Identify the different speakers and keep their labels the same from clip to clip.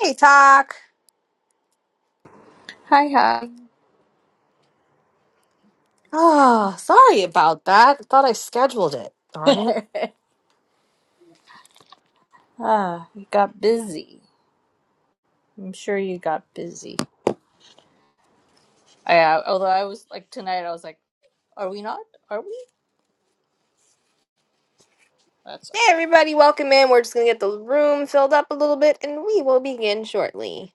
Speaker 1: Hey, Talk.
Speaker 2: Hi, hi.
Speaker 1: Oh, sorry about that. I thought I scheduled it. Darn it.
Speaker 2: Ah, you got busy. I'm sure you got busy. Yeah, although I was like tonight, I was like, "Are we not? Are we?" That's all
Speaker 1: Hey, everybody, welcome in. We're just going to get the room filled up a little bit and we will begin shortly.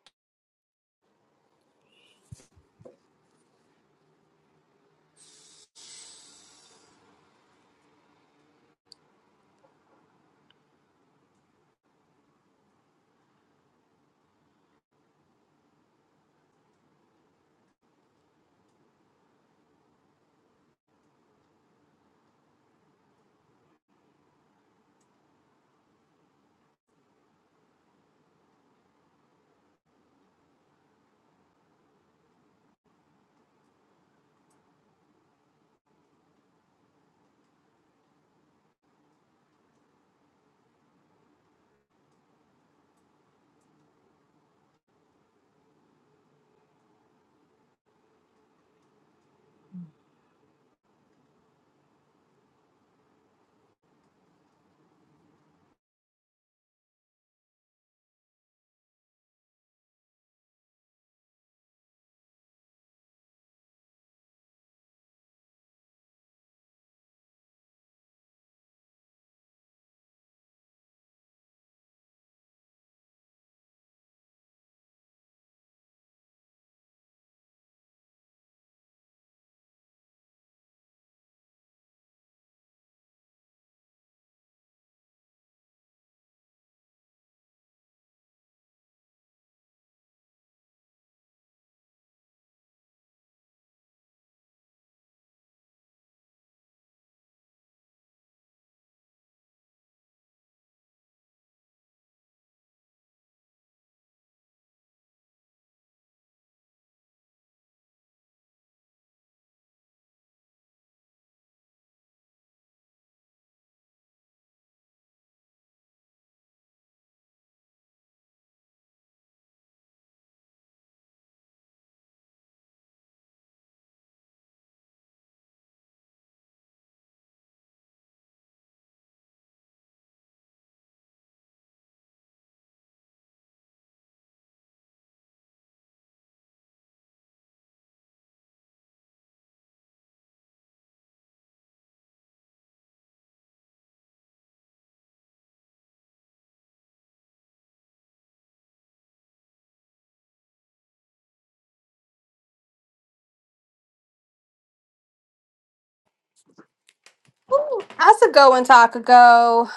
Speaker 1: Ooh, how's it going, Go?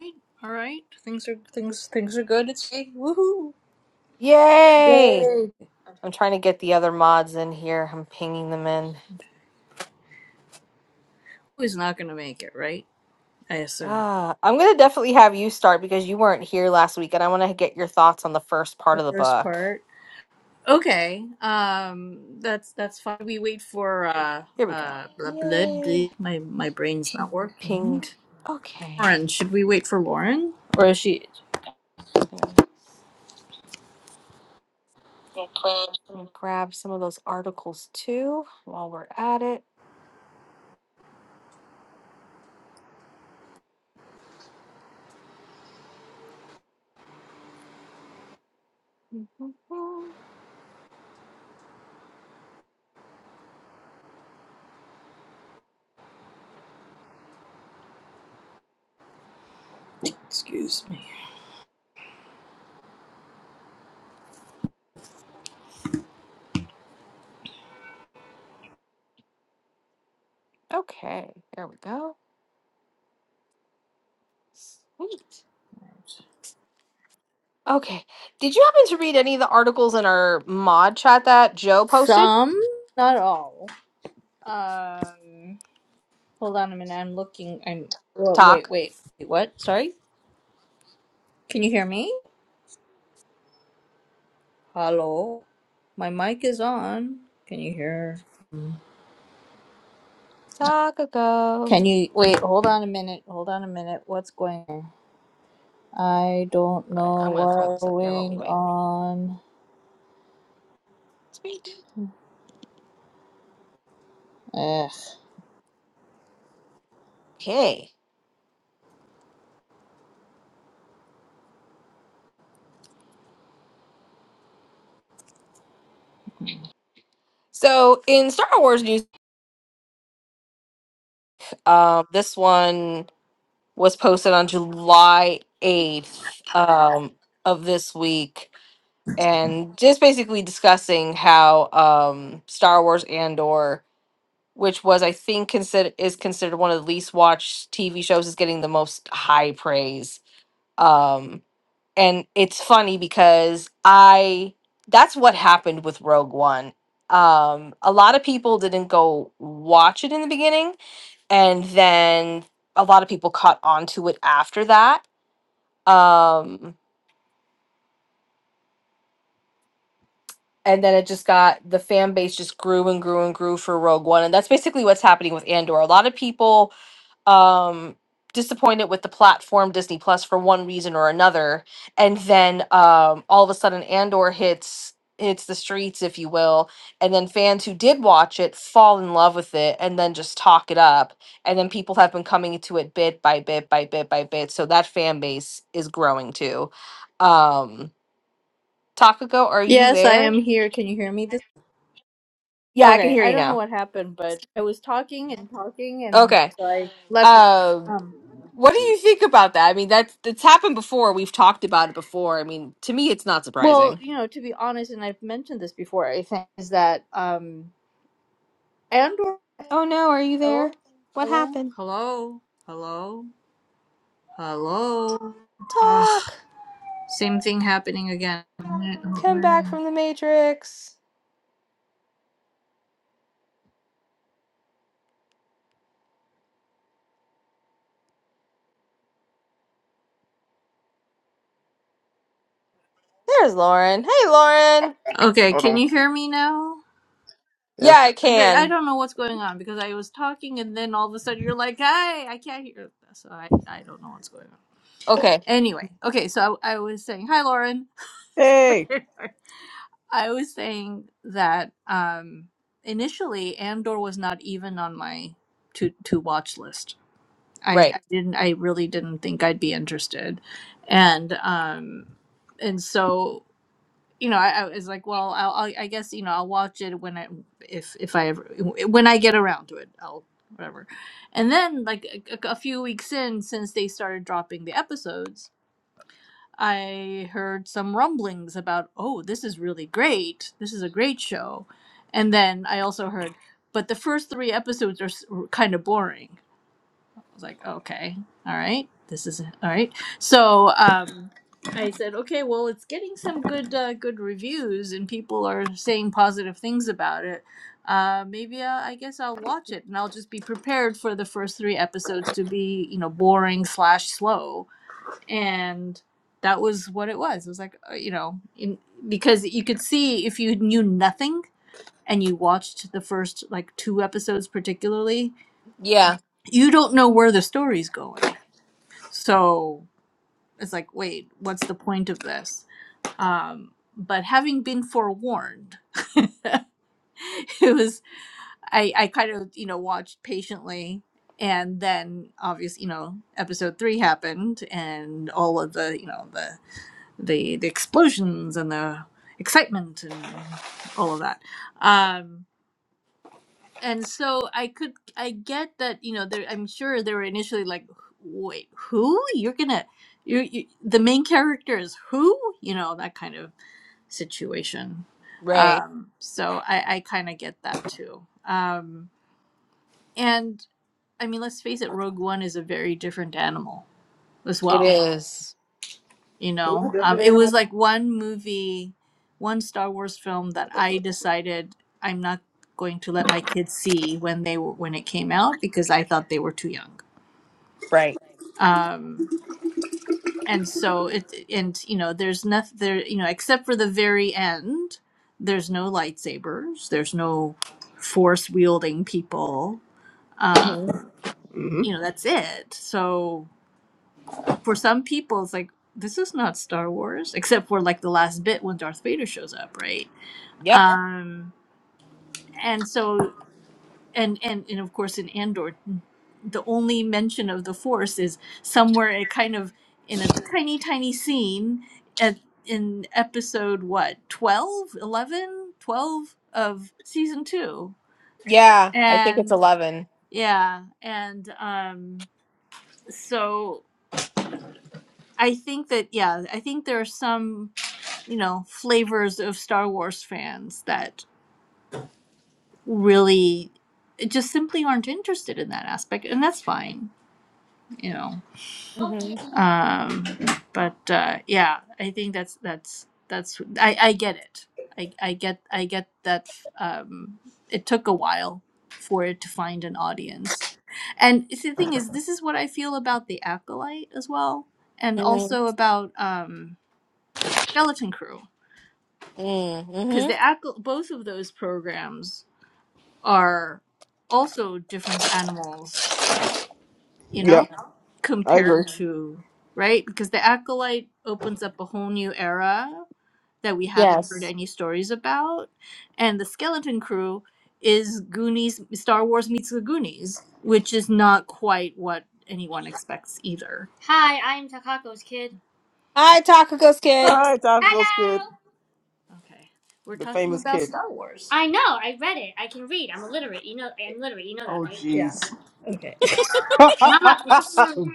Speaker 2: right. All right. Things are things things are good. It's hey, woohoo!
Speaker 1: Yay!
Speaker 2: Yay!
Speaker 1: I'm trying to get the other mods in here. I'm pinging them in.
Speaker 2: Who's not gonna make it, right? I assume
Speaker 1: Ah, I'm gonna definitely have you start because you weren't here last week, and I want to get your thoughts on the first part
Speaker 2: the
Speaker 1: of the
Speaker 2: first
Speaker 1: book.
Speaker 2: part. Okay. Um, that's that's fine. We wait for uh
Speaker 1: Here we go.
Speaker 2: uh blah blah. blah.
Speaker 1: Yay!
Speaker 2: My my brain's not working.
Speaker 1: Pinged. Okay.
Speaker 2: Lauren, should we wait for Lauren, or is she?
Speaker 1: We'll grab some of those articles too while we're at it. Mhm.
Speaker 2: Excuse me.
Speaker 1: Okay, there we go. Sweet. Okay. Did you happen to read any of the articles in our mod chat that Joe posted?
Speaker 2: Some, not all. Um, hold on a minute. I'm looking. I'm. Whoa, wait,
Speaker 1: Talk.
Speaker 2: wait, wait. What? Sorry. Can you hear me? Hello. My mic is on. Can you hear?
Speaker 1: Talk
Speaker 2: Can
Speaker 1: ago.
Speaker 2: you wait? Hold on a minute. Hold on a minute. What's going on? I don't
Speaker 1: Right. I'm
Speaker 2: know
Speaker 1: gonna throw
Speaker 2: what's
Speaker 1: this up here while we
Speaker 2: going
Speaker 1: wait.
Speaker 2: on.
Speaker 1: Sweet.
Speaker 2: Ugh.
Speaker 1: Okay. So in Star Wars news, um, this one was posted on July 8th um, of this week. and just basically discussing how um Star Wars Andor, which was I think consider is considered one of the least watched TV shows, is getting the most high praise. Um and it's funny because I that's what happened with Rogue One. Um a lot of people didn't go watch it in the beginning and then a lot of people caught on to it after that. Um and then it just got the fan base just grew and grew and grew for Rogue One, and that's basically what's happening with Andor. A lot of people um, disappointed with the platform Disney Plus for one reason or another, and then um, all of a sudden Andor hits hits the streets, if you will, and then fans who did watch it fall in love with it, and then just talk it up, and then people have been coming to it bit by bit by bit by bit, so that fan base is growing too. Um, Takako, are you
Speaker 2: Yes, I am
Speaker 1: there?
Speaker 2: here. Can you hear me? This
Speaker 1: Yeah, I can
Speaker 2: okay.
Speaker 1: hear
Speaker 2: I
Speaker 1: you
Speaker 2: don't know
Speaker 1: now.
Speaker 2: what happened, but I was talking and talking, and
Speaker 1: Okay.
Speaker 2: so I left
Speaker 1: Um,
Speaker 2: it.
Speaker 1: what do you think about that? I mean, that's that's happened before. We've talked about it before. I mean, to me, it's not
Speaker 2: Well,
Speaker 1: surprising.
Speaker 2: you know, to be honest, and I've mentioned this before, I think, is that um Andor
Speaker 1: Oh no, are you
Speaker 2: Hello?
Speaker 1: there? What
Speaker 2: Hello?
Speaker 1: happened?
Speaker 2: Hello? Hello? Hello? Ugh,
Speaker 1: Talk.
Speaker 2: same thing happening again.
Speaker 1: Come back from the Matrix. There's Lauren. Hey, Lauren.
Speaker 2: Okay,
Speaker 3: Hold
Speaker 2: can
Speaker 3: on.
Speaker 2: you hear me now?
Speaker 3: Yeah.
Speaker 1: Yeah, I
Speaker 2: Th- I
Speaker 1: can.
Speaker 2: don't know what's going on because I was talking and then all of a sudden you're like, hey, I can't hear this. So I, I don't know what's going on.
Speaker 1: Okay.
Speaker 2: Anyway, okay, so I, I was saying, hi, Lauren.
Speaker 3: Hey.
Speaker 2: I was saying that um, initially Andor was not even on my to to watch list. I,
Speaker 1: Right.
Speaker 2: I didn't. I really didn't think I'd be interested, and um, and so you know, I, I was like, well, I'll, I'll, I guess you know, I'll watch it when I if if I ever when I get around to it, I'll whatever. And then like a, a few weeks in, since they started dropping the episodes. I heard some rumblings about, oh, this is really great. This is a great show. And then I also heard, but the first three episodes are s- were kind of boring. I was like, okay, all right, this is all right. So um, I said, okay, well, it's getting some good uh, good reviews and people are saying positive things about it. Uh, maybe I, I guess I'll watch it and I'll just be prepared for the first three episodes to be, you know, boring slash slow and that was what it was. It was like uh, you know, in, because you could see if you knew nothing and you watched the first like two episodes particularly,
Speaker 1: Yeah.
Speaker 2: you don't know where the story's going. So it's like, wait, what's the point of this? Um, but having been forewarned, it was I I kind of you know watched patiently. And then, obviously, you know, episode three happened, and all of the, you know, the the the explosions and the excitement and all of that. Um, and so I could I get that you know there I'm sure they were initially like wait who you're gonna you, you the main character is who you know that kind of situation.
Speaker 1: Right.
Speaker 2: Um, so I, I kind of get that too. Um, and I mean let's face it, Rogue One is a very different animal as
Speaker 1: It
Speaker 2: well
Speaker 1: is.
Speaker 2: you know um,
Speaker 3: Different
Speaker 2: it was
Speaker 3: animal?
Speaker 2: like one movie one star wars film that i decided i'm not going to let my kids see when they were when it came out because i thought they were too young
Speaker 1: Right.
Speaker 2: um and so it and you know there's nothing there you know except for the very end there's no lightsabers there's no force wielding people uh
Speaker 1: Mm-hmm.
Speaker 3: hmm
Speaker 2: you know that's it so for some people it's like this is not star wars except for like the last bit when darth vader shows up right
Speaker 1: Yep.
Speaker 2: um, and so and and and of course in Andor, the only mention of the Force is somewhere it kind of in a tiny tiny scene at in episode what 12, 11, 12 of season 2
Speaker 1: Yeah. I think it's
Speaker 2: and
Speaker 1: eleven.
Speaker 2: yeah and um so i think that yeah i think there are some you know flavors of star wars fans that really just simply aren't interested in that aspect and that's fine you know
Speaker 1: Mm-hmm.
Speaker 2: um but uh yeah i think that's that's that's i i get it i i get i get that um it took a while for it to find an audience and it's the thing is this is what i feel about the acolyte as well and
Speaker 1: Mm-hmm.
Speaker 2: also about um skeleton crew because
Speaker 1: Mm-hmm.
Speaker 2: the Acol- both of those programs are also different animals you know
Speaker 3: Yep. I
Speaker 2: compared
Speaker 3: agree.
Speaker 2: Mhm. to right because the acolyte opens up a whole new era that we haven't heard
Speaker 1: Yes.
Speaker 2: any stories about and the skeleton crew is goonies star wars meets the goonies which is not quite what anyone expects either Hi, I'm Takako's kid.
Speaker 1: Hi, Taco Ghost
Speaker 3: All
Speaker 1: Kid.
Speaker 3: right, Doc Ghost Kid,
Speaker 2: Hello! okay we're
Speaker 3: the
Speaker 2: talking
Speaker 3: famous
Speaker 2: about
Speaker 3: kid.
Speaker 2: star wars I know, I read it. I can read. I'm illiterate. You know, I'm literate. You know that,
Speaker 3: Oh,
Speaker 2: right? yeah
Speaker 3: jeez.
Speaker 2: okay Mama,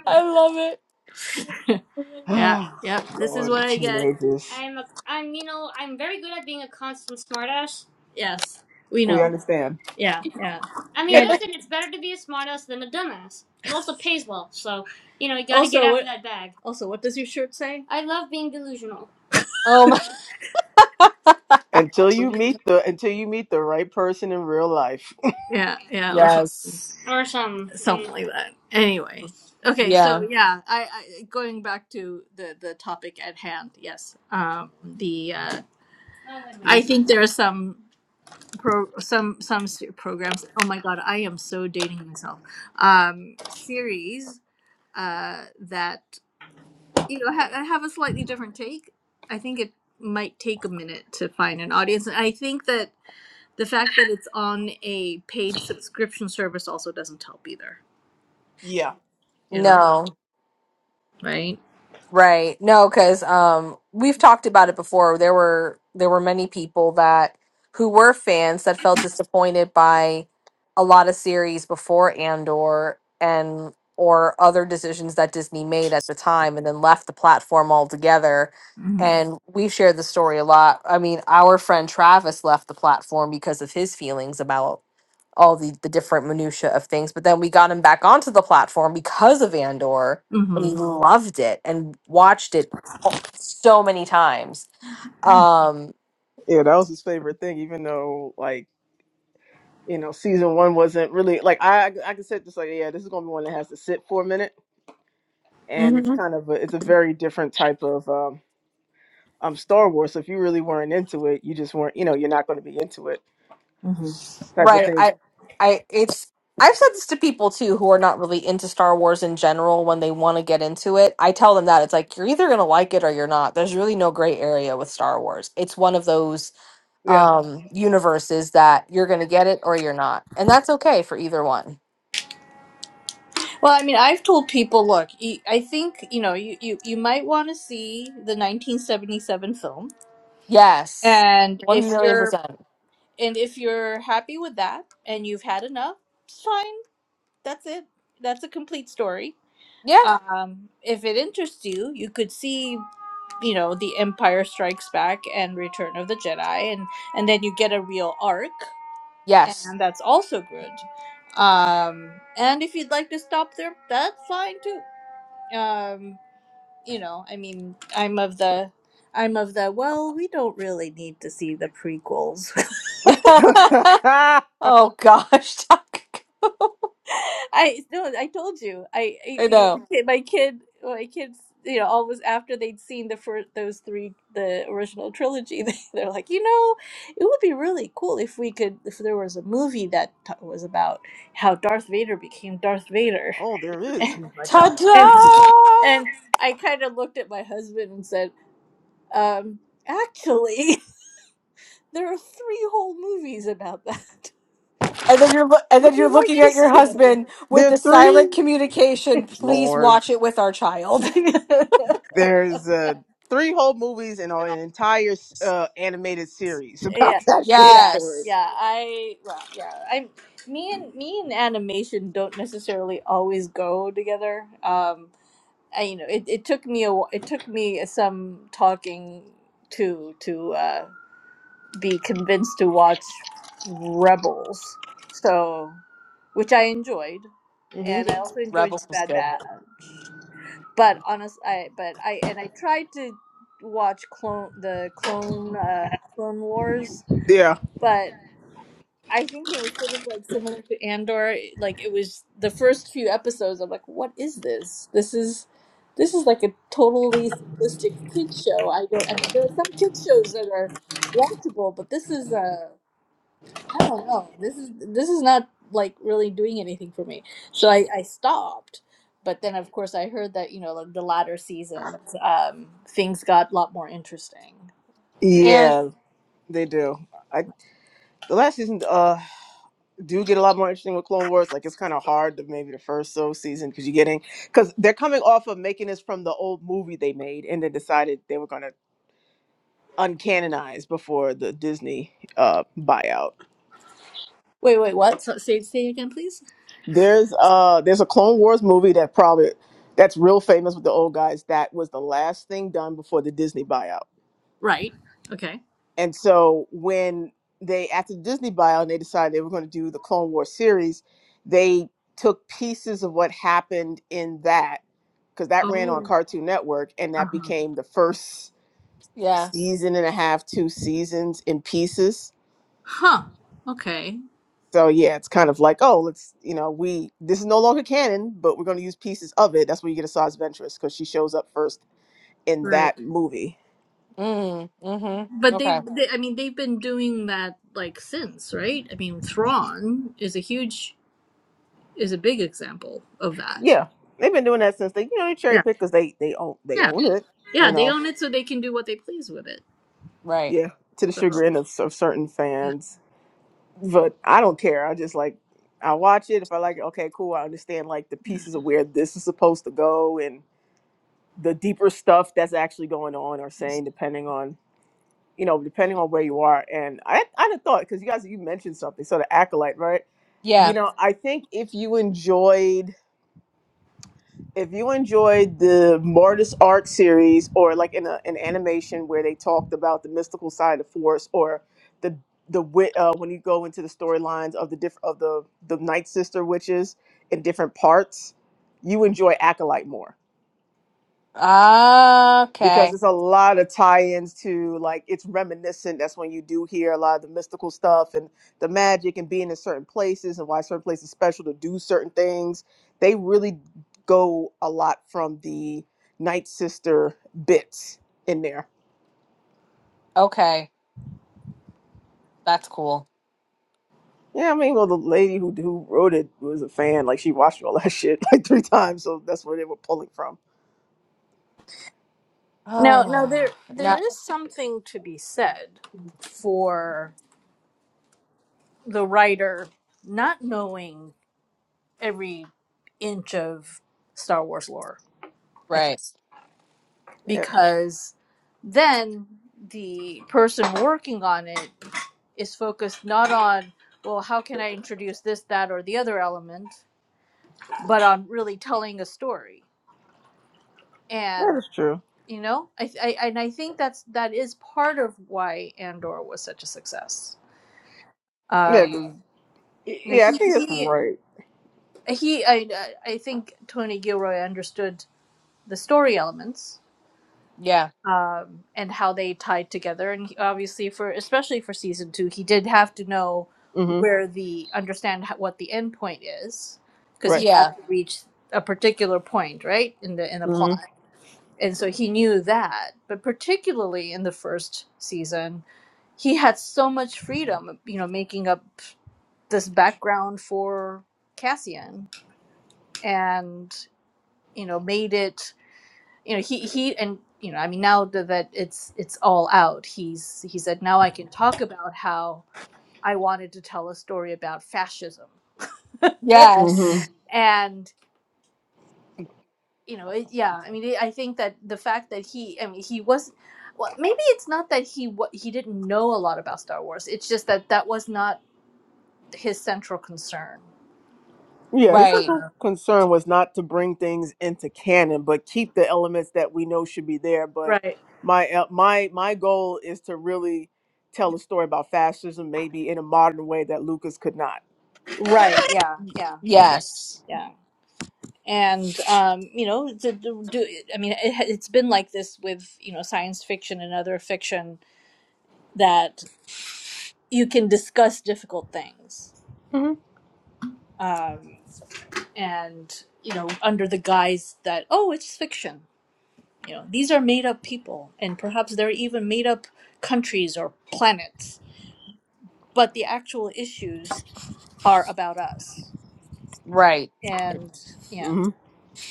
Speaker 1: I love it. I love
Speaker 2: Yeah, yep. This is
Speaker 3: Lord,
Speaker 2: what I get.
Speaker 3: teenagers.
Speaker 2: I'm a, I'm you know I'm very good at being a constant smartass. Yes, we
Speaker 3: We
Speaker 2: know.
Speaker 3: understand.
Speaker 2: Yeah, yeah. I mean, And
Speaker 1: it.
Speaker 2: listen, it's better to be a smartass than a dumbass. It also pays well, so you know you got to get also, out what, of that bag. Also, what does your shirt say? I love being delusional
Speaker 1: Oh my.
Speaker 3: Until you meet the until you meet the right person in real life.
Speaker 2: Yeah, yeah, or something,
Speaker 1: Yes.
Speaker 2: or some. something like that. Anyway, okay. So
Speaker 1: Yeah.
Speaker 2: yeah, I, I going back to the the topic at hand. Yes, um, the uh, I think there are some. pro some some s- programs oh my god i am so dating myself um series uh that you know ha- have a slightly different take i think it might take a minute to find an audience and i think that the fact that it's on a paid subscription service also doesn't help either
Speaker 3: yeah.
Speaker 2: you know
Speaker 1: No.
Speaker 2: right
Speaker 1: Right. No, because um, we've talked about it before. There were there were many people that who were fans that felt disappointed by a lot of series before Andor and or other decisions that Disney made at the time, and then left the platform altogether.
Speaker 2: hmm
Speaker 1: And we shared the story a lot. I mean, our friend Travis left the platform because of his feelings about all the, the different minutia of things. But then we got him back onto the platform because of Andor. and
Speaker 2: hmm
Speaker 1: He loved it and watched it so many times.
Speaker 2: hmm
Speaker 1: Um,
Speaker 3: Yeah, that was his favorite thing. Even though, like, you know, season one wasn't really like I I could sit just like, yeah, this is gonna be one that has to sit for a minute, and it's
Speaker 1: hmm
Speaker 3: kind of a, it's a very different type of. um. um Star Wars. So if you really weren't into it, you just weren't, you know, you're not going to be into it type of
Speaker 1: right.
Speaker 3: thing.
Speaker 1: I, I, it's, I've said this to people too who are not really into Star Wars in general when they want to get into it. I tell them that it's like you're either going to like it or you're not. There's really no gray area with Star Wars. It's one of those
Speaker 3: Yeah.
Speaker 1: um universes that you're going to get it or you're not. And that's okay for either one.
Speaker 2: Well, I mean, I've told people, look, you- I think you know, you you, you might want to see the 1977 film
Speaker 1: Yes.
Speaker 2: And if
Speaker 1: One million
Speaker 2: you're
Speaker 1: percent.
Speaker 2: and if you're happy with that and you've had enough, it's fine. That's it. That's a complete story.
Speaker 1: Yeah.
Speaker 2: Um, if it interests you, you could see, you know, The Empire Strikes Back and Return of the Jedi, and and then you get a real arc,
Speaker 1: Yes.
Speaker 2: and that's also good. Um, and if you'd like to stop there, that's fine too. Um, you know, I mean, I'm of the, I'm of the. Well, we don't really need to see the prequels.
Speaker 1: oh gosh, Taco.
Speaker 2: I no, I told you. I, I
Speaker 1: I
Speaker 2: you know,
Speaker 1: know.
Speaker 2: the kid, my kid, my kids, you know, always after they'd seen the first those three, the original trilogy, they, they're like, you know, it would be really cool if we could, if there was a movie that t- was about how Darth Vader became Darth Vader.
Speaker 3: oh, there is my child. There
Speaker 2: And
Speaker 3: is.
Speaker 1: Ta-da!
Speaker 2: and I kind of looked at my husband and said, um, actually, there are three whole movies about that.
Speaker 1: And then you're lo- and
Speaker 2: Would
Speaker 1: then you're
Speaker 2: you like
Speaker 1: looking at your
Speaker 2: to
Speaker 1: husband with
Speaker 3: There are
Speaker 1: the silent
Speaker 3: three.
Speaker 1: communication. Please
Speaker 3: Lord,
Speaker 1: watch it with our child.
Speaker 2: see them?
Speaker 3: there's uh, three whole movies and an entire uh, animated series
Speaker 2: yeah
Speaker 3: about that shit
Speaker 2: yeah
Speaker 3: story.
Speaker 1: Yes.
Speaker 2: yeah i well yeah i me and me and animation don't necessarily always go together um I, you know it, it took me a wh- it took me some talking to to uh be convinced to watch rebels so which i enjoyed
Speaker 3: hmm
Speaker 2: and i Mhm. also enjoyed
Speaker 1: Rebels was
Speaker 2: bad
Speaker 1: good.
Speaker 2: batch but honest i but i and i tried to watch clone the clone uh clone wars
Speaker 3: Yeah.
Speaker 2: but. I think it was sort of like similar to Andor. Like it was the first few episodes. I'm like, what is this? This is this is like a totally simplistic kid show. I don't. I mean, there are some kid shows that are watchable, but this is uh, I don't know. This is this is not like really doing anything for me. So I I stopped. But then, of course, I heard that you know like the latter seasons, um, things got a lot more interesting.
Speaker 1: And
Speaker 3: Yeah, they do. I the last season. Uh, do get a lot more interesting with Clone Wars. Like it's kind of hard to maybe the first so season because you're getting because they're coming off of making this from the old movie they made and they decided they were gonna uncanonize before the Disney uh buyout.
Speaker 2: Wait, wait, what? So, say say again, please.
Speaker 3: There's uh there's a Clone Wars movie that probably that's real famous with the old guys. That was the last thing done before the Disney buyout.
Speaker 2: Right. Okay.
Speaker 3: And so when they after the Disney buyout and they decided they were going to do the Clone Wars series, they took pieces of what happened in that because that ran on
Speaker 2: Oh.
Speaker 3: Cartoon Network and
Speaker 2: Uh
Speaker 3: that
Speaker 2: huh.
Speaker 3: became the first
Speaker 1: yeah.
Speaker 3: season and a half, two seasons in pieces.
Speaker 2: Huh. Okay.
Speaker 3: So yeah, it's kind of like, oh, let's you know, we this is no longer canon, but we're going to use pieces of it. That's where you get Asajj Ventress because she shows up first in
Speaker 2: Right.
Speaker 3: that movie.
Speaker 1: Mm, mm-hmm.
Speaker 2: But they've,
Speaker 1: Okay.
Speaker 2: they, I mean, they've been doing that like since, right? I mean, Thrawn is a huge, is a big example of that.
Speaker 3: Yeah, they've been doing that since they you know they cherry
Speaker 2: Yeah.
Speaker 3: pick because they they own they
Speaker 2: Yeah.
Speaker 3: own it. You
Speaker 2: Yeah. They
Speaker 3: know,
Speaker 2: own it so they can do what they please with it.
Speaker 1: Right.
Speaker 3: yeah, to the
Speaker 2: So,
Speaker 3: chagrin of, of certain
Speaker 2: yeah.
Speaker 3: fans, but I don't care. I just like I watch it if I like it. Okay, cool. I understand like the
Speaker 2: yeah.
Speaker 3: pieces of where this is supposed to go and the deeper stuff that's actually going on or saying depending on you know depending on where you are and i i had a thought because you guys you mentioned something so the acolyte right you
Speaker 1: Yeah.
Speaker 3: know i think if you enjoyed if you enjoyed the Mortis art series or like in a, an animation where they talked about the mystical side of force or the the wi- uh, when you go into the storylines of the different of the the night sister witches in different parts you enjoy acolyte more
Speaker 1: Okay.
Speaker 3: because it's a lot of tie-ins to like it's reminiscent that's when you do hear a lot of the mystical stuff and the magic and being in certain places and why certain places are special to do certain things they really go a lot from the night sister bits in there
Speaker 1: Okay. That's cool.
Speaker 3: yeah i mean well the lady who, who wrote it was a fan like she watched all that shit like three times so that's where they were pulling from
Speaker 2: Now, now there,
Speaker 1: Oh.
Speaker 2: there
Speaker 1: now,
Speaker 2: is something to be said for the writer not knowing every inch of Star Wars lore.
Speaker 1: right.
Speaker 3: yeah
Speaker 2: because then the person working on it is focused not on well how can i introduce this that or the other element but on really telling a story
Speaker 3: that
Speaker 2: and
Speaker 3: is true
Speaker 2: you know i, I and i think that's that is part of why andor was such a success uh
Speaker 3: yeah 'cause-
Speaker 2: you know,
Speaker 3: yeah i
Speaker 2: he
Speaker 3: think it's
Speaker 2: he
Speaker 3: right
Speaker 2: he I, I I think tony gilroy understood the story elements
Speaker 1: Yeah.
Speaker 2: um, and how they tied together. And he- obviously, for especially for season two, he did have to know
Speaker 3: mm-hmm
Speaker 2: where the understand ho- what the end point is because he
Speaker 3: right
Speaker 2: had
Speaker 1: Yeah.
Speaker 2: to reach a particular point, right, in the in the
Speaker 3: mm-hmm
Speaker 2: plot. And so he knew that. But particularly in the first season, he had so much freedom, you know, making up this background for Cassian and you know made it you know he he and you know i mean now that that it's it's all out he's he said now i can talk about how i wanted to tell a story about fascism
Speaker 3: Mm-hmm.
Speaker 1: Yes.
Speaker 2: and you know it, yeah i mean i think that the fact that he i mean he was well maybe it's not that he wa he didn't know a lot about star wars it's just that that was not his central concern
Speaker 3: Yeah, his
Speaker 1: Right.
Speaker 3: central concern was not to bring things into canon, but keep the elements that we know should be there. But
Speaker 2: right
Speaker 3: my uh, my my goal is to really tell a story about fascism, maybe in a modern way that Lucas could not.
Speaker 2: right yeah
Speaker 1: Y-
Speaker 2: yeah I,
Speaker 1: Yes.
Speaker 2: yeah and um, you know to, to do i mean it, it's been like this with you know science fiction and other fiction that you can discuss difficult things
Speaker 3: hmm
Speaker 2: um, and you know under the guise that oh it's fiction you know these are made up people and perhaps they're even made up countries or planets but the actual issues are about us
Speaker 1: Right.
Speaker 2: and yeah
Speaker 3: hmm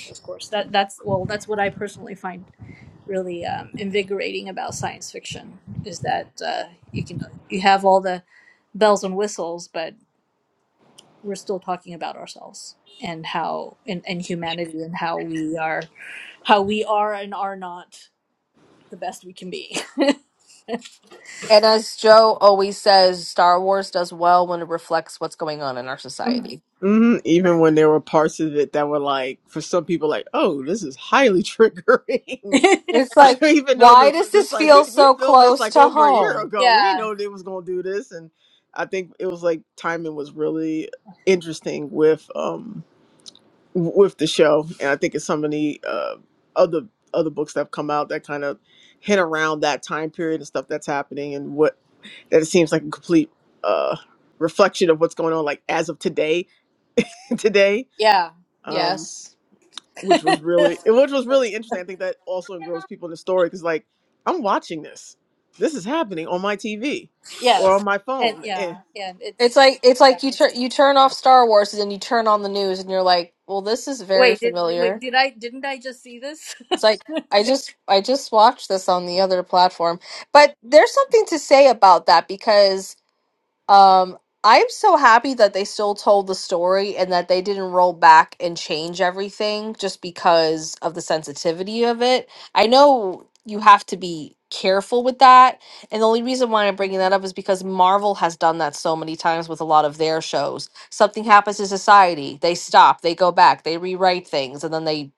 Speaker 2: of course that that's well that's what i personally find really um, invigorating about science fiction is that uh, you can you have all the bells and whistles, but we're still talking about ourselves and how and, and humanity and how we are how we are and are not the best we can be.
Speaker 1: And as Joe always says, Star Wars does well when it reflects what's going on in our society.
Speaker 3: hmm Even when there were parts of it that were like, for some people, like, oh, this is highly triggering.
Speaker 1: It's
Speaker 3: I
Speaker 1: like,
Speaker 3: don't even know
Speaker 1: why
Speaker 3: the
Speaker 1: does
Speaker 3: this
Speaker 1: this
Speaker 3: like we
Speaker 1: feel
Speaker 3: we
Speaker 1: so
Speaker 3: filmed this
Speaker 1: close
Speaker 3: like
Speaker 1: to
Speaker 3: over a year
Speaker 1: home?
Speaker 3: ago. We didn't
Speaker 2: yeah,
Speaker 3: know they was gonna do this, and I think it was like timing was really interesting with um w- with the show, and I think it's so many uh, other other books that have come out that kind of hint around that time period and stuff that's happening, and what that it seems like a complete uh reflection of what's going on like as of today today.
Speaker 2: yeah, yeah.
Speaker 3: Um,
Speaker 1: Yes.
Speaker 3: which was really which was really interesting. I think that also engrossed people in the story because like I'm watching this, this is happening on my TV or
Speaker 2: yes,
Speaker 3: on my
Speaker 2: and
Speaker 3: phone. And
Speaker 2: yeah, and
Speaker 1: It's
Speaker 2: it's
Speaker 1: like it's
Speaker 2: yeah.
Speaker 1: like you
Speaker 2: It's,
Speaker 1: turn you turn off Star Wars and then you turn on the news and you're like, well, this is very
Speaker 2: wait, did wait
Speaker 1: familiar.
Speaker 2: did I didn't I just see this?
Speaker 1: It's like I just I just watched this on the other platform. But there's something to say about that because Um, I'm so happy that they still told the story and that they didn't roll back and change everything just because of the sensitivity of it. I know you have to be careful with that. And the only reason why I'm bringing that up is because Marvel has done that so many times with a lot of their shows. Something happens to society, they stop, they go back, they rewrite things, and then they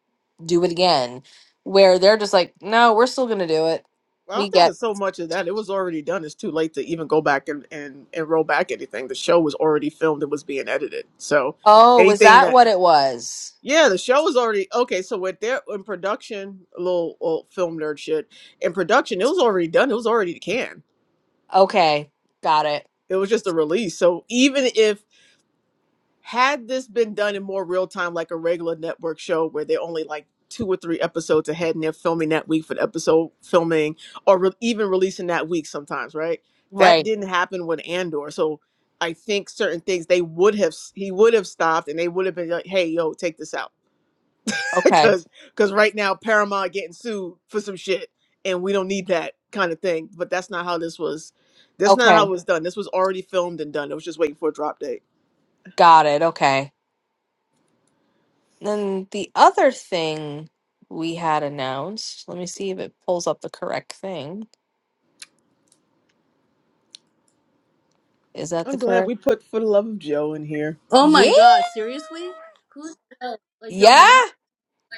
Speaker 1: do it again. Where they're just like, no, we're still going to do it.
Speaker 3: I
Speaker 1: We
Speaker 3: don't think
Speaker 1: get,
Speaker 3: it's so much of that. It was already done. It's too late to even go back and and and roll back anything. The show was already filmed. It was being edited. So
Speaker 1: oh, was
Speaker 3: anything
Speaker 1: that
Speaker 3: that
Speaker 1: what it was?
Speaker 3: yeah, the show was already okay. So with their in production, a little old film nerd shit in production, it was already done. It was already canned.
Speaker 1: Okay, got it.
Speaker 3: It was just a release. So even if Had this been done in more real time, like a regular network show where they're only like two or three episodes ahead and they're filming that week for the episode filming or re- even releasing that week sometimes, right? That
Speaker 1: Right.
Speaker 3: didn't happen with Andor. So I think certain things they would have, he would have stopped and they would have been like, hey, yo, take this out.
Speaker 1: Okay.
Speaker 3: Because because right now Paramount getting sued for some shit and we don't need that kind of thing. But that's not how this was. That's not how
Speaker 1: Okay,
Speaker 3: it was done. This was already filmed and done. It was just waiting for a drop date.
Speaker 1: got it. Okay. Then the other thing we had announced, let me see if it pulls up the correct thing. Is that the
Speaker 3: I'm glad
Speaker 1: correct?
Speaker 3: we put For the Love of Joe in here.
Speaker 2: oh
Speaker 1: Yeah.
Speaker 2: my god! Seriously, who's that? like Joe
Speaker 1: Yeah.
Speaker 2: Mama?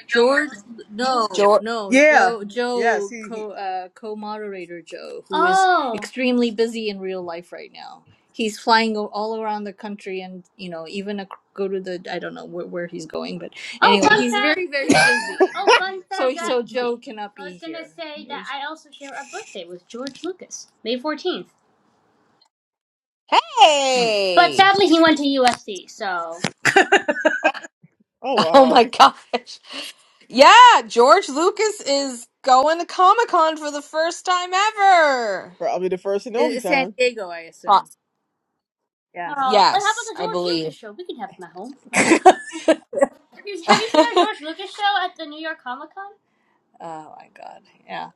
Speaker 2: George, no,
Speaker 1: George.
Speaker 2: no,
Speaker 3: Yeah.
Speaker 2: Joe,
Speaker 3: Yes.
Speaker 2: Joe,
Speaker 3: He. he
Speaker 2: co uh, co-moderator Joe, who is Oh, extremely busy in real life right now. He's flying o- all around the country, and you know, even ac go to the I don't know where, where he's going, but oh, anyway, fun he's fact. very very busy. Oh, fun So fact. I, so I- Joe cannot be. here. I was gonna here. say that I also share a birthday with George Lucas, May fourteenth. mm. But
Speaker 1: Hey.
Speaker 2: sadly, he went to USC. So,
Speaker 3: Oh,
Speaker 1: Oh my
Speaker 3: wow.
Speaker 1: gosh. Yeah, George Lucas is going to Comic Con for the first time ever.
Speaker 3: Probably the first and
Speaker 2: It-
Speaker 3: only
Speaker 2: It's San
Speaker 3: time.
Speaker 2: Diego, I
Speaker 1: Pro-
Speaker 2: assume. Yeah. oh, what happened
Speaker 1: Yes,
Speaker 2: to
Speaker 1: I
Speaker 2: George Lucas
Speaker 1: believe.
Speaker 2: show? We can have him at home. Have you seen our George Lucas show at the New York Comic Con? Oh my god. Yeah.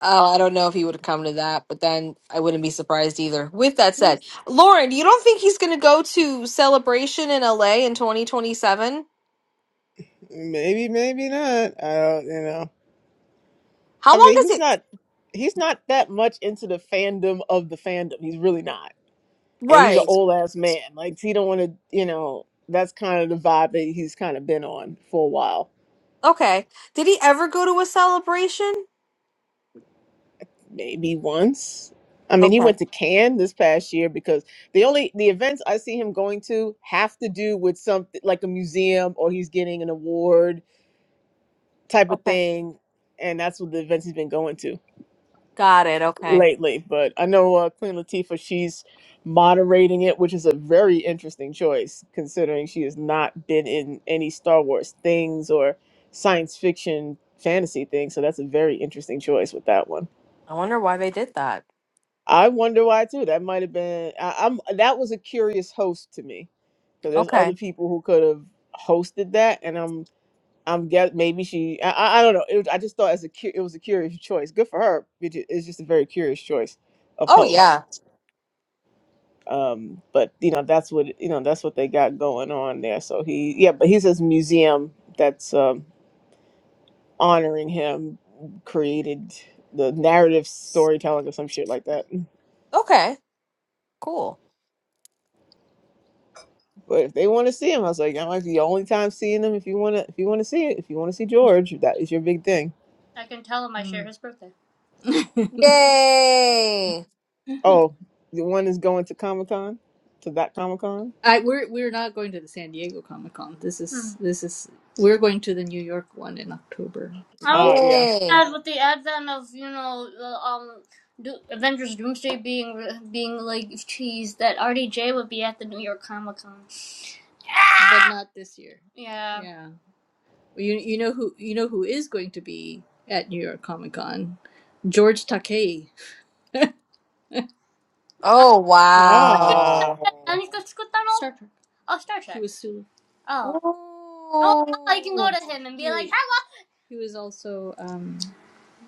Speaker 1: Oh, I don't know if he would have come to that, but then I wouldn't be surprised either. With that said, Lauren, you don't think he's going to go to Celebration in LA in 2027?
Speaker 3: Maybe, maybe not. I don't, you know.
Speaker 1: How
Speaker 3: I
Speaker 1: long
Speaker 3: mean,
Speaker 1: does
Speaker 3: he's
Speaker 1: it?
Speaker 3: not he's not that much into the fandom of the fandom. He's really not. And he's an
Speaker 1: Right.
Speaker 3: old ass man. Like he don't want to, you know, that's kind of the vibe that he's kind of been on for a while.
Speaker 1: Okay. Did he ever go to a celebration?
Speaker 3: maybe once. I mean, he
Speaker 1: Okay.
Speaker 3: went to Cannes this past year because the only the events I see him going to have to do with something like a museum or he's getting an award type of
Speaker 1: Okay.
Speaker 3: thing, and that's what the events he's been going to
Speaker 1: Got it. Okay.
Speaker 3: lately. But I know uh, Queen Latifah, she's moderating it, which is a very interesting choice considering she has not been in any Star Wars things or science fiction fantasy things. So that's a very interesting choice with that one.
Speaker 1: I wonder why they did that.
Speaker 3: I wonder why too. That might have been I, I'm that was a curious host to me because there's other
Speaker 1: Okay.
Speaker 3: people who could have hosted that, and I'm I'm guess maybe she I, I I don't know. It was, I just thought as a cu- it was a curious choice. Good for her. It ju- It's just a very curious choice of
Speaker 1: Oh, yeah.
Speaker 3: host. Um, but you know that's what you know that's what they got going on there. So he yeah, but he's this museum that's um, honoring him created the narrative storytelling or some shit like that.
Speaker 1: Okay. Cool.
Speaker 3: But if they want to see him, I was like, that might be the only time seeing him. If you want to, if you want to see it, if you want to see George, that is your big thing.
Speaker 2: I can tell him I Mm. share mm. his birthday.
Speaker 1: Yay.
Speaker 3: Oh, the one is going to Comic Con, to that Comic Con.
Speaker 2: I we're we're not going to the San Diego Comic Con. This Hmm. is mm. this is we're going to the New York one in October. I was
Speaker 3: Ah, yeah.
Speaker 1: Yay.
Speaker 2: sad with the advent of you know um Do- Avengers Doomsday being being like cheese that RDJ would be at the New York Comic Con. But not this year. Yeah, Yeah. Well, You you know who you know who is going to be at New York Comic Con? George Takei,
Speaker 1: Oh,
Speaker 3: Ah,
Speaker 1: wow.
Speaker 2: あ、何か作ったの ?Star Trek. Oh, Star He Trek. who was so Oh. Oh, I can go
Speaker 1: Ooh.
Speaker 2: to him and be like, he hello. he was also um Mm.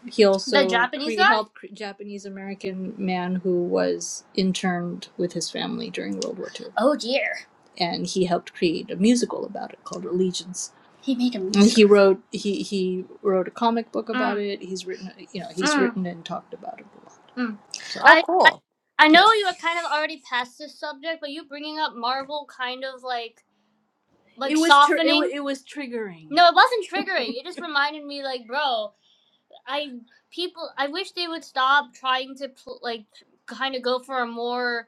Speaker 2: He The also The Japanese cre- guy? helped cre- Japanese American man who was interned with his family during World War II, Oh dear. and he helped create a musical about it called Allegiance. He made a And musical. he wrote he he wrote a comic book about Mm, it. He's written you know he's mm, written and talked about it a lot. mm. So
Speaker 1: Oh,
Speaker 2: I, I
Speaker 1: cool.
Speaker 2: I yeah, know you were kind of already past this subject, but you bringing up Marvel kind of like it like was tr- it, wa softening. it was triggering. No, it wasn't triggering. It just reminded me like, bro. I people I wish they would stop trying to pl- like kind of go for a more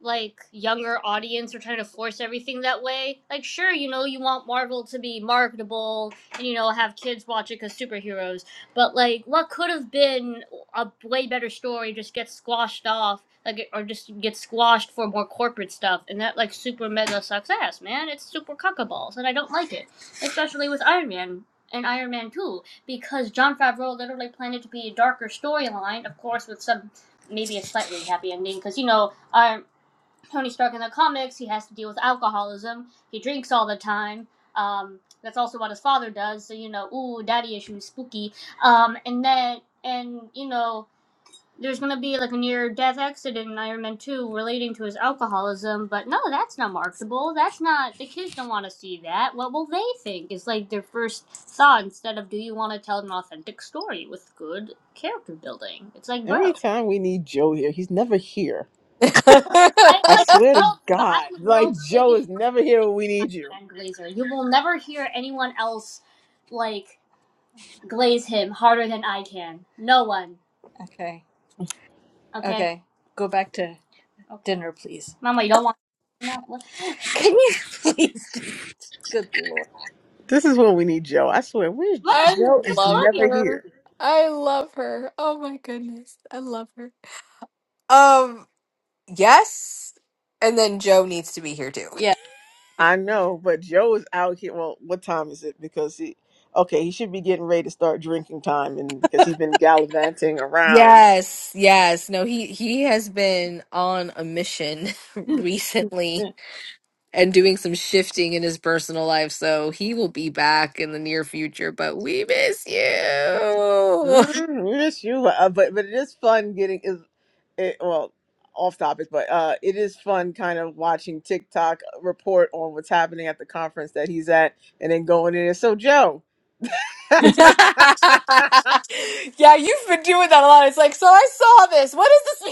Speaker 2: like younger audience we're trying to force everything that way. Like, sure, you know, you want Marvel to be marketable and you know have kids watch it because superheroes, but like, what could have been a way better story just gets squashed off, like, or just gets squashed for more corporate stuff, and that like super mega sucks ass, man. It's super cuckaballs, and I don't like it, especially with Iron Man. And Iron Man 2, because Jon Favreau literally planned it to be a darker storyline, of course, with some maybe a slightly happy ending, because you know, Iron Tony Stark in the comics, he has to deal with alcoholism. He drinks all the time. Um, that's also what his father does. So you know, ooh, daddy issues, spooky. Um, and then, and you know, there's gonna be like a near-death accident in Iron Man Two relating to his alcoholism. But no, that's not marketable. That's not the kids don't want to see that. What will they think? It's like their first thought instead of do you want to tell an authentic story with good character building? It's like, bro.
Speaker 3: every time we need Joe here, he's never here.
Speaker 1: I
Speaker 2: I'm
Speaker 3: I
Speaker 2: the
Speaker 3: swear to
Speaker 2: world's,
Speaker 3: God,
Speaker 2: I'm the
Speaker 3: like
Speaker 2: world's
Speaker 3: Joe
Speaker 2: biggest
Speaker 3: is never here when we need you.
Speaker 2: Iron Man glazer. You will never hear anyone else like glaze him harder than I can. No one. Okay. Okay. Okay. Go back to Okay. dinner, please. Mama, you don't want. No, what? Can you please? Good lord.
Speaker 3: This is when we need Joe. I swear, where's
Speaker 2: What?
Speaker 3: J- Joe? Is
Speaker 1: love
Speaker 2: Look,
Speaker 3: never here.
Speaker 1: her. I love her. Oh my goodness. I love her. Um, yes. And then Joe needs to be here too.
Speaker 2: Yeah.
Speaker 3: I know, but Joe is out here. Well, what time is it? Because he, okay, he should be getting ready to start drinking time, and because he's been gallivanting around.
Speaker 1: Yes, yes. No, he he has been on a mission recently and doing some shifting in his personal life, so he will be back in the near future, but we miss you.
Speaker 3: Mm, we miss you, uh, but but it is fun getting is, it, well, off topic, but uh, it is fun kind of watching TikTok report on what's happening at the conference that he's at, and then going in. there. So Joe,
Speaker 1: yeah, you've been doing that a lot. It's like, so I saw this. What is this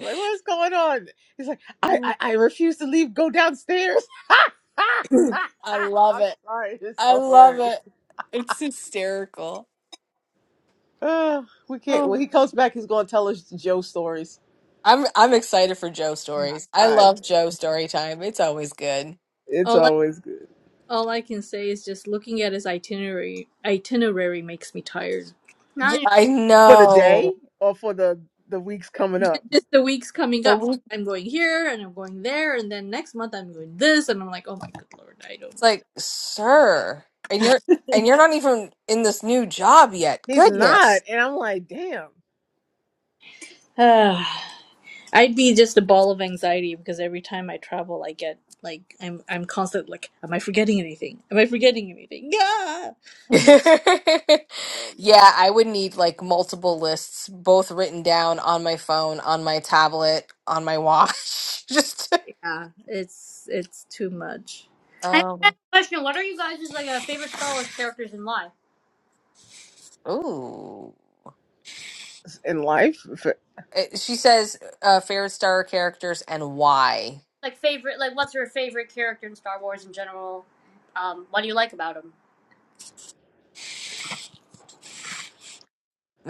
Speaker 3: Like, what's going on? He's like, I, I, I refuse to leave. Go downstairs.
Speaker 1: I love
Speaker 3: I'm
Speaker 1: it.
Speaker 3: sorry. It's
Speaker 1: I
Speaker 3: so
Speaker 1: love
Speaker 3: hilarious.
Speaker 1: it. It's hysterical.
Speaker 3: Uh, we can't. When
Speaker 1: Oh.
Speaker 3: he comes back, he's going to tell us Joe stories.
Speaker 1: I'm I'm excited for Joe
Speaker 2: Yeah.
Speaker 1: stories.
Speaker 2: Yeah.
Speaker 1: I
Speaker 3: I.
Speaker 1: love Joe story time. It's always good.
Speaker 3: It's
Speaker 2: Oh.
Speaker 3: always good
Speaker 2: All I can say is just looking at his itinerary itinerary makes me tired. Not
Speaker 1: Yeah,
Speaker 2: even,
Speaker 1: I
Speaker 3: for the
Speaker 1: know.
Speaker 3: day or for the the weeks coming
Speaker 2: Ju-
Speaker 3: up.
Speaker 2: Just the weeks coming
Speaker 1: The
Speaker 2: up,
Speaker 1: week
Speaker 2: I'm going here and I'm going there, and then next month I'm doing this, and I'm like, oh my good lord, I
Speaker 1: it's like, sir, and you're and you're not even in this new job yet.
Speaker 3: He's not,
Speaker 1: Goodness.
Speaker 3: and I'm like, damn.
Speaker 2: don't. I'd be just a ball of anxiety because every time I travel, I get like I'm I'm constant like, am I forgetting anything? Am I forgetting anything? Yeah,
Speaker 3: Oh
Speaker 1: Yeah,
Speaker 3: no.
Speaker 1: I would need like multiple lists, both written down on my phone, on my tablet, on my watch. Just
Speaker 2: yeah, it's it's too much. I
Speaker 1: um,
Speaker 2: have a question. What are you guys' like uh, favorite Star Wars characters in life?
Speaker 1: ooh.
Speaker 3: In life, if it-
Speaker 1: It- she says uh, favorite Star Wars characters and why.
Speaker 2: like favorite like what's your favorite character in Star Wars in general? Um, what do you like about him?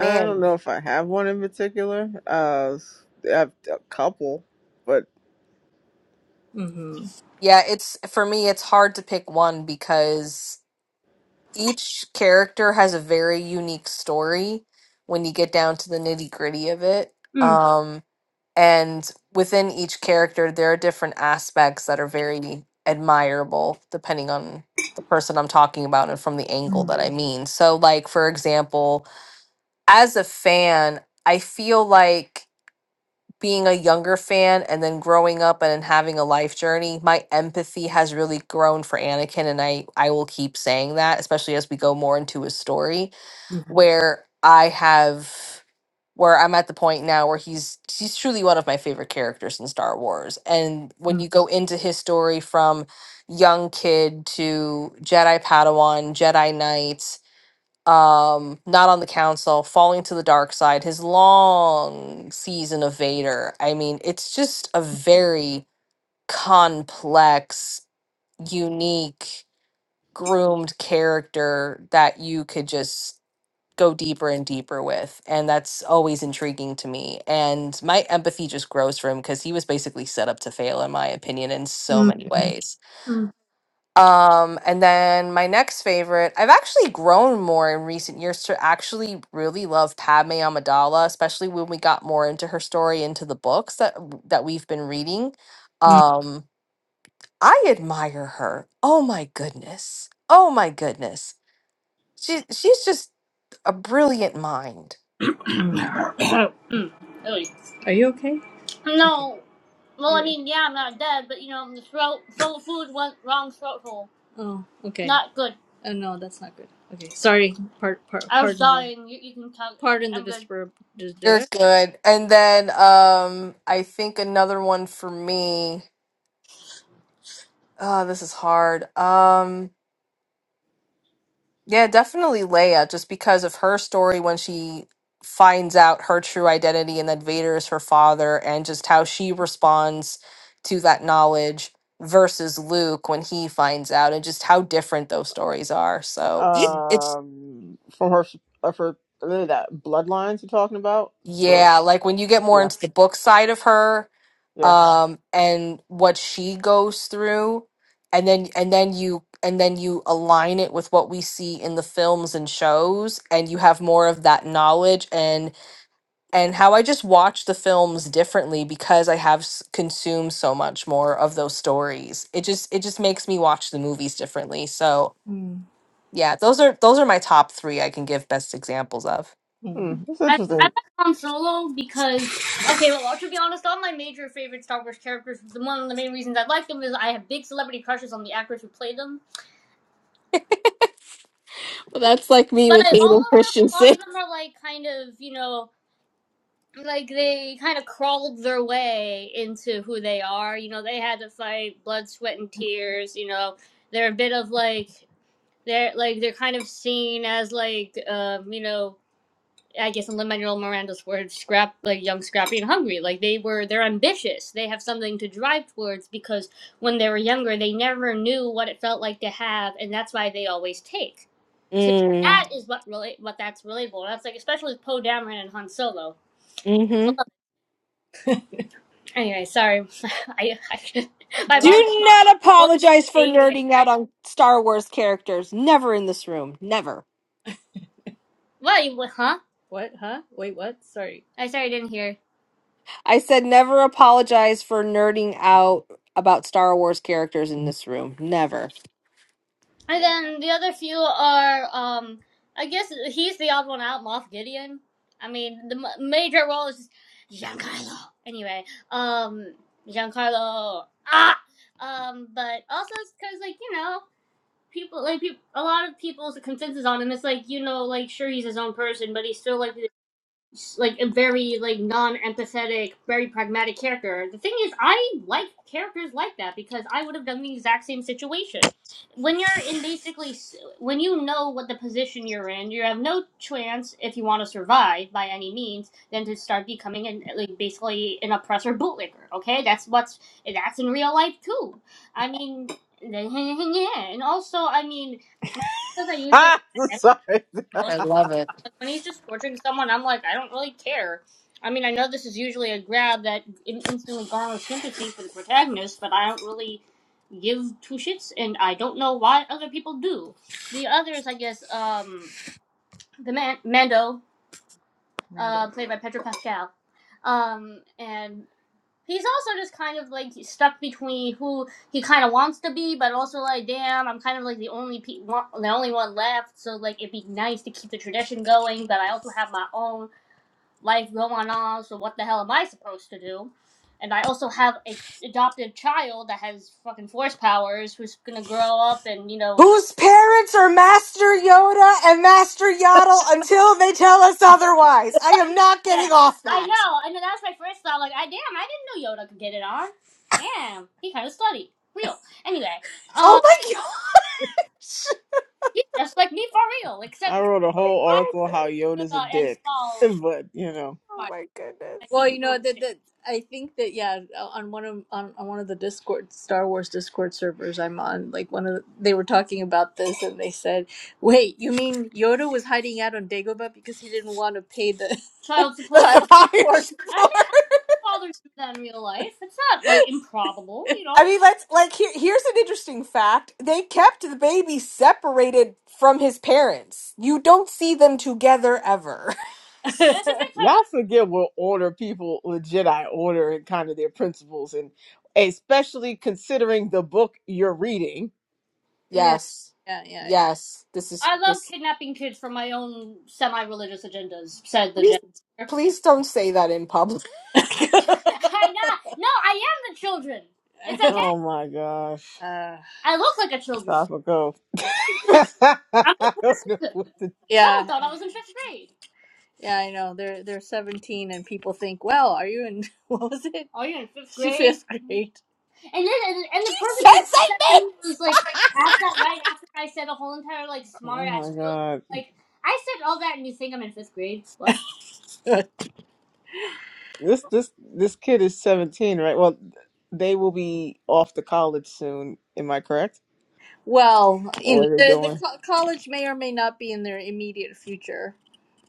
Speaker 3: I don't know if I have one in particular. Uh, I have a couple, but
Speaker 2: Mm-hmm.
Speaker 1: yeah, it's for me. It's hard to pick one because each character has a very unique story when you get down to the nitty gritty of it. Um, and within each character, there are different aspects that are very admirable depending on the person I'm talking about and from the angle
Speaker 2: Mm.
Speaker 1: that I mean. So, like for example, as a fan, I feel like being a younger fan and then growing up and then having a life journey, my empathy has really grown for Anakin and I I will keep saying that, especially as we go more into his story
Speaker 2: Oh,
Speaker 1: where I have where I'm at the point now where he's he's truly one of my favorite characters in Star Wars. And when you go into his story from young kid to Jedi Padawan, Jedi Knight, um not on the council falling to the dark side his long season of vader i mean it's just a very complex unique groomed character that you could just go deeper and deeper with and that's always intriguing to me and my empathy just grows for him because he was basically set up to fail in my opinion in so
Speaker 2: mm.
Speaker 1: many ways
Speaker 2: Mm.
Speaker 1: um, and then my next favorite, I've actually grown more in recent years to actually really love Padme Amidala, especially when we got more into her story, into the books that that we've been reading. Um, I admire her. Oh my goodness. Oh my goodness. She she's just a brilliant mind.
Speaker 2: Mm. Mm. Really? Are you okay? No. Well, I Yeah. mean, yeah, I'm not dead, but you know, the throat full of food went wrong throat hole. Oh, okay. Not good. Uh, no, that's not good. Okay, sorry. Part, part. I was dying. You, you can talk. pardon the I'm good. disturb. Dis-
Speaker 1: You're
Speaker 2: dis-
Speaker 1: good. And then um I think another one for me. Oh, this is hard. Um Yeah, definitely Leia, just because of her story when she finds out her true identity and that Vader is her father, and just how she responds to that knowledge versus Luke when he finds out, and just how different those stories are. So Yeah. it's, it's
Speaker 3: um from her of her uh, that bloodlines you're talking about the book
Speaker 1: yeah, like when you get more
Speaker 3: yeah
Speaker 1: into the book side of her,
Speaker 3: yeah
Speaker 1: um, and what she goes through, and then and then you and then you align it with what we see in the films and shows, and you have more of that knowledge and and how I just watch the films differently because I have s- consumed so much more of those stories. It just it just makes me watch the movies differently. So
Speaker 2: mm.
Speaker 1: yeah, those are those are my top three I can give best examples of.
Speaker 3: hmm,
Speaker 2: Hmm.
Speaker 3: it's
Speaker 2: I, I like
Speaker 3: interesting
Speaker 2: Han Solo because okay, well to be honest, all my major favorite Star Wars characters, the one of the main reasons I like them is I have big celebrity crushes on the actors who play them. But I,
Speaker 3: it's
Speaker 2: all of them, a lot
Speaker 1: See?
Speaker 2: of them are like kind of you know like they kind of crawled their way into who they are. You know, they had to fight blood, sweat, and tears. You know, they're a bit of like they're like they're kind of seen as like um, you know. I guess in Lin-Manuel Miranda's words, scrap like young, scrappy, and hungry. Like they were, they're ambitious. They have something to drive towards because when they were younger, they never knew what it felt like to have, and that's why they always take. So
Speaker 1: Mm.
Speaker 2: that is what really, what that's relatable. That's like especially with Poe Dameron and Han Solo. I love
Speaker 1: Mm-hmm.
Speaker 2: it. Anyway, sorry, I, I my mom just
Speaker 1: Do
Speaker 2: saw me
Speaker 1: not
Speaker 2: both in
Speaker 1: apologize
Speaker 2: the
Speaker 1: for
Speaker 2: same face.
Speaker 1: nerding out
Speaker 2: Right?
Speaker 1: on Star Wars characters. Never in this room. Never.
Speaker 2: What? you- Huh? What? Huh? Wait, what? Sorry. I sorry, I didn't hear.
Speaker 1: I said never apologize for nerding out about Star Wars characters in this room. Never.
Speaker 2: And then the other few are, um, I guess he's the odd one out, Moff Gideon. I mean, the m- major role is just Giancarlo. Anyway, um, Giancarlo. Ah! Um, but also it's because, like, you know, people, like, people, a lot of people's consensus on him is, like, you know, like, sure, he's his own person, but he's still, like, like a very like non-empathetic, very pragmatic character. The thing is, I like characters like that because I would have done the exact same situation. When you're in basically, s- when you know what the position you're in, you have no chance if you want to survive by any means than to start becoming an like basically an oppressor bootlicker. Okay, that's what's that's in real life too. I mean, yeah, and also I mean, because I usually.
Speaker 3: ah sorry
Speaker 1: I love it.
Speaker 2: Like when he's just torturing someone, I'm like, I don't really care. I mean, I know this is usually a grab that in- instantly garners sympathy for the protagonist, but I don't really give two shits, and I don't know why other people do. The others, I guess, um, the man Mando, Mando. uh, Mando. played by Pedro Pascal, um, and he's also just kind of like stuck between who he kind of wants to be, but also like, damn, I'm kind of like the only pe- one, the only one left. So like, it'd be nice to keep the tradition going, but I also have my own life going on, so what the hell am I supposed to do? And I also have a adopted child that has fucking force powers who's gonna grow up and, you know
Speaker 1: Whose parents are Master Yoda and Master Yaddle until they tell us otherwise? I am not
Speaker 2: Yeah.
Speaker 1: getting off
Speaker 2: I
Speaker 1: that.
Speaker 2: know, I know that was my first thought, like I damn, I didn't know Yoda could get it on. Damn, he kinda slutty. Real. Anyway. Uh
Speaker 1: Oh my
Speaker 2: he's just like me for real,
Speaker 3: i
Speaker 2: except
Speaker 3: wrote a whole
Speaker 2: I
Speaker 3: article
Speaker 1: god.
Speaker 3: how yoda's a
Speaker 2: Yoda and
Speaker 3: dick
Speaker 2: Saul
Speaker 3: but you know
Speaker 1: Oh my
Speaker 2: Well,
Speaker 1: goodness.
Speaker 2: you know that that I think that yeah, on one of on, on one of the Discord Star Wars Discord servers I'm on, like one of the, they were talking about this and they said, "Wait, you mean Yoda was hiding out on Dagobah because he didn't want to pay the Child
Speaker 1: The
Speaker 2: support. child
Speaker 1: a
Speaker 2: support?" I
Speaker 1: floor.
Speaker 2: mean, fathers do that in real life. It's not like improbable, you
Speaker 1: I
Speaker 2: know.
Speaker 1: mean, let's like here, here's an interesting fact. They kept the baby separated from his parents. You don't see them together ever.
Speaker 2: I think that's why,
Speaker 3: y'all
Speaker 2: like,
Speaker 3: forget what order people legit i order and kind of their principles and especially considering the book you're reading
Speaker 2: yeah,
Speaker 1: Yes.
Speaker 2: yeah, yeah, yeah.
Speaker 1: Yes. This is
Speaker 2: I love
Speaker 1: this
Speaker 2: kidnapping kids for my own semi-religious agendas," said the
Speaker 1: please
Speaker 2: Jedi.
Speaker 1: please don't say that in public.
Speaker 2: I'm not. No, I am the children. It's okay.
Speaker 3: Oh my gosh.
Speaker 2: Uh, I look like a children.
Speaker 3: Topical. I
Speaker 2: I'm a person.
Speaker 3: don't know
Speaker 2: Someone
Speaker 3: what to.
Speaker 2: yeah, I thought I was in fifth grade. yeah, I know. They're they're 17, and people think, "Well, are you in what was it? Are you in fifth grade? Fifth grade?" And then, and, and the person who
Speaker 1: Yes,
Speaker 2: asked
Speaker 1: I
Speaker 2: that to me was like, asked that right after I said a whole entire like smart
Speaker 3: Oh
Speaker 2: ass
Speaker 3: my
Speaker 2: joke.
Speaker 3: god.
Speaker 2: Like, I said all that, and you think I'm in fifth grade? What?
Speaker 3: This this this kid is 17, right? Well, they will be off to college soon. Am I correct?
Speaker 2: well, you
Speaker 3: Or
Speaker 2: know,
Speaker 3: are they
Speaker 2: the, the
Speaker 3: doing?
Speaker 2: co- college may or may not be in their immediate future.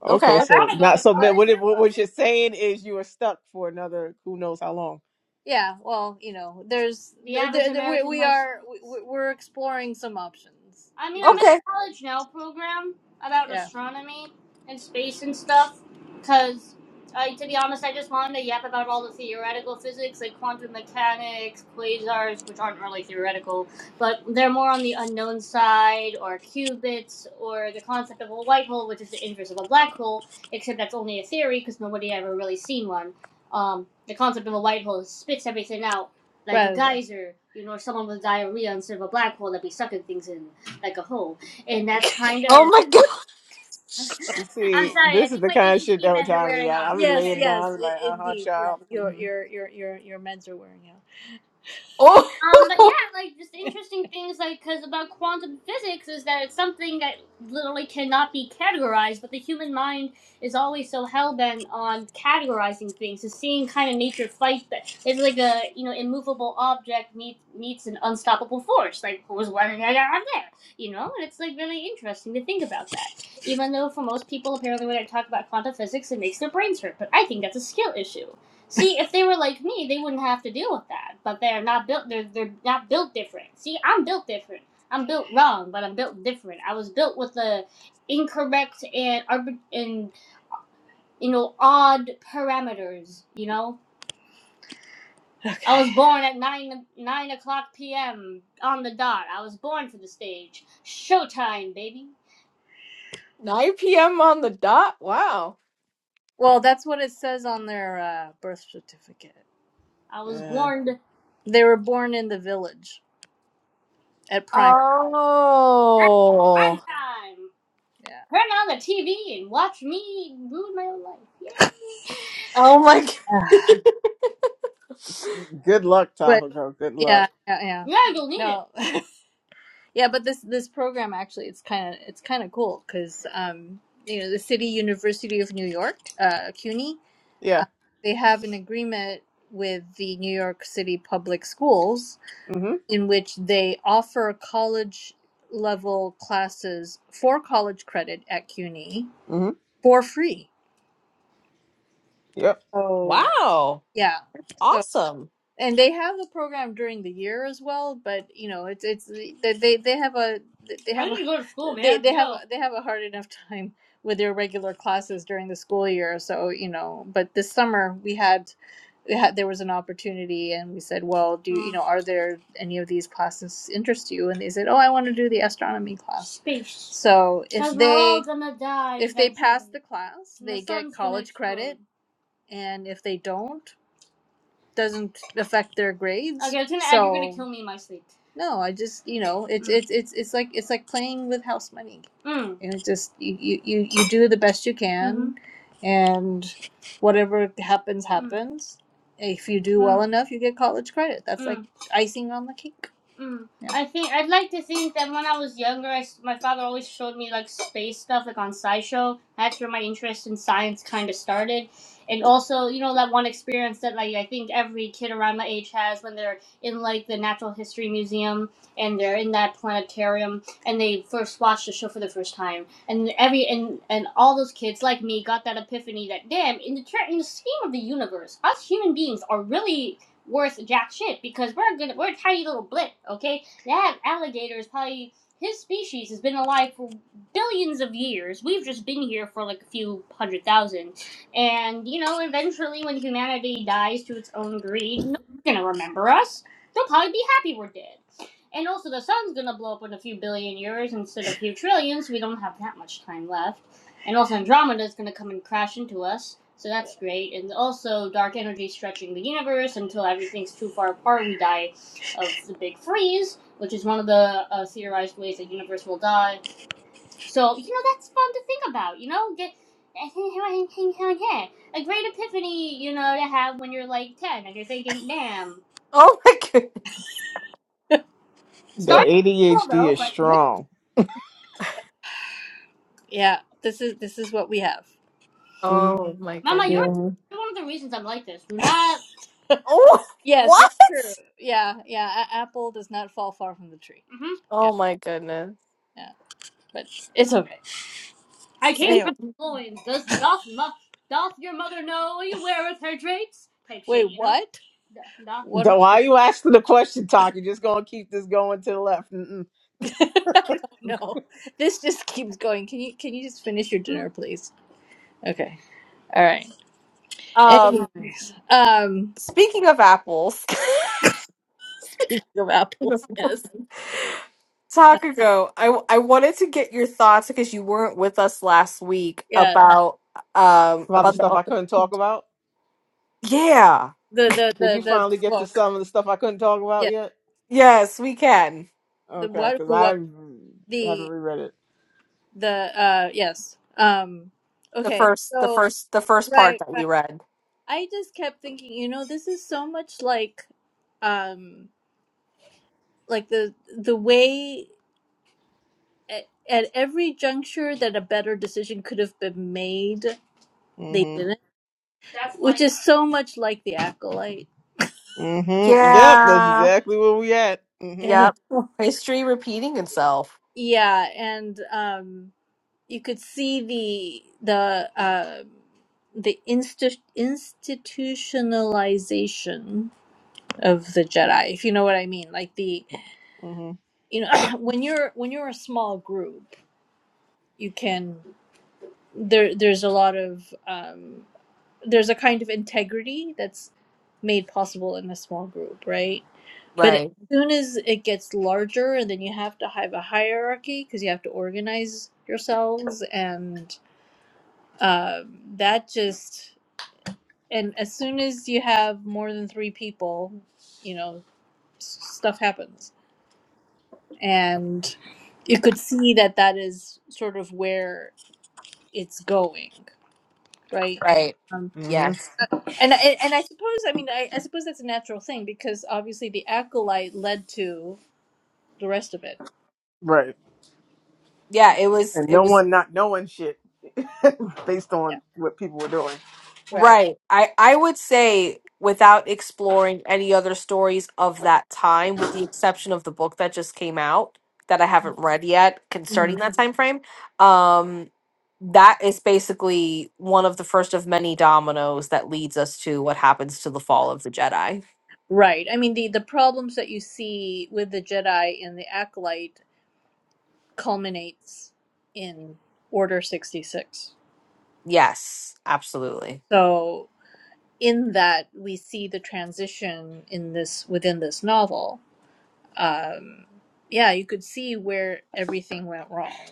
Speaker 3: Okay,
Speaker 1: Okay.
Speaker 2: Right.
Speaker 3: so
Speaker 2: Go to
Speaker 3: not so. ma-
Speaker 2: college,
Speaker 3: What it, what
Speaker 2: Nuba.
Speaker 3: what you're saying is you are stuck for another who knows how long.
Speaker 2: yeah, well, you know, there's The there, there, there, we, we are we, we- are exploring some options I mean, I'm in
Speaker 1: Okay.
Speaker 2: a college now program about yeah, astronomy and space and stuff. Because, I, to be honest, I just wanted to yap about all the theoretical physics, like quantum mechanics, quasars, which aren't really theoretical, but they're more on the unknown side, or qubits, or the concept of a white hole, which is the inverse of a black hole, except that's only a theory because nobody ever really seen one. um, the concept of a white hole spits everything out like right. a Right. geyser, you know, or someone with diarrhea instead of a black hole that be sucking things in like a hole. And that's kind of.
Speaker 1: Oh my god.
Speaker 3: You
Speaker 2: I'm
Speaker 3: see,
Speaker 2: sorry, I
Speaker 3: this is
Speaker 2: think
Speaker 3: the
Speaker 2: my
Speaker 3: kind of shit
Speaker 2: ADHD
Speaker 3: that would
Speaker 2: meds are
Speaker 3: drive me
Speaker 2: wearing
Speaker 3: out.
Speaker 2: off.
Speaker 3: I'll be
Speaker 2: Yes, Okay.
Speaker 3: laying down.
Speaker 2: yes,
Speaker 3: I'll be like,
Speaker 2: i-
Speaker 3: uh huh,
Speaker 2: indeed. Yeah,
Speaker 3: child.
Speaker 2: your
Speaker 3: hmm
Speaker 2: your your your your meds are wearing out. Um, but
Speaker 1: Oh
Speaker 2: yeah, like just interesting things, like because about quantum physics is that it's something that literally cannot be categorized, but the human mind is always so hell bent on categorizing things. So seeing kind of nature fight that it's like a you know immovable object meets meets an unstoppable force. Like who's running right out there? You know, and it's like really interesting to think about that. Even though for most people, apparently, when I talk about quantum physics, it makes their brains hurt, but I think that's a skill issue. See, if they were like me, they wouldn't have to deal with that. But they're not built. They're they're not built different. See, I'm built different. I'm built wrong, but I'm built different. I was built with the incorrect and and you know odd parameters. You know, okay. I Okay. was born at nine nine o'clock p.m. on the dot. I was born for the stage. Showtime, baby.
Speaker 1: 9 p.m. on the dot? Wow.
Speaker 2: Well, that's what it says on their uh, birth certificate. I was
Speaker 3: Uh,
Speaker 2: born. To- They were born in the village at prime. Prime
Speaker 1: Oh.
Speaker 2: time. Yeah. Turn on the TV and watch me ruin my own life.
Speaker 1: Oh my god.
Speaker 2: Yeah.
Speaker 3: good luck,
Speaker 2: but
Speaker 3: Tahoe. Good luck.
Speaker 2: yeah, yeah, yeah. Yeah, you'll need no. it. yeah, but this this program actually it's kind of it's kind of cool cuz um you know, the City University of New York, uh CUNY, uh,
Speaker 3: Yeah.
Speaker 2: they have an agreement with the New York City Public Schools
Speaker 3: Mm
Speaker 2: in which they offer college level classes for college credit at CUNY
Speaker 3: hmm. Mm
Speaker 2: for free.
Speaker 3: hmm. Yep.
Speaker 2: So
Speaker 1: Wow.
Speaker 2: Yeah. So,
Speaker 1: Awesome.
Speaker 2: and they have the program during the year as well, but you know, it's it's they they they have a they I have I need to go to school, a man. they have they have a, they have a hard enough time with their regular classes during the school year. So, you know, but this summer we had we had there was an opportunity and we said, "Well, do you, you know, are there any of these classes interest you?" And they said, "Oh, I want to do the astronomy class." Space. So, if 'Cause they we're all they gonna die if they pass eventually. the class, And the they get sun's gonna college explode. credit, explode. and if they don't, doesn't affect their grades. Okay, I was gonna so, add you're gonna So kill me in my sleep. no, I just you know it's Mm. it's it's it's like it's like playing with house money. Mm. And it just you you you you do the best you Mm-hmm. can, mm-hmm. and whatever happens Mm. happens. Mm. If you do mm. well Mm. enough, you get college credit. That's mm. like Mm. icing on the cake. Mm. Yeah. I think I'd like to think that when I was younger, I s my father always showed me like space stuff, like on SciShow. That's where my interest in science kind of started and also you know that one experience that like i think every kid around my age has when they're in like the natural history museum and they're in that planetarium and they first watch the show for the first time and every and and all those kids like me got that epiphany that damn in the ter- in the scheme of the universe us human beings are really worth jack shit because we're gonna we're a tiny little blip okay that alligator is probably his species has been alive for billions of years. We've just been here for like a few hundred thousand and, you know, eventually when humanity dies to its own greed, no one's gonna remember us. They'll probably be happy we're dead. And also, the sun's gonna blow up in a few billion years instead of a few trillion, so we don't have that much time left. And also, Andromeda's gonna come and crash into us, so that's great. And also, dark energy stretching the universe until everything's too far apart, we die of the big freeze, which is one of the uh, theorized ways the universe will die so you know that's fun to think about. You know, get yeah, a great epiphany. You know, to have when you're like ten and you're thinking, "Damn,
Speaker 1: Oh my god.
Speaker 3: The
Speaker 2: start cool
Speaker 3: ADHD
Speaker 2: though."
Speaker 3: is
Speaker 2: But man,
Speaker 3: strong.
Speaker 2: Yeah, this is this is what we have.
Speaker 3: hmm
Speaker 1: Oh my
Speaker 2: Mama, you're
Speaker 1: goodness.
Speaker 3: hmm
Speaker 2: you're one of the reasons I'm like this. Do not.
Speaker 1: Oh
Speaker 2: Yes, it's
Speaker 1: what?
Speaker 2: true. Yeah, yeah. A- apple does not fall far from the tree. hmm Yeah,
Speaker 1: Oh my goodness.
Speaker 2: yeah. But it's okay. I came Anyway, from
Speaker 1: Speaking
Speaker 2: the loins. Does doth mo- doth your mother know you weareth her drapes? Pipe wait, shading. what? Doth. doth. What?
Speaker 3: Though why you asking the question, Talk? You're just gonna keep this going to the left. Mm-mm.
Speaker 2: I don't know. This just keeps going. Can you can you just finish your dinner, please? Okay. All right.
Speaker 1: um
Speaker 2: Anyways, um,
Speaker 1: speaking of apples.
Speaker 2: speaking of apples, yes,
Speaker 1: Takako, I I wanted to get your thoughts because you weren't with us last week
Speaker 2: yeah,
Speaker 1: about um
Speaker 3: About the
Speaker 1: about
Speaker 3: stuff
Speaker 1: the
Speaker 3: I couldn't talk about.
Speaker 1: yeah
Speaker 2: the the
Speaker 3: Did
Speaker 2: the
Speaker 3: you
Speaker 2: the,
Speaker 3: finally
Speaker 2: the
Speaker 3: get to
Speaker 2: book,
Speaker 3: some of the stuff I couldn't talk about
Speaker 2: yeah,
Speaker 3: yet?
Speaker 1: yes we can
Speaker 2: the
Speaker 3: Okay,
Speaker 2: what
Speaker 3: because
Speaker 2: who
Speaker 3: I
Speaker 2: what
Speaker 3: haven't
Speaker 2: the
Speaker 3: reread it.
Speaker 2: the uh yes, um,
Speaker 1: the
Speaker 2: okay,
Speaker 1: first the
Speaker 2: so
Speaker 1: first the first part
Speaker 2: right
Speaker 1: that
Speaker 2: right.
Speaker 1: we read
Speaker 2: I just kept thinking, you know, this is so much like, um, like the the way at, at every juncture that a better decision could have been made, they
Speaker 3: Mm-hmm.
Speaker 2: didn't which is so much like the acolyte
Speaker 3: Mm-hmm. Yep, that's
Speaker 1: yeah
Speaker 3: exactly where we at. Mm-hmm.
Speaker 2: Yeah.
Speaker 1: yep history repeating itself
Speaker 2: yeah and um you could see the the uh the insti- institutionalization of the jedi if you know what i mean like the
Speaker 3: Mm-hmm.
Speaker 2: you know when you're when you're a small group you can there there's a lot of um, there's a kind of integrity that's made possible in a small group, right? But as
Speaker 1: right
Speaker 2: soon as it gets larger, and then you have to have a hierarchy because you have to organize yourselves, and um, that just and as soon as you have more than three people, you know, s- stuff happens, and you could see that that is sort of where it's going, right?
Speaker 1: right
Speaker 2: Um,
Speaker 3: Mm-hmm.
Speaker 1: yes
Speaker 2: And I- and I suppose I mean I, I suppose that's a natural thing because obviously the acolyte led to the rest of it.
Speaker 3: Right.
Speaker 1: yeah
Speaker 2: Yeah,
Speaker 1: it was
Speaker 3: And
Speaker 1: it
Speaker 3: no
Speaker 1: was
Speaker 3: one not knowing shit based on
Speaker 2: yeah
Speaker 3: what people were doing.
Speaker 2: right.
Speaker 1: Right. I I would say without exploring any other stories of that time, with the exception of the book that just came out that I haven't read yet concerning
Speaker 2: Mhm.
Speaker 1: that time frame, um, that is basically one of the first of many dominoes that leads us to what happens to the fall of the Jedi.
Speaker 2: Right. I mean the the problems that you see with the Jedi and the acolyte culminates in Order sixty six.
Speaker 1: Yes, absolutely.
Speaker 2: So in that we see the transition in this within this novel. Um, yeah, you could see where everything went wrong.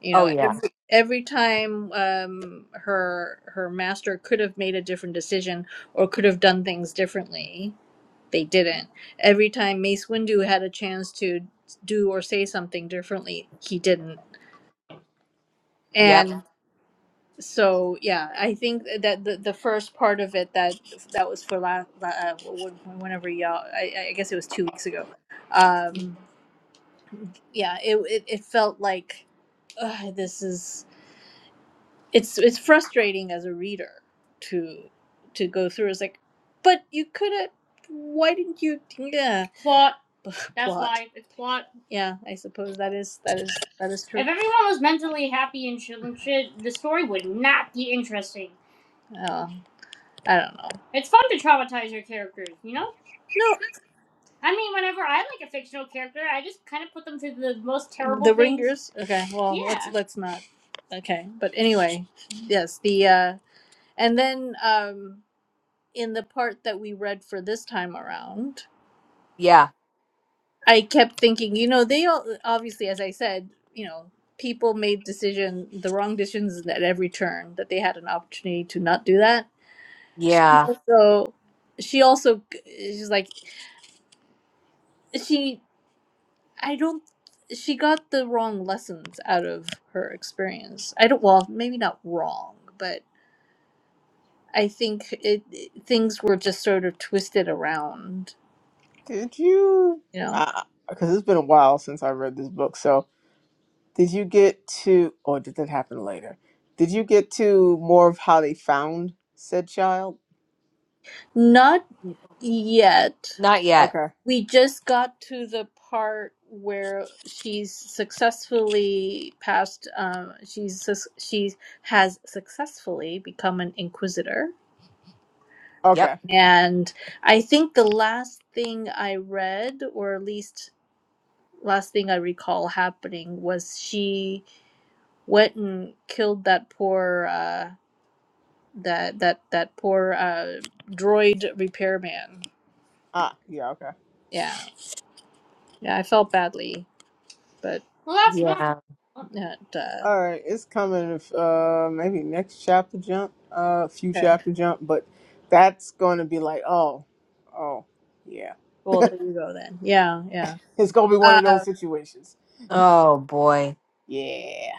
Speaker 2: you
Speaker 1: Oh
Speaker 2: know
Speaker 1: yeah.
Speaker 2: every, every time um, her her master could have made a different decision or could have done things differently they didn't every time mace windu had a chance to do or say something differently he didn't
Speaker 1: Yep.
Speaker 2: and so yeah i think that the, the first part of it that that was for last uh, wh- whenever y'all I, I guess it was two weeks ago um yeah it it, it felt like Ugh, this is it's it's frustrating as a reader to to go through. It's like, but you could have. Why didn't you? Yeah, Plot. That's plot. life. It's plot. Yeah, I suppose that is that is that is true. If everyone was mentally happy and chill and shit, the story would not be interesting. Oh, I don't know. It's fun to traumatize your characters, you know? No, I mean, whenever I like a fictional character, I just kind of put them through the most terrible the things. ringers. Okay, well yeah. let's Yeah. let's not. Okay, but anyway, yes. The uh and then um, in the part that we read for this time around,
Speaker 1: Yeah.
Speaker 2: I kept thinking, you know, they all, obviously, as I said, you know, people made decision the wrong decisions at every turn that they had an opportunity to not do that. She
Speaker 1: Yeah.
Speaker 2: also, she also, she's like, she, I don't, she got the wrong lessons out of her experience. I don't, well, maybe not wrong, but I think it, things were just sort of twisted around,
Speaker 3: Did you?
Speaker 2: you know
Speaker 3: Because it's been a while since I read this book, so Did you get to, or did that happen later? Did you get to more of how they found said child?
Speaker 2: not. yet.
Speaker 1: Not yet.
Speaker 3: Okay.
Speaker 2: We just got to the part where she's successfully passed. Um, she's sus- she has successfully become an inquisitor,
Speaker 1: Yep.
Speaker 3: Okay.
Speaker 2: and I think the last thing I read, or at least last thing I recall happening, was she went and killed that poor uh, that that that poor uh, droid repairman.
Speaker 3: Ah, yeah, okay.
Speaker 2: Yeah, yeah, I felt badly, but.
Speaker 1: Yeah.
Speaker 2: Not, uh,
Speaker 3: All right, it's coming, uh, maybe next chapter jump, uh, few
Speaker 2: okay.
Speaker 3: chapter jump, but that's going to be like, oh, oh, yeah.
Speaker 2: Well, there you go then. Yeah, yeah.
Speaker 3: It's going to be one of those
Speaker 2: Uh,
Speaker 3: situations.
Speaker 1: Oh boy.
Speaker 3: Yeah.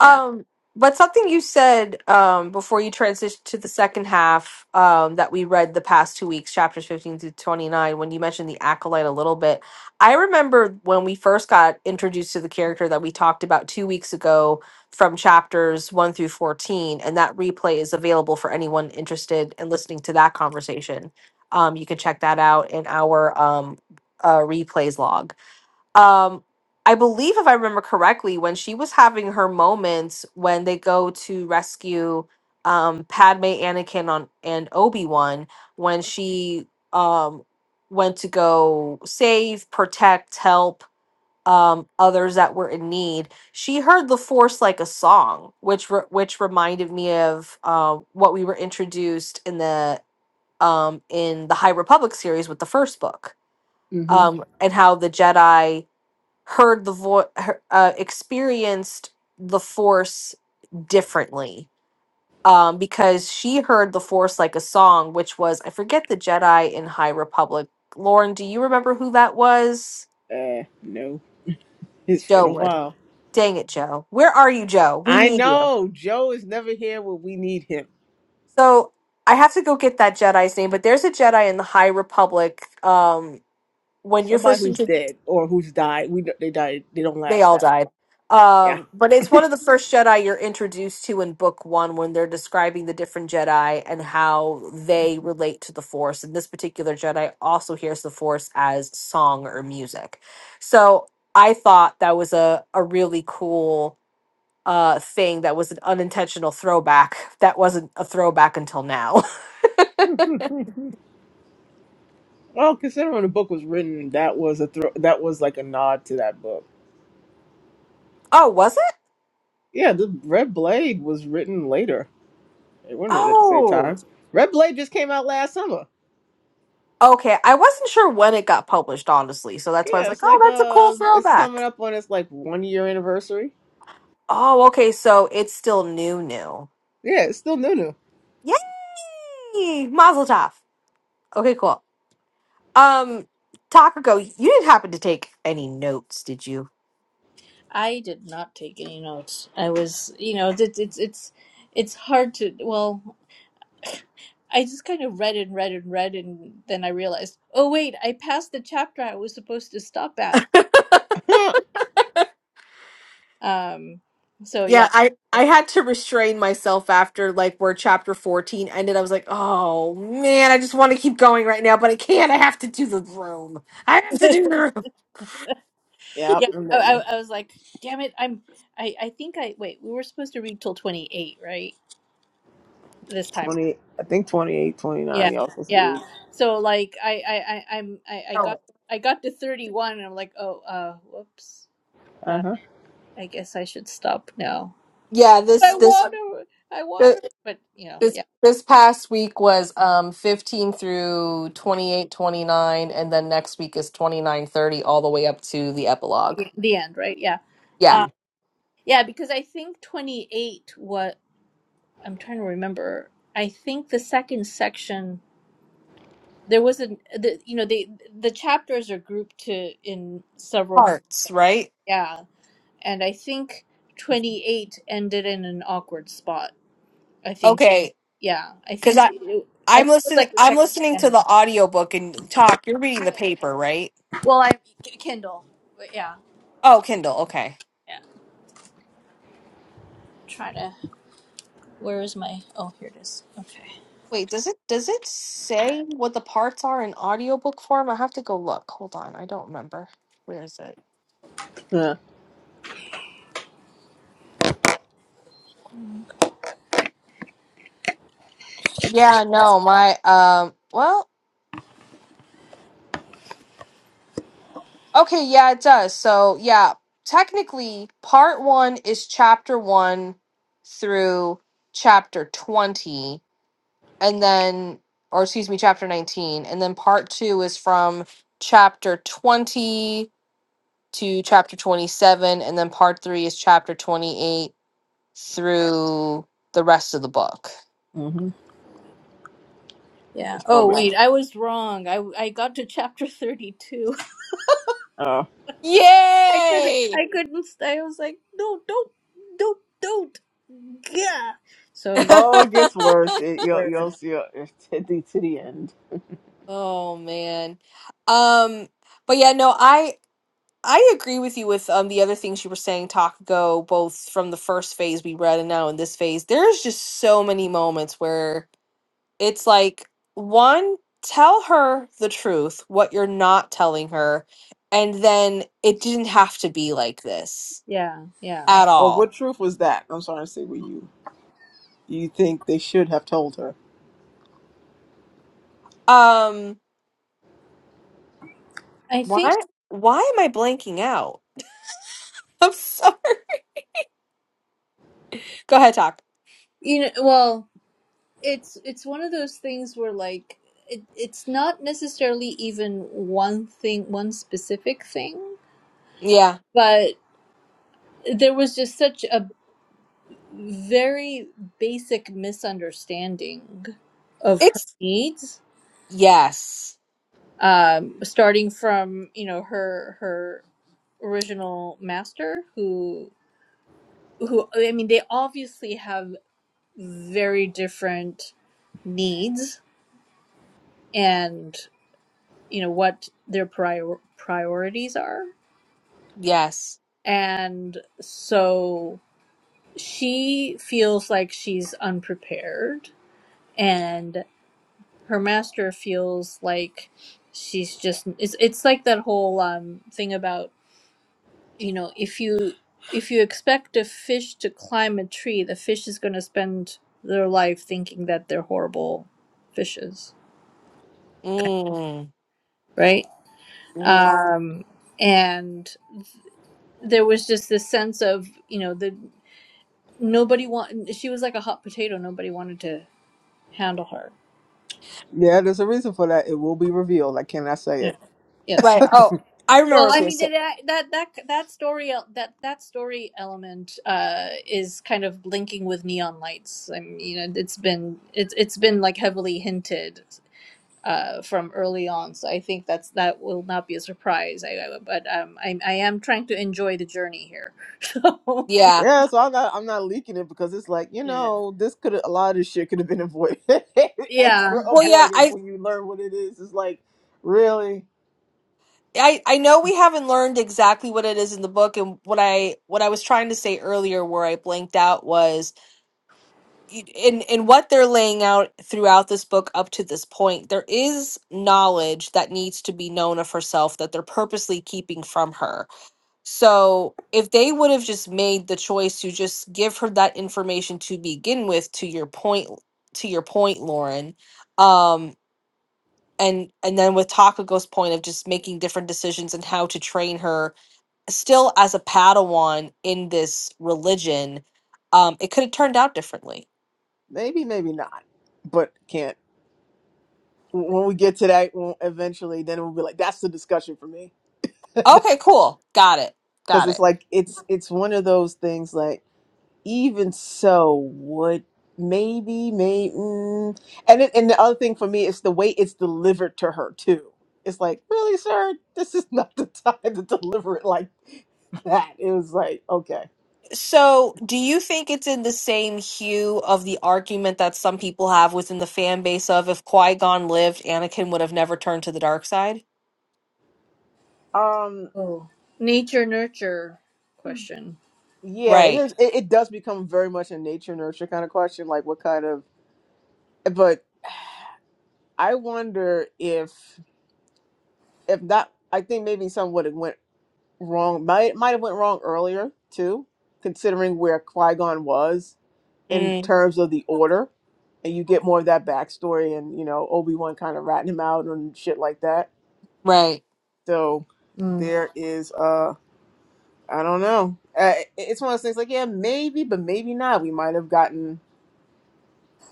Speaker 2: yeah.
Speaker 1: but something you said um, before you transitioned to the second half um, that we read the past two weeks, chapters 15 through 29, when you mentioned the acolyte a little bit. I remember when we first got introduced to the character that we talked about two weeks ago from chapters 1 through 14, and that replay is available for anyone interested in listening to that conversation. Um, you can check that out in our um, uh, replays log um i believe if i remember correctly when she was having her moments when they go to rescue um padme anakin on and obi-wan when she um went to go save protect help um others that were in need she heard the force like a song which re- which reminded me of uh, what we were introduced in the um in the high republic series with the first book
Speaker 3: Mm-hmm.
Speaker 1: um and how the jedi heard the voice, uh, experienced the force differently. Um, because she heard the force like a song, which was I forget the Jedi in High Republic. Lauren, do you remember who that was?
Speaker 3: Uh, no, it's been
Speaker 1: Joe
Speaker 3: a
Speaker 1: would.
Speaker 3: while.
Speaker 1: Dang it, Joe. Where are you, Joe? We
Speaker 3: I
Speaker 1: need you.
Speaker 3: know. Joe is never here when we need him.
Speaker 1: So I have to go get that Jedi's name, but there's a Jedi in the High Republic. Um, when you're
Speaker 3: Somebody
Speaker 1: first
Speaker 3: who's
Speaker 1: introduced.
Speaker 3: dead or who's died. We don't- they died. They don't
Speaker 1: they
Speaker 3: last
Speaker 1: all
Speaker 3: that
Speaker 1: died.
Speaker 3: long. Yeah.
Speaker 1: Um, but it's one of the first Jedi you're introduced to in book one when they're describing the different Jedi and how they relate to the Force. And this particular Jedi also hears the Force as song or music. So I thought that was a, a really cool uh, thing that was an unintentional throwback that wasn't a throwback until now.
Speaker 3: Well, considering the book was written, that was a thro- that was like a nod to that book.
Speaker 1: oh, was it?
Speaker 3: Yeah, the Red Blade was written later. It wasn't written at the same
Speaker 1: Oh,
Speaker 3: time. Red Blade just came out last summer.
Speaker 1: okay. I wasn't sure when it got published, honestly. So that's why I was
Speaker 3: Yeah,
Speaker 1: like,
Speaker 3: it's
Speaker 1: oh,
Speaker 3: like
Speaker 1: that's a cool
Speaker 3: uh, it's
Speaker 1: throwback.
Speaker 3: coming up on its like one year anniversary.
Speaker 1: Oh, okay. So it's still new, new.
Speaker 3: Yeah, it's still new new.
Speaker 1: Yay! Mazel tov. Okay, cool. Um, Takako, you didn't happen to take any notes, did you?
Speaker 2: I did not take any notes. I was, you know, it's it's it's it's hard to. Well, I just kind of read and read and read, and then I realized, oh wait, I passed the chapter I was supposed to stop at. Um. So yeah,
Speaker 1: Yeah, I I had to restrain myself after like where chapter fourteen ended. I was like, oh man, I just want to keep going right now, but I can't. I have to do the room. I have to do the room.
Speaker 3: yeah,
Speaker 2: yeah.
Speaker 3: and
Speaker 2: I, I,
Speaker 3: then
Speaker 2: I was like, damn it, I'm. I I think I wait. We were supposed to read till twenty eight, right? This time
Speaker 3: twenty, I think twenty-eight,
Speaker 2: Yeah,
Speaker 3: twenty-nine, Y'all supposed to
Speaker 2: yeah.
Speaker 3: read.
Speaker 2: So like I I I I'm I, I got
Speaker 1: Oh,
Speaker 2: I got to 31 and I'm like, "Oh, uh whoops.
Speaker 3: Uh
Speaker 2: Uh
Speaker 3: huh.
Speaker 2: I guess I should stop now."
Speaker 1: yeah,
Speaker 2: But I
Speaker 1: this this.
Speaker 2: want to I
Speaker 1: uh,
Speaker 2: want to but you know,
Speaker 1: This
Speaker 2: yeah.
Speaker 1: this past week was um 15 through 28 29 and then next week is 29 30 all the way up to the epilogue.
Speaker 2: The end, right? Yeah.
Speaker 1: Yeah.
Speaker 2: Uh yeah, because I think 28 what I'm trying to remember. I think the second section there was an the you know, they the chapters are grouped to in several groups.
Speaker 1: parts, right?
Speaker 2: Yeah. And I think 28 ended in an awkward spot. I think
Speaker 1: Okay,
Speaker 2: Yeah, I
Speaker 1: because
Speaker 2: think
Speaker 1: I
Speaker 2: it, I
Speaker 1: I'm
Speaker 2: think it's
Speaker 1: listening
Speaker 2: like the
Speaker 1: I'm
Speaker 2: second
Speaker 1: listening
Speaker 2: weekend.
Speaker 1: to
Speaker 2: of
Speaker 1: the
Speaker 2: the.
Speaker 1: audiobook and talk. You're reading the paper, right?
Speaker 2: Well, I K- Kindle, but yeah,
Speaker 1: Oh, Kindle. Okay.
Speaker 2: yeah. Try to. Where is my? Oh, here it is. Okay.
Speaker 1: Wait, does it does it say what the parts are in audiobook form? I have to go look. Hold on, I don't remember. Where is it?
Speaker 3: Yeah.
Speaker 1: Yeah, no, my um. Well, Okay, yeah, it does. So, yeah, technically, part one is chapter one through chapter 20, and then, or excuse me, chapter 19, and then part two is from chapter 20 to chapter 27, and then part three is chapter 28 through the rest of the book.
Speaker 3: Mhm.
Speaker 2: Yeah.
Speaker 3: It's
Speaker 2: Oh
Speaker 3: gonna be.
Speaker 2: wait, I was wrong. I I got to chapter thirty two.
Speaker 3: uh,
Speaker 2: I couldn't.
Speaker 1: Yay!
Speaker 2: I couldn't. stay. I was like, no, don't, don't, don't. Yeah. So yeah.
Speaker 3: Oh, it gets worse. It, you'll
Speaker 2: Where?
Speaker 3: you'll see it to the, to the end.
Speaker 1: oh, man. Um, but yeah, no, I I agree with you with um the other things you were saying, Takago, both from the first phase we read and now in this phase. There's just so many moments where it's like, one, tell her the truth, what you're not telling her, and then it didn't have to be like this
Speaker 2: Yeah. Yeah.
Speaker 1: at
Speaker 3: Or
Speaker 1: all.
Speaker 3: what truth was that? I'm sorry to say, were you? You think they should have told her?
Speaker 1: Um
Speaker 2: I think
Speaker 1: why why am I blanking out? I'm sorry. Go ahead, talk.
Speaker 2: you know. Well, it's it's one of those things where like it, it's not necessarily even one thing, one specific thing.
Speaker 1: Yeah.
Speaker 2: but there was just such a very basic misunderstanding of her
Speaker 1: It's
Speaker 2: needs
Speaker 1: yes.
Speaker 2: um starting from you know her her original master who who i mean they obviously have very different needs and you know what their prior priorities are
Speaker 1: Yes.
Speaker 2: and so she feels like she's unprepared and. her master feels like she's just it's it's like that whole um thing about you know if you if you expect a fish to climb a tree the fish is going to spend their life thinking that they're horrible fishes
Speaker 1: Mm.
Speaker 2: right
Speaker 1: hmm
Speaker 2: um and there was just this sense of you know the nobody want she was like a hot potato nobody wanted to handle her
Speaker 3: Yeah, there's a reason for that. It will be revealed. I cannot say
Speaker 2: yeah
Speaker 3: it.
Speaker 2: yes
Speaker 1: Right. Oh, I remember what I
Speaker 2: Well,
Speaker 1: was
Speaker 2: I
Speaker 1: going to
Speaker 2: mean
Speaker 1: say.
Speaker 2: that that that that story that that story element uh, is kind of linking with neon lights. I mean, you know, it's been it's it's been like heavily hinted uh, from early on, so I think that's that will not be a surprise. I, I- but um, I I am trying to enjoy the journey here.
Speaker 1: Yeah.
Speaker 3: Yeah, so I'm not I'm not leaking it because it's like you
Speaker 2: So yeah,
Speaker 3: know this could a lot of this shit could have been avoided, extra
Speaker 2: yeah.
Speaker 1: Well,
Speaker 2: yeah.
Speaker 1: yeah,
Speaker 3: avoided
Speaker 1: I
Speaker 3: when you learn what it is. It's like really
Speaker 1: I I know we haven't learned exactly what it is in the book and what I what I was trying to say earlier where I blanked out was y- in in what they're laying out throughout this book up to this point, there is knowledge that needs to be known of herself that they're purposely keeping from her. So, if they would have just made the choice to just give her that information to begin with to your point to your point, Lauren, um, and and then with Takako's point of just making different decisions and how to train her still as a Padawan in this religion, um, it could have turned out differently.
Speaker 3: maybe maybe not, but can't. When we get to that, when- eventually, then it will be like that's the discussion for me
Speaker 1: Okay, cool. Got it.
Speaker 3: because
Speaker 1: Got
Speaker 3: it's
Speaker 1: it.
Speaker 3: like it's it's one of those things like even so would maybe maybe mm. and it, and the other thing for me is the way it's delivered to her too it's like really sir this is not the time to deliver it like that it was like okay
Speaker 1: So, do you think it's in the same hue of the argument that some people have within the fan base of if Qui Gon lived, Anakin would have never turned to the dark side?
Speaker 3: um
Speaker 2: Oh. Nature nurture question.
Speaker 3: yeah it is
Speaker 1: Right.
Speaker 3: it, it does become very much a nature nurture kind of question like what kind of but i wonder if if that i think maybe some would have went wrong might might have went wrong earlier too considering where qui-gon was in
Speaker 1: Mm,
Speaker 3: terms of the order, and you get more of that backstory and you know Obi Wan kind of ratting him out and shit like that.
Speaker 1: right.
Speaker 3: So
Speaker 2: Mm.
Speaker 3: there is uh I don't know. Uh, it- it's one of those things like yeah maybe but maybe not. We might have gotten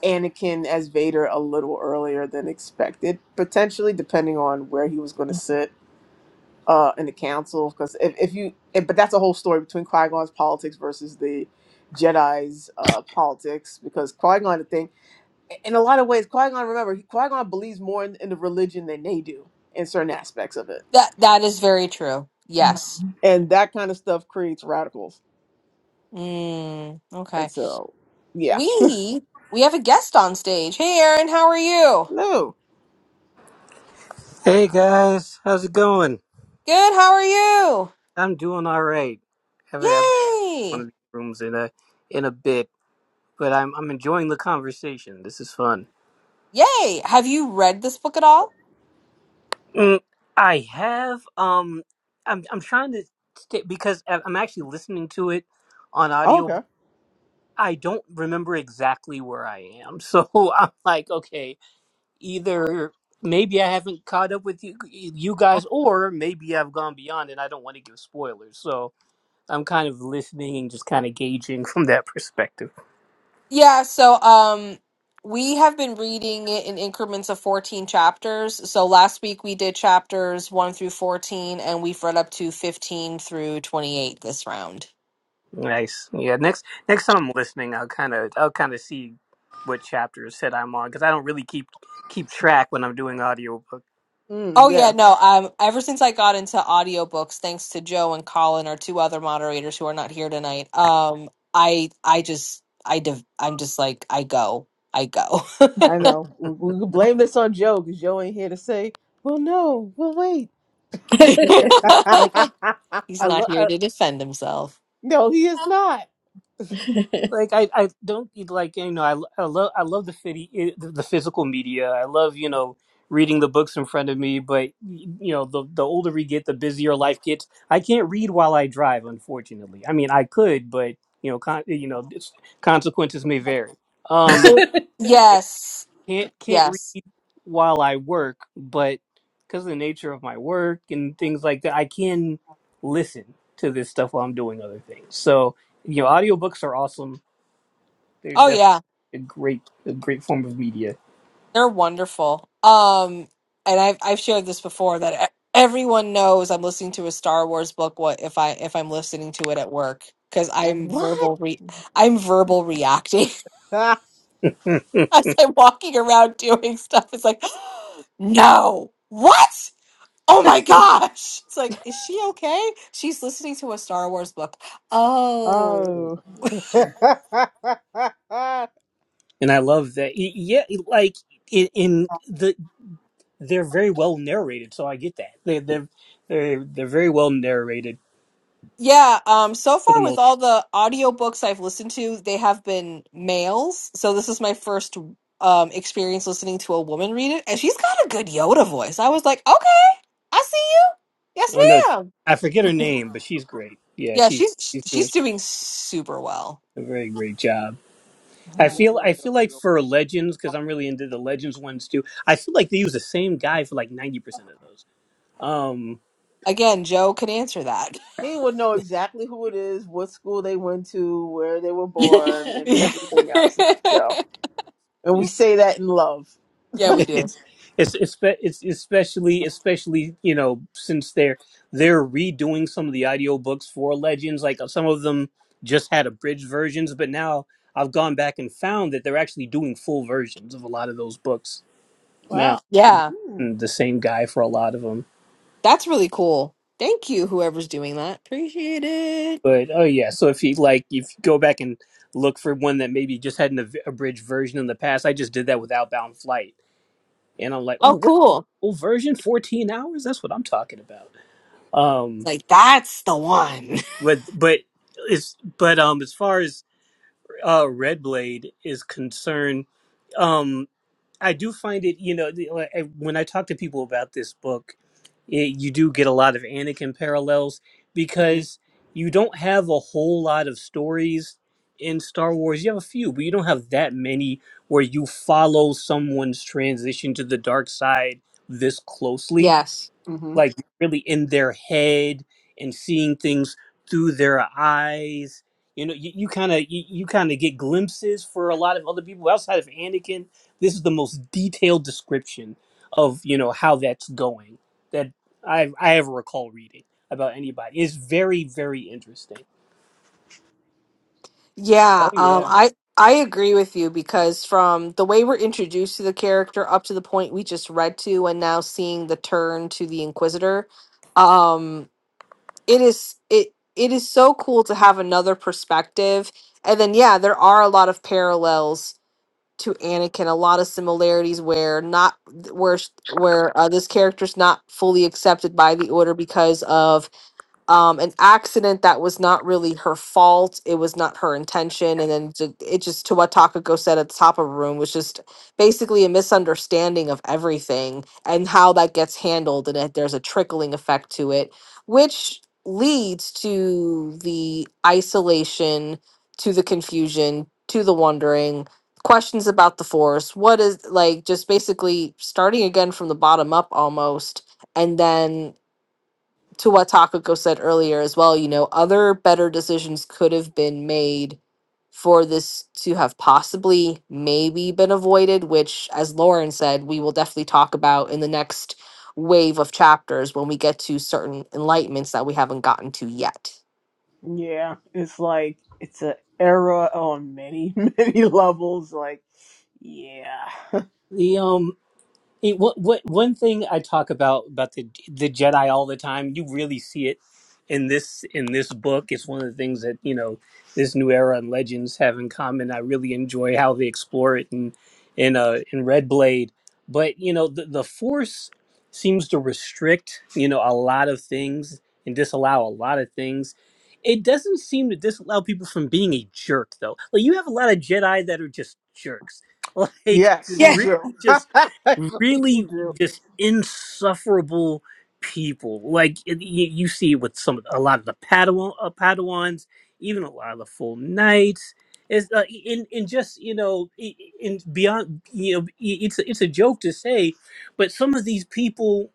Speaker 3: Anakin as Vader a little earlier than expected, potentially depending on where he was going to sit uh in the council because if, if you if, but that's a whole story between Qui Gon's politics versus the Jedi's uh, politics because Qui Gon, I think. in a lot of ways, Qui Gon, remember, Qui Gon believes more in, in the religion than they do in certain aspects of it.
Speaker 1: That that is very true. Yes.
Speaker 3: And that kind of stuff creates radicals.
Speaker 1: Mm, okay.
Speaker 3: And so, yeah.
Speaker 1: we we have a guest on stage. Hey Aaron, how are you?
Speaker 3: No.
Speaker 4: Hey guys, how's it going?
Speaker 1: Good, how are you?
Speaker 4: I'm doing all right. Haven't had one
Speaker 1: Yay!
Speaker 4: of these rooms in a in a bit, but I'm I'm enjoying the conversation. This is fun.
Speaker 1: Yay! Have you read this book at all?
Speaker 4: Mm, I have um, I'm I'm trying to stay because I- I'm actually listening to it on
Speaker 3: Oh,
Speaker 4: audio.
Speaker 3: Okay.
Speaker 4: But I don't remember exactly where I am, so I'm like, okay, either maybe I haven't caught up with you you guys, or maybe I've gone beyond and I don't want to give spoilers. So I'm kind of listening and just kind of gauging from that perspective.
Speaker 1: Yeah, so um we have been reading it in increments of 14 chapters. So last week we did chapters 1 through 14 and we've read up to 15 through 28 this round.
Speaker 4: Nice. Yeah. Next next time I'm listening, I'll kind of I'll kind of see what chapter it said I'm on because I don't really keep keep track when I'm doing audiobook.
Speaker 3: Mm,
Speaker 1: Oh yeah,
Speaker 3: yeah.
Speaker 1: no. Um, ever since I got into audiobooks, thanks to Joe and Colin, our two other moderators who are not here tonight, um, I I just I div- I'm just like I go, I go.
Speaker 3: I know. We, we could blame this on Joe because Joe ain't here to say, well, no, we'll wait.
Speaker 4: Like
Speaker 1: He's
Speaker 4: I
Speaker 1: not
Speaker 4: love.
Speaker 1: here to defend himself.
Speaker 3: no, he is not.
Speaker 4: like I, I don't like you know I, I love I love the fitty, the the physical media. I love you know reading the books in front of me, but you know the the older we get, the busier life gets. I can't read while I drive, unfortunately. I mean, I could, but you know, con- you know, it's- consequences may vary. Um,
Speaker 1: It,
Speaker 4: it
Speaker 1: yes,
Speaker 4: can't can't
Speaker 1: yes.
Speaker 4: read while I work, but because of the nature of my work and things like that, I can listen to this stuff while I'm doing other things. So you know, audiobooks are awesome they're
Speaker 1: Oh
Speaker 4: definitely
Speaker 1: yeah,
Speaker 4: a great, a great form of media,
Speaker 1: They're wonderful. Um, and I've I've shared this before that e- everyone knows I'm listening to a Star Wars book. What if I if I'm listening to it at work because
Speaker 3: Like,
Speaker 1: I'm
Speaker 3: what?
Speaker 1: verbal re I'm verbal reacting
Speaker 4: Hmm.
Speaker 1: as I'm walking around doing stuff. It's like, no, what? Oh my gosh! It's like, is she okay? She's listening to a Star Wars book. Oh.
Speaker 3: oh. yeah, I
Speaker 4: and I love that. Y- Yeah, like in, in the they're very well narrated, so I get that. They they're they're they're very well narrated
Speaker 1: Yeah, um, so
Speaker 4: for the
Speaker 1: far with
Speaker 4: most.
Speaker 1: all the audiobooks I've listened to, they have been males. So this is my first um experience listening to a woman read it, and she's got a good Yoda voice. I was like, okay, I see you. Yes,
Speaker 4: Oh no,
Speaker 1: ma'am.
Speaker 4: I forget her name, but she's great. Yeah,
Speaker 1: Yeah,
Speaker 4: she's
Speaker 1: she's
Speaker 4: she's doing
Speaker 1: she's doing super well.
Speaker 4: a very great job. I feel
Speaker 3: love
Speaker 4: I
Speaker 3: that
Speaker 4: feel like for
Speaker 3: audiobook.
Speaker 4: legends because I'm really into the legends ones too. I feel like they use the same guy for like ninety percent of those. Um.
Speaker 1: Again, Joe can answer that.
Speaker 3: He would know exactly who it is, what school they went to, where they were born, and everything else. Yeah. And we say that in love.
Speaker 1: Yeah, we do.
Speaker 4: it's it's it's spe- it's especially especially you know since they're they're redoing some of the audiobooks for legends like uh, some of them just had abridged versions but now i've gone back and found that they're actually doing full versions of a lot of those books now
Speaker 2: wow.
Speaker 1: Yeah,
Speaker 3: Mm-hmm.
Speaker 4: and the same guy for a lot of them
Speaker 1: that's really cool. Thank you, whoever's doing that. Appreciate it.
Speaker 4: but oh yeah so if you like if you go back and look for one that maybe just had an ab- abridged version in the past i just did that with outbound flight and i'm like oh
Speaker 1: Oh,
Speaker 4: what
Speaker 1: cool.
Speaker 4: full version 14 hours that's what i'm talking about um
Speaker 1: like that's the one.
Speaker 4: but but it's but um as far as uh red blade is concerned um i do find it you know the- like, I- when i talk to people about this book it, you do get a lot of anakin parallels because you don't have a whole lot of stories in star wars you have a few but you don't have that many where you follow someone's transition to the dark side this closely
Speaker 1: Yes.
Speaker 3: hmm
Speaker 4: like really in their head and seeing things through their eyes. You know, you kind of you, you kind of get glimpses for a lot of other people outside of Anakin. This is the most detailed description of you know how that's going that I I ever recall reading about anybody. It's very very interesting.
Speaker 1: Yeah,
Speaker 3: Oh
Speaker 1: um,
Speaker 3: yeah.
Speaker 1: I I agree with you because from the way we're introduced to the character up to the point we just read to, and now seeing the turn to the Inquisitor, um, it is it it is so cool to have another perspective. And then yeah, there are a lot of parallels to Anakin, a lot of similarities where not where where uh, this character's not fully accepted by the Order because of um, an accident that was not really her fault. It was not her intention. And then ju- it just, to what Takako said at the top of the room, was just basically a misunderstanding of everything and how that gets handled. And that there's a trickling effect to it, which leads to the isolation, to the confusion, to the wondering, questions about the force. What is like just basically starting again from the bottom up almost. And then to what Takako said earlier as well, you know, other better decisions could have been made for this to have possibly maybe been avoided, which, as Lauren said, we will definitely talk about in the next wave of chapters when we get to certain enlightenments that we haven't gotten to yet.
Speaker 3: Yeah. It's like it's an era on many, many levels. Like, yeah.
Speaker 4: The um. It, what, what, one thing I talk about about the the Jedi all the time, you really see it in this in this book. It's one of the things that you know this new era and Legends have in common. I really enjoy how they explore it in in uh, in Red Blade, but you know the the Force seems to restrict you know a lot of things and disallow a lot of things. It doesn't seem to disallow people from being a jerk though. Like you have a lot of Jedi that are just jerks, like
Speaker 3: Yes, you do.
Speaker 4: really just
Speaker 3: you
Speaker 4: really
Speaker 3: do.
Speaker 4: just insufferable people. Like y- y- you see with some a lot of the Padawan, uh, Padawans, even a lot of the full knights. Is uh, in in just you know i- in beyond you know i- it's a- it's a joke to say, but some of these people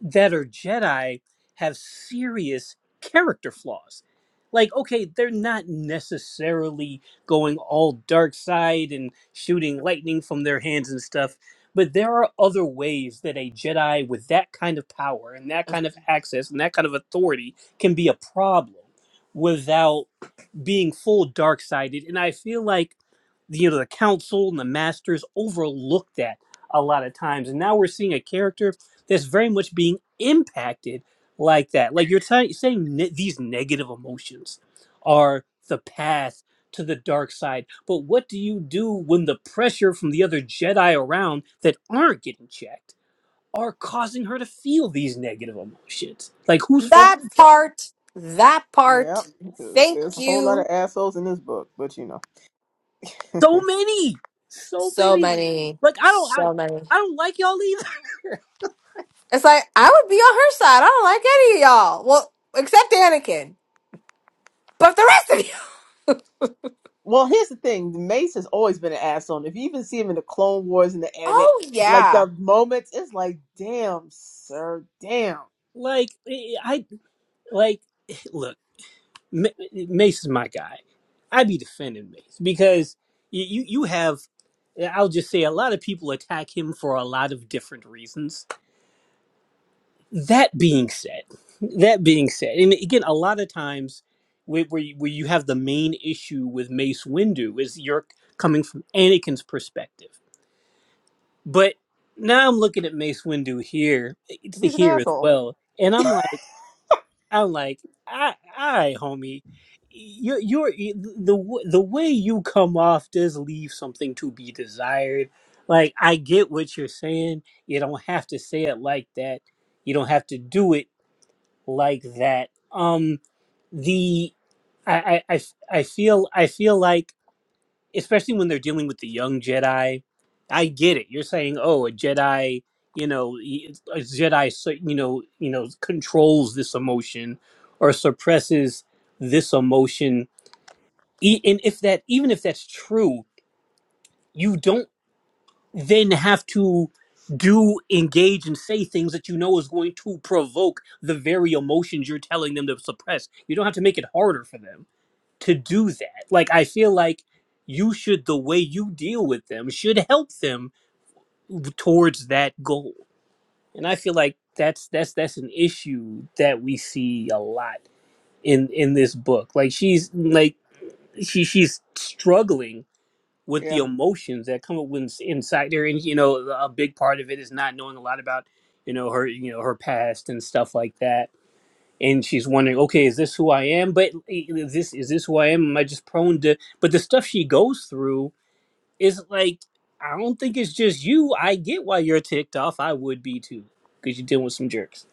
Speaker 4: that are Jedi have serious character flaws. Like, okay, they're not necessarily going all dark side and shooting lightning from their hands and stuff, but there are other ways that a Jedi with that kind of power and that
Speaker 1: A
Speaker 4: kind of access and that kind of authority can be a problem without being full dark sided and i feel like the, you know the council and the masters overlooked that a lot of times and now we're seeing a character that's very much being impacted like that like you're t- saying ne- these negative emotions are the path to the dark side but what do you do when the pressure from the other jedi around that aren't getting checked are causing her to feel these negative emotions like whose fault
Speaker 1: That
Speaker 4: is that
Speaker 1: part, that
Speaker 3: Yeah.
Speaker 1: part.
Speaker 3: Because
Speaker 1: Thank
Speaker 3: there's a whole lot of
Speaker 1: you.
Speaker 3: assholes in this book, but you know.
Speaker 4: So many, so
Speaker 1: So
Speaker 4: many.
Speaker 1: many,
Speaker 4: Like I don't, I,
Speaker 1: so many.
Speaker 4: I don't like y'all either.
Speaker 1: It's like I would be on her side. I don't like any of y'all. Well, except Anakin, but the rest of you.
Speaker 3: Well, here's the thing. Mace has always been an asshole. If you even see him in the Clone Wars and the anime,
Speaker 1: Oh
Speaker 3: like
Speaker 1: yeah.
Speaker 3: the moments, it's like, damn, sir, damn.
Speaker 4: like I, I- like look, M- Mace is my guy. I be defending Mace because you, you, you have. I'll just say a lot of people attack him for a lot of different reasons. That being said, that being said, and again, a lot of times where where you, where you have the main issue with Mace Windu is you're coming from Anakin's perspective But now I'm looking at Mace Windu here. It's the
Speaker 3: He's an
Speaker 4: here as
Speaker 3: asshole.
Speaker 4: well, and I'm like, I'm like, I, I, homie, you, you're the w- the way you come off does leave something to be desired. Like I get what you're saying. You don't have to say it like that. You don't have to do it like that. Um, the I I I, I feel I feel like especially when they're dealing with the young Jedi. I get it. You're saying, oh, a Jedi, you know, y- a Jedi, so- you know, you know, controls this emotion or suppresses this emotion. E- And if that, even if that's true, you don't then have to do engage and say things that you know is going to provoke the very emotions you're telling them to suppress. You don't have to make it harder for them to do that. Like I feel like you should the way you deal with them should help them towards that goal. And I feel like that's that's that's an issue that we see a lot in in this book. Like she's like she she's struggling with the
Speaker 3: Yeah.
Speaker 4: emotions that come up when inside her and you know a big part of it is not knowing a lot about you know her you know her past and stuff like that and she's wondering, okay, is this who I am? But is this is this who I am? Am I just prone to? But the stuff she goes through is like, I don't think it's just you. I get why you're ticked off. I would be too, because you're dealing with some jerks.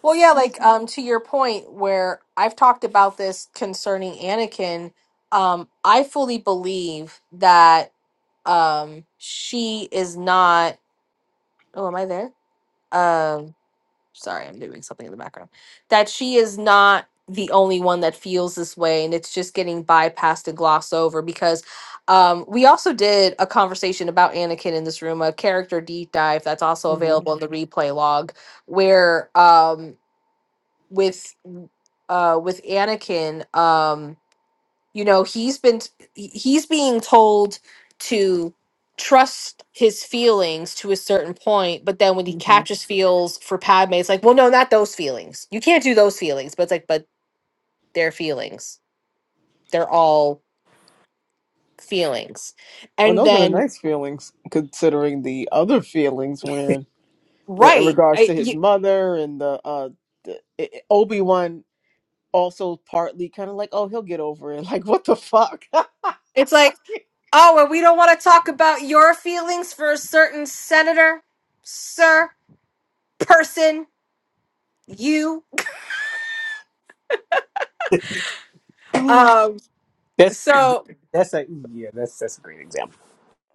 Speaker 1: Well, yeah. Like
Speaker 3: Mm-hmm.
Speaker 1: um, to your point, where I've talked about this concerning Anakin. Um, I fully believe that um she is not. Oh, am I there? Um. sorry, I'm doing something in the background, that she is not the only one that feels this way and it's just getting bypassed and glossed over because um, we also did a conversation about Anakin in this room, a character deep dive that's also
Speaker 3: Mm-hmm.
Speaker 1: available in the replay log where um, with uh, with Anakin. Um, you know he's been he- he's being told to trust his feelings to a certain point but then when he
Speaker 3: hmm
Speaker 1: catches feels for padme it's like well no not those feelings you can't do those feelings but it's like but they're feelings they're all feelings
Speaker 3: Well,
Speaker 1: and
Speaker 3: those are the
Speaker 1: then
Speaker 3: nice feelings, considering the other feelings when, where in
Speaker 1: right
Speaker 3: regards
Speaker 1: I,
Speaker 3: to his
Speaker 1: you,
Speaker 3: mother and the, uh, the Obi Wan also partly kind of like, oh, he'll get over it. Like, what the fuck? Joe!
Speaker 1: it's like oh and we don't want to talk about your feelings for a certain senator sir person you
Speaker 4: That's
Speaker 1: um so
Speaker 4: that's a yeah. That's that's a great example.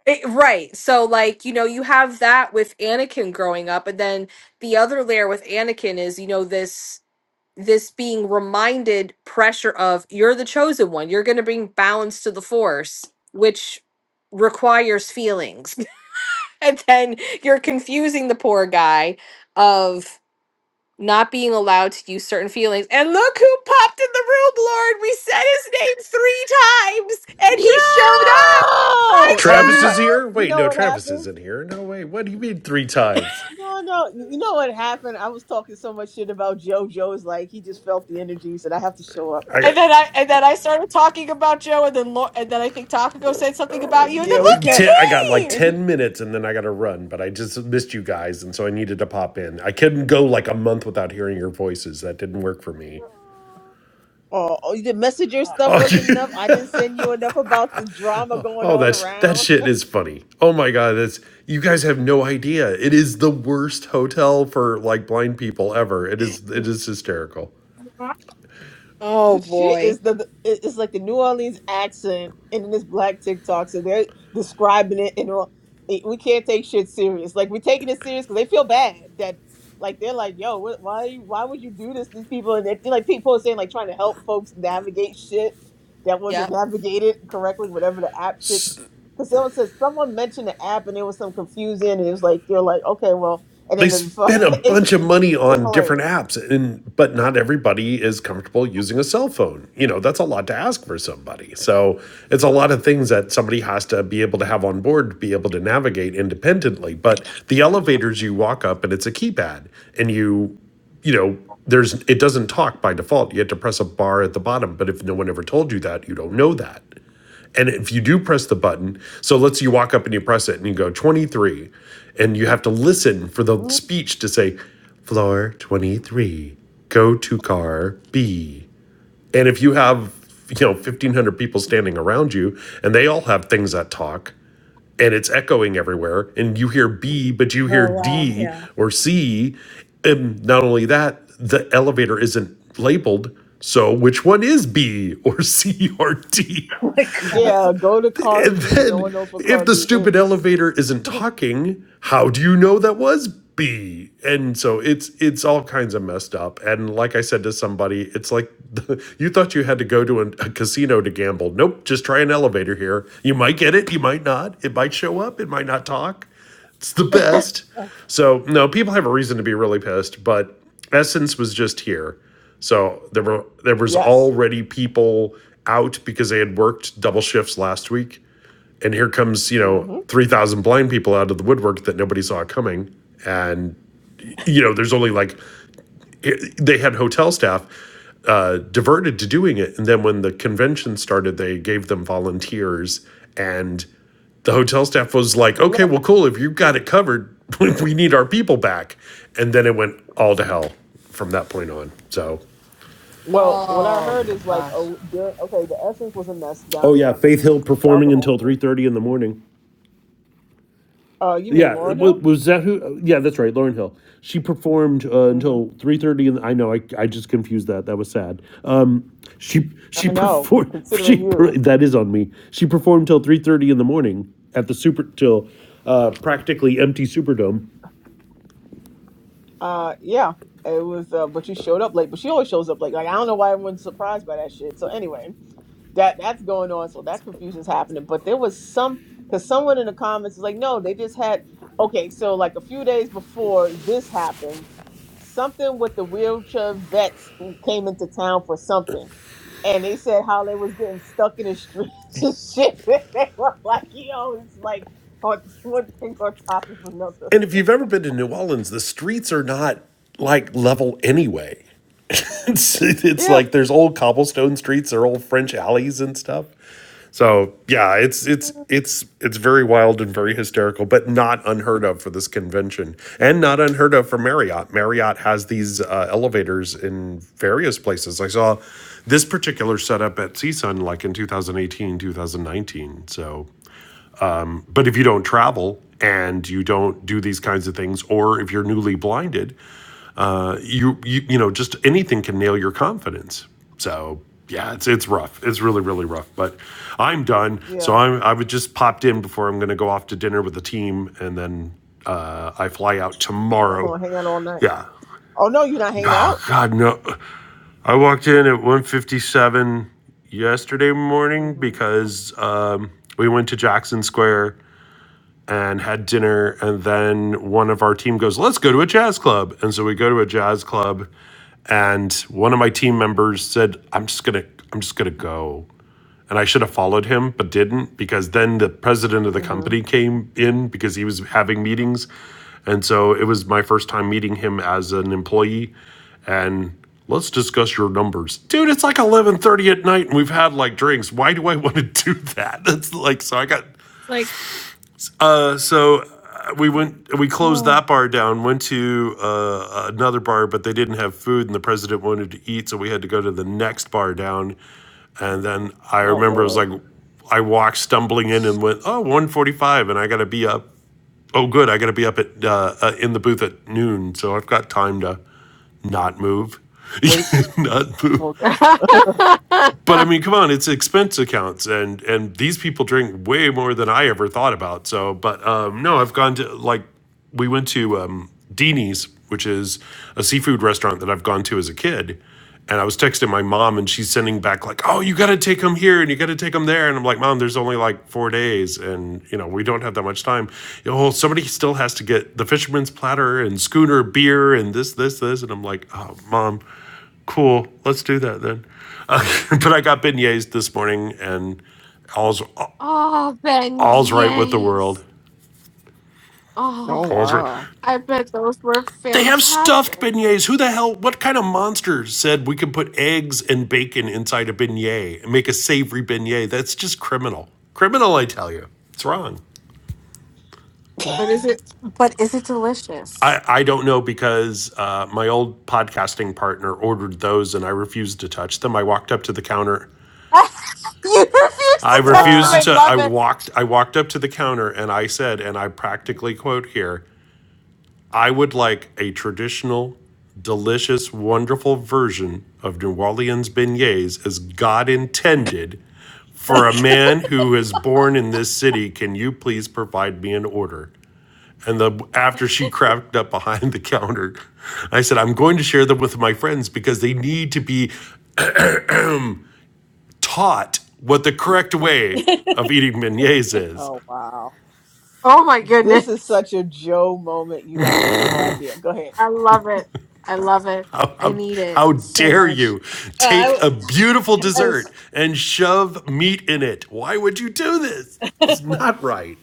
Speaker 1: It, right. So, like, you know, you have that with Anakin growing up, and then the other layer with Anakin is, you know, this this being reminded pressure of you're the chosen one. You're going to bring balance to the force, which requires feelings. and then you're confusing the poor guy of not being allowed to use certain feelings. And look who popped in the room, Lord. We said his name 3 times and he showed up.
Speaker 3: Oh, he
Speaker 5: Travis is
Speaker 3: must.
Speaker 1: Hi,
Speaker 5: here.
Speaker 3: You
Speaker 5: Wait,
Speaker 3: know
Speaker 5: no,
Speaker 3: what
Speaker 5: Travis
Speaker 3: happened?
Speaker 5: isn't here. No, wait. What do you mean three times?
Speaker 3: No, no. You you know what happened? I was talking so much shit about JoJo. It's like he just felt the energy. He said, I have to show up.
Speaker 5: I
Speaker 1: And
Speaker 5: got
Speaker 1: then I and then I started talking about Joe, and then Lo- and then I think Takako said something about you, and then
Speaker 3: Yeah, we
Speaker 1: look, you
Speaker 3: kept.
Speaker 5: ten, I got like
Speaker 3: And
Speaker 1: came.
Speaker 3: he,
Speaker 5: ten minutes, and then I got to run. But I just missed you guys, and so I needed to pop in. I couldn't go like a month without hearing your voices. That didn't work for me.
Speaker 3: oh, oh, the messenger stuff
Speaker 5: Oh,
Speaker 3: wasn't
Speaker 5: you-
Speaker 3: enough. I didn't send you enough about the drama going
Speaker 5: oh,
Speaker 3: on
Speaker 5: that's that
Speaker 3: around.
Speaker 5: shit is funny. Oh my god, that's you guys have no idea. It is the worst hotel for like blind people ever. It is it is hysterical.
Speaker 1: Oh
Speaker 3: The shit
Speaker 1: boy.
Speaker 3: is the it- it's like the New Orleans accent, and then this black TikTok, so they're describing it and all. it- We can't take shit serious. Like we're taking it serious because they feel bad that like they're like, yo, what, why why would you do this? These people and they, like people are saying like trying to help folks navigate shit that wasn't
Speaker 1: Yep.
Speaker 3: navigated correctly, whatever the app shit. Because someone says someone mentioned the app and there was some confusion and it was like they're like, okay, well, and
Speaker 5: they
Speaker 3: then the,
Speaker 5: spend a
Speaker 3: it's
Speaker 5: bunch of money
Speaker 3: it's
Speaker 5: on different
Speaker 3: hilarious.
Speaker 5: apps and but not everybody is comfortable using a cell phone you know that's a lot to ask for somebody so it's a lot of things that somebody has to be able to have on board to be able to navigate independently but the elevators you walk up and it's a keypad and you you know there's it doesn't talk by default you have to press a bar at the bottom but if no one ever told you that you don't know
Speaker 3: Mhm.
Speaker 5: that and if you do press the button, so let's say you walk up and you press it and you go 23, and you have to listen for the
Speaker 3: Mhm.
Speaker 5: speech to say, floor 23, go to car B. And if you have, you know, 1,500 people standing around you and they all have things that talk and it's echoing everywhere and you hear B, but you hear
Speaker 2: Oh wow.
Speaker 5: D
Speaker 2: Yeah.
Speaker 5: or C, and not only that, the elevator isn't labeled. So which one is B or C or D?
Speaker 2: Oh my god.
Speaker 3: Yeah, go to car
Speaker 5: And
Speaker 3: B. No one
Speaker 5: then,
Speaker 3: knows what
Speaker 5: if
Speaker 3: car
Speaker 5: the
Speaker 3: B
Speaker 5: stupid
Speaker 3: is.
Speaker 5: elevator isn't talking, how do you know that was B? And so it's it's all kinds of messed up. And like I said to somebody, it's like the, you thought you had to go to a, a casino to gamble. Nope, just try an elevator here. You might get it, you might not. It might show up, it might not talk. It's the best. So no, people have a reason to be really pissed, but Essence was just here. So there were there was
Speaker 3: Yes.
Speaker 5: already people out because they had worked double shifts last week and here comes you know
Speaker 3: hmm
Speaker 5: 3000 blind people out of the woodwork that nobody saw coming and you know there's only like they had hotel staff uh, diverted to doing it and then when the convention started they gave them volunteers and the hotel staff was like
Speaker 3: Good
Speaker 5: okay
Speaker 3: luck.
Speaker 5: well cool if you've got it covered we need our people back and then it went all to hell from that point on so
Speaker 3: Well, what I
Speaker 1: Oh
Speaker 3: heard is like,
Speaker 1: gosh.
Speaker 3: oh, there, okay, the essence was a mess
Speaker 5: Oh
Speaker 3: down
Speaker 5: yeah,
Speaker 3: there.
Speaker 5: Faith Hill
Speaker 3: That was the
Speaker 5: performing
Speaker 3: whole
Speaker 5: until three
Speaker 3: thing.
Speaker 5: thirty in the morning.
Speaker 3: Uh, you mean
Speaker 5: Yeah,
Speaker 3: Lauren Hill?
Speaker 5: was that who? Yeah, that's right, Lauren Hill. She performed uh,
Speaker 3: hmm
Speaker 5: until three thirty, and I know I, I just confused that. That was sad. Um, she she
Speaker 3: I know,
Speaker 5: performed. She
Speaker 3: considering
Speaker 5: per,
Speaker 3: you.
Speaker 5: that is on me. She performed till three thirty in the morning at the super till uh, practically empty Superdome,
Speaker 3: Uh, yeah, it was. Uh, but you showed up late. But she always shows up late. Like I don't know why everyone's surprised by that shit. So anyway, that that's going on. So that confusion's happening. But there was some because someone in the comments was like, no, they just had okay. So like a few days before this happened, something with the wheelchair vets who came into town for something. And they said how they was getting stuck in the streets and shit. they were like, yo, it's like on one thing on top of another.
Speaker 5: And if you've ever been to New Orleans, the streets are not like level anyway. It's, it's
Speaker 3: Yeah.
Speaker 5: like there's old cobblestone streets, there are old French alleys and stuff. So yeah, it's it's it's it's very wild and very hysterical, but not unheard of for this convention, and not unheard of for Marriott. Marriott has these uh, elevators in various places. I saw this particular setup at CSUN like in 2018, 2019. So but if you don't travel and you don't do these kinds of things, or if you're newly blinded, uh, you, you you know just anything can nail your confidence. So yeah, it's it's rough. It's really really rough. But I'm done. So
Speaker 3: Yeah.
Speaker 5: I'm I've just popped in before I'm going to go off to dinner with the team, and then uh, I fly out
Speaker 3: Y'all
Speaker 5: tomorrow.
Speaker 3: gonna hang out all night.
Speaker 5: Yeah.
Speaker 3: Oh no, you're not hanging out.
Speaker 5: Oh God, no! I walked in at 1:57 yesterday
Speaker 3: mm
Speaker 5: morning
Speaker 3: hmm
Speaker 5: because um, we went to Jackson Square and had dinner. And then one of our team goes, let's go to a jazz club. And so we go to a jazz club. And one of my team members said, I'm just going to, I'm just going to go. And I should have followed him, but didn't because then the president of the
Speaker 3: mm hmm
Speaker 5: company came in because he was having meetings. And so it was my first time meeting him as an employee. And let's discuss your numbers. Dude, it's like 11:30 at night and we've had like drinks. Why do I want to do that? That's like so I got
Speaker 1: It's like.
Speaker 5: uh, so uh, we went, we closed
Speaker 3: Oh,
Speaker 5: that bar down, went to uh, another bar, but they didn't have food, and the president wanted to eat, so we had to go to the next bar down. And then I
Speaker 3: oh
Speaker 5: remember it was
Speaker 3: Lord.
Speaker 5: like, I walked stumbling in and went, oh, 145, and I got to be up. Oh, good, I got to be up at uh, uh, in the booth at noon, so I've got time to not move,
Speaker 3: Sleep.
Speaker 5: not move
Speaker 3: Okay.
Speaker 5: but I mean, come on, it's expense accounts, and and these people drink way more than I ever thought about. So, but um, no, I've gone to like we went to um, Dini's, which is a seafood restaurant that I've gone to as a kid, and I was texting my mom, and she's sending back like, "Oh, you got to take them here, and you got to take them there," and I'm like, "Mom, there's only like four days, and you know we don't have that much time. Oh, somebody still has to get the fisherman's platter and schooner beer and this, this, this," and I'm like, "Oh, mom." Cool. Let's do that then. Uh, but I got beignets this morning, and all's
Speaker 1: oh
Speaker 5: all's right with the world.
Speaker 1: beignets.
Speaker 3: Oh
Speaker 1: Oh,
Speaker 5: All's right.
Speaker 3: wow.
Speaker 1: I bet those were
Speaker 5: They have stuffed
Speaker 1: fantastic.
Speaker 5: beignets. Who the hell? What kind of monster said we could put eggs and bacon inside a beignet and make a savory beignet? That's just criminal. Criminal, I tell you. It's wrong.
Speaker 1: But is it? But is it delicious?
Speaker 5: I, I don't know because uh, my old podcasting partner ordered those and I refused to touch them. I walked up to the counter
Speaker 1: you refuse
Speaker 5: I
Speaker 1: to touch them.
Speaker 5: refused
Speaker 1: I
Speaker 3: Wow.
Speaker 5: to. I
Speaker 1: love it.
Speaker 5: walked. I walked up to the counter and I said, and I practically quote here: "I would like a traditional, delicious, wonderful version of New Orleans beignets, as God intended, for a man who is born in this city. Can you please provide me an order?" And the after she cracked up behind the counter, I said, "I'm going to share them with my friends because they need to be taught what the correct way
Speaker 2: Oh.
Speaker 5: of eating beignets is."
Speaker 3: Oh wow.
Speaker 1: Oh my
Speaker 3: This is
Speaker 1: goodness.
Speaker 3: such a Joe moment. You guys have no idea. Go ahead.
Speaker 1: I love it. I love it.
Speaker 5: How,
Speaker 1: I
Speaker 5: how,
Speaker 1: need it
Speaker 5: how
Speaker 1: so
Speaker 5: dare
Speaker 1: much.
Speaker 5: you
Speaker 2: Uh, I,
Speaker 5: take a beautiful
Speaker 2: I
Speaker 5: dessert
Speaker 2: was
Speaker 5: and shove meat in it? Why would you do this?
Speaker 2: I
Speaker 5: It's not right.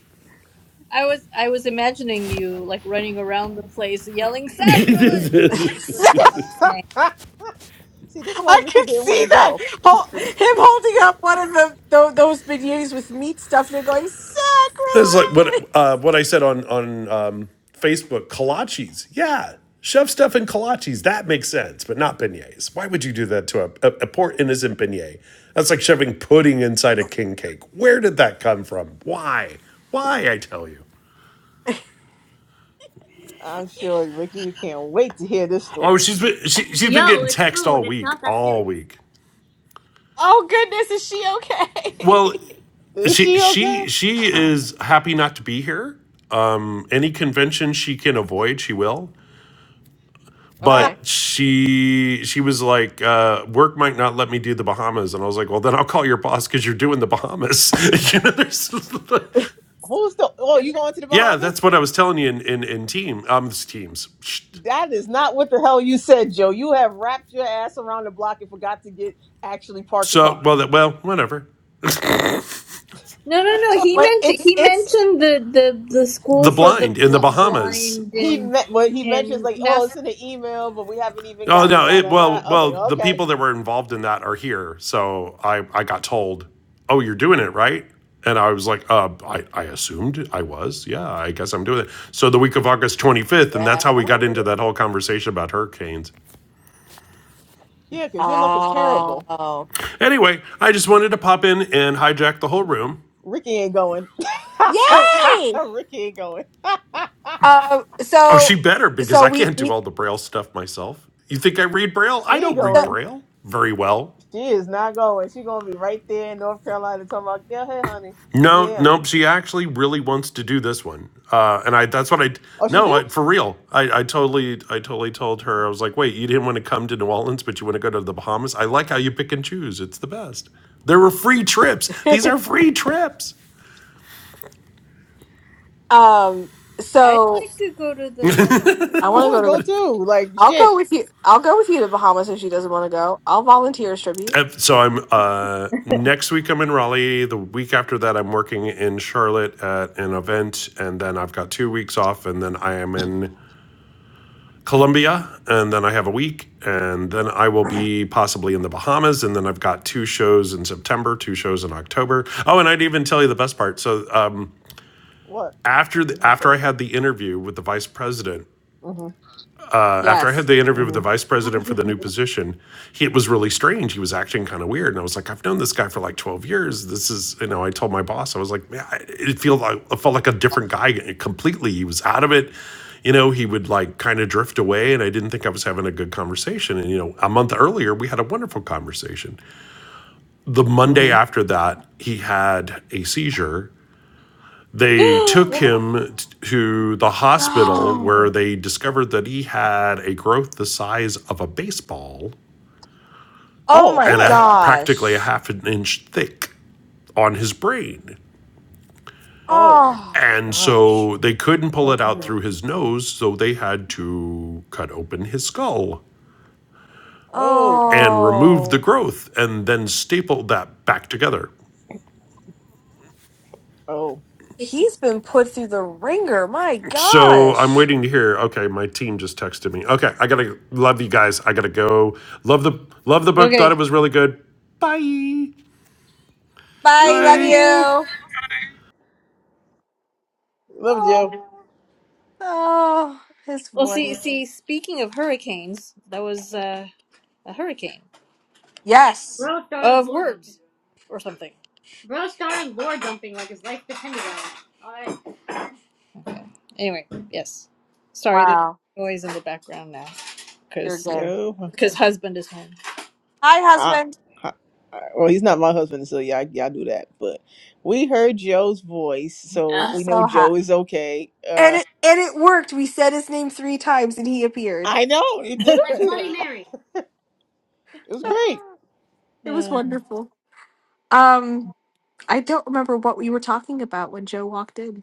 Speaker 2: was I was imagining you like running around the place yelling sacrilege, but it's what it's about to say.
Speaker 3: See, this is why
Speaker 1: I
Speaker 3: Ricky
Speaker 1: could
Speaker 3: didn't want
Speaker 1: see
Speaker 3: to
Speaker 1: that.
Speaker 3: go.
Speaker 1: Hol- Him holding up one of the, tho- those beignets with meat stuffed and going,
Speaker 5: It's like
Speaker 1: Sacrilege!
Speaker 5: what uh, what I said on on um, Facebook. Kolaches, yeah, shove stuff in kolaches. That makes sense, but not beignets. Why would you do that to a, a, a poor innocent beignet? That's like shoving pudding inside a king cake. Where did that come from? Why? Why? I tell you.
Speaker 3: I'm sure Ricky can't wait to hear this
Speaker 5: Oh,
Speaker 3: story.
Speaker 5: she's been she, she's been
Speaker 2: Yo,
Speaker 5: getting
Speaker 2: it's
Speaker 5: text
Speaker 2: food.
Speaker 5: all
Speaker 2: It's
Speaker 5: week,
Speaker 2: not that
Speaker 5: all
Speaker 2: serious.
Speaker 5: week.
Speaker 1: Oh goodness, is she
Speaker 5: Well,
Speaker 1: okay?
Speaker 3: Is
Speaker 5: she
Speaker 3: she okay?
Speaker 5: she she is happy not to be here. Um, any convention she can avoid, she will.
Speaker 3: Ah,
Speaker 1: okay.
Speaker 5: But she she was like, uh, work might not let me do the Bahamas, and I was like, well, then I'll call your boss because you're doing the Bahamas. you know, there's,
Speaker 3: who's the? Oh, you
Speaker 1: It's-
Speaker 3: going to the
Speaker 5: yeah, that's
Speaker 3: Bahamas?
Speaker 5: what I was telling you in in, in team um teams.
Speaker 3: That is not what the hell you said, Joe. You have wrapped your ass around the block and forgot to get actually park the
Speaker 5: So
Speaker 3: car.
Speaker 5: well that well whatever
Speaker 2: No, no, no. He
Speaker 1: But
Speaker 2: mentioned
Speaker 1: it's,
Speaker 2: he
Speaker 1: it's,
Speaker 2: mentioned the the the school
Speaker 5: the
Speaker 2: for the
Speaker 5: blind in the
Speaker 2: bl-
Speaker 5: Bahamas.
Speaker 2: blind
Speaker 3: he
Speaker 2: in
Speaker 3: met what he mentions
Speaker 2: in
Speaker 3: like, oh,
Speaker 2: Nassau.
Speaker 3: it's in the email, but we haven't even
Speaker 5: Oh
Speaker 3: gotten
Speaker 5: no!
Speaker 3: da
Speaker 5: It
Speaker 3: da da.
Speaker 5: well,
Speaker 3: I was
Speaker 5: well,
Speaker 3: like,
Speaker 5: the
Speaker 3: okay,
Speaker 5: people that were involved in that are here, so I I got told, "Oh, you're doing it, right?" And I was like, "Uh, I I assumed I was. Yeah, I guess I'm doing it." So the week of August 25th, and that's how
Speaker 1: yeah.
Speaker 5: we got into that whole conversation about hurricanes.
Speaker 3: yeah, because your luck is terrible.
Speaker 1: Oh.
Speaker 5: Anyway, I just wanted to pop in and hijack the whole room.
Speaker 3: Ricky ain't going.
Speaker 1: Yay!
Speaker 3: Ricky ain't going.
Speaker 1: Uh,
Speaker 5: Oh, she
Speaker 1: so,
Speaker 5: better because
Speaker 1: so
Speaker 5: I
Speaker 1: we,
Speaker 5: can't do
Speaker 1: we
Speaker 5: all the braille stuff myself. You think I read braille?
Speaker 3: she
Speaker 5: I
Speaker 3: ain't
Speaker 5: don't read
Speaker 1: so,
Speaker 3: going.
Speaker 5: braille very well.
Speaker 3: She is not going. She gonna be right there in North Carolina talking about, go ahead, honey.
Speaker 5: No,
Speaker 3: Yeah.
Speaker 5: nope. She actually really wants to do this one, uh, and I. That's what I.
Speaker 3: Oh, she
Speaker 5: No,
Speaker 3: do?
Speaker 5: I, for real. I, I totally, I totally told her. I was like, wait, you didn't want to come to New Orleans, but you want to go to the Bahamas. I like how you pick and choose. It's the best. There were free trips. These are free trips.
Speaker 1: um,
Speaker 2: I'd
Speaker 1: so
Speaker 2: like to go to the
Speaker 1: I
Speaker 3: I
Speaker 2: Bahamas.
Speaker 1: want to go
Speaker 3: wanna
Speaker 1: to
Speaker 3: go
Speaker 1: the,
Speaker 3: too. Like
Speaker 1: I'll
Speaker 3: shit.
Speaker 1: go with you. I'll go with you to Bahamas if she doesn't want to go. I'll volunteer as tribute.
Speaker 5: Uh, So I'm uh, next week. I'm in Raleigh. The week after that, I'm working in Charlotte at an event, and then I've got two weeks off, and then I am in Colombia, and then I have a week, and then I will be possibly in the Bahamas, and then I've got two shows in September, two shows in October. Oh, and I'd even tell you the best part. So uh,
Speaker 3: What?
Speaker 5: after the,
Speaker 3: What's this
Speaker 5: after I
Speaker 3: for.
Speaker 5: had the interview with the vice president,
Speaker 3: Mm-hmm.
Speaker 5: after I had
Speaker 1: Yes.
Speaker 5: the interview with the vice
Speaker 3: Mm-hmm.
Speaker 5: president for the new position, he, it was really strange. He was acting kind of weird, and I was like, "I've known this guy for like twelve years. This is, you know." I told my boss, I was like, "Man, I, it felt like it felt like a different guy completely. He was out of it. You know, he would like kind of drift away, and I didn't think I was having a good conversation. And you know, a month earlier, we had a wonderful conversation. The Monday
Speaker 3: Mm-hmm.
Speaker 5: after that, he had a seizure they took
Speaker 2: Opa.
Speaker 5: him to the hospital where
Speaker 1: No.
Speaker 5: they discovered that he had a growth the size of a baseball
Speaker 1: Oh
Speaker 3: Oh
Speaker 1: my
Speaker 5: and a,
Speaker 3: hell.
Speaker 5: practically a
Speaker 1: gosh.
Speaker 5: half an inch thick on his brain.
Speaker 3: Oh.
Speaker 1: Oh.
Speaker 5: And so they couldn't pull it out through his nose, so they had to cut open his skull
Speaker 3: Oh.
Speaker 5: and remove the
Speaker 1: Oh.
Speaker 5: growth and then staple that back together.
Speaker 3: Oh.
Speaker 2: Tasty.
Speaker 1: He's been put through the ringer. My
Speaker 5: So I'm
Speaker 1: gosh.
Speaker 5: waiting to hear. Okay, my team just texted me. Okay, I gotta love you guys. I gotta go. Love the love the book. Thought
Speaker 2: okay.
Speaker 5: it was really good. Bye.
Speaker 1: Bye.
Speaker 3: See
Speaker 1: Love
Speaker 5: Bye.
Speaker 3: you.
Speaker 1: you.
Speaker 3: Love Joe.
Speaker 1: Oh. Oh. His
Speaker 2: Well, see,
Speaker 1: voice.
Speaker 2: see. Speaking of hurricanes, that was uh, a hurricane.
Speaker 1: Yes.
Speaker 2: Bro started of lore dumping. words dumping. or something. Bro started lore dumping like his life depended on it. Alright. Okay. Anyway, yes. Sorry, there's
Speaker 1: Wow.
Speaker 2: noise in the background now
Speaker 1: You're
Speaker 2: because
Speaker 1: good.
Speaker 3: No.
Speaker 2: because husband is home.
Speaker 1: Hi,
Speaker 3: Ah.
Speaker 1: husband.
Speaker 3: Ha- Well, he's not my husband, so y'all, y'all do that. But we heard Joe's voice, so
Speaker 1: I'm
Speaker 2: Uh,
Speaker 3: we know
Speaker 1: so happy.
Speaker 3: Joe is okay.
Speaker 1: And
Speaker 3: Uh,
Speaker 1: it and it worked. We said his name three times and he appeared.
Speaker 3: I know he did
Speaker 2: like
Speaker 3: appear.
Speaker 2: Bloody Mary.
Speaker 3: It was great.
Speaker 1: Ah, It was
Speaker 2: Uh,
Speaker 1: wonderful. Um, I don't remember what we were talking about when Joe walked in.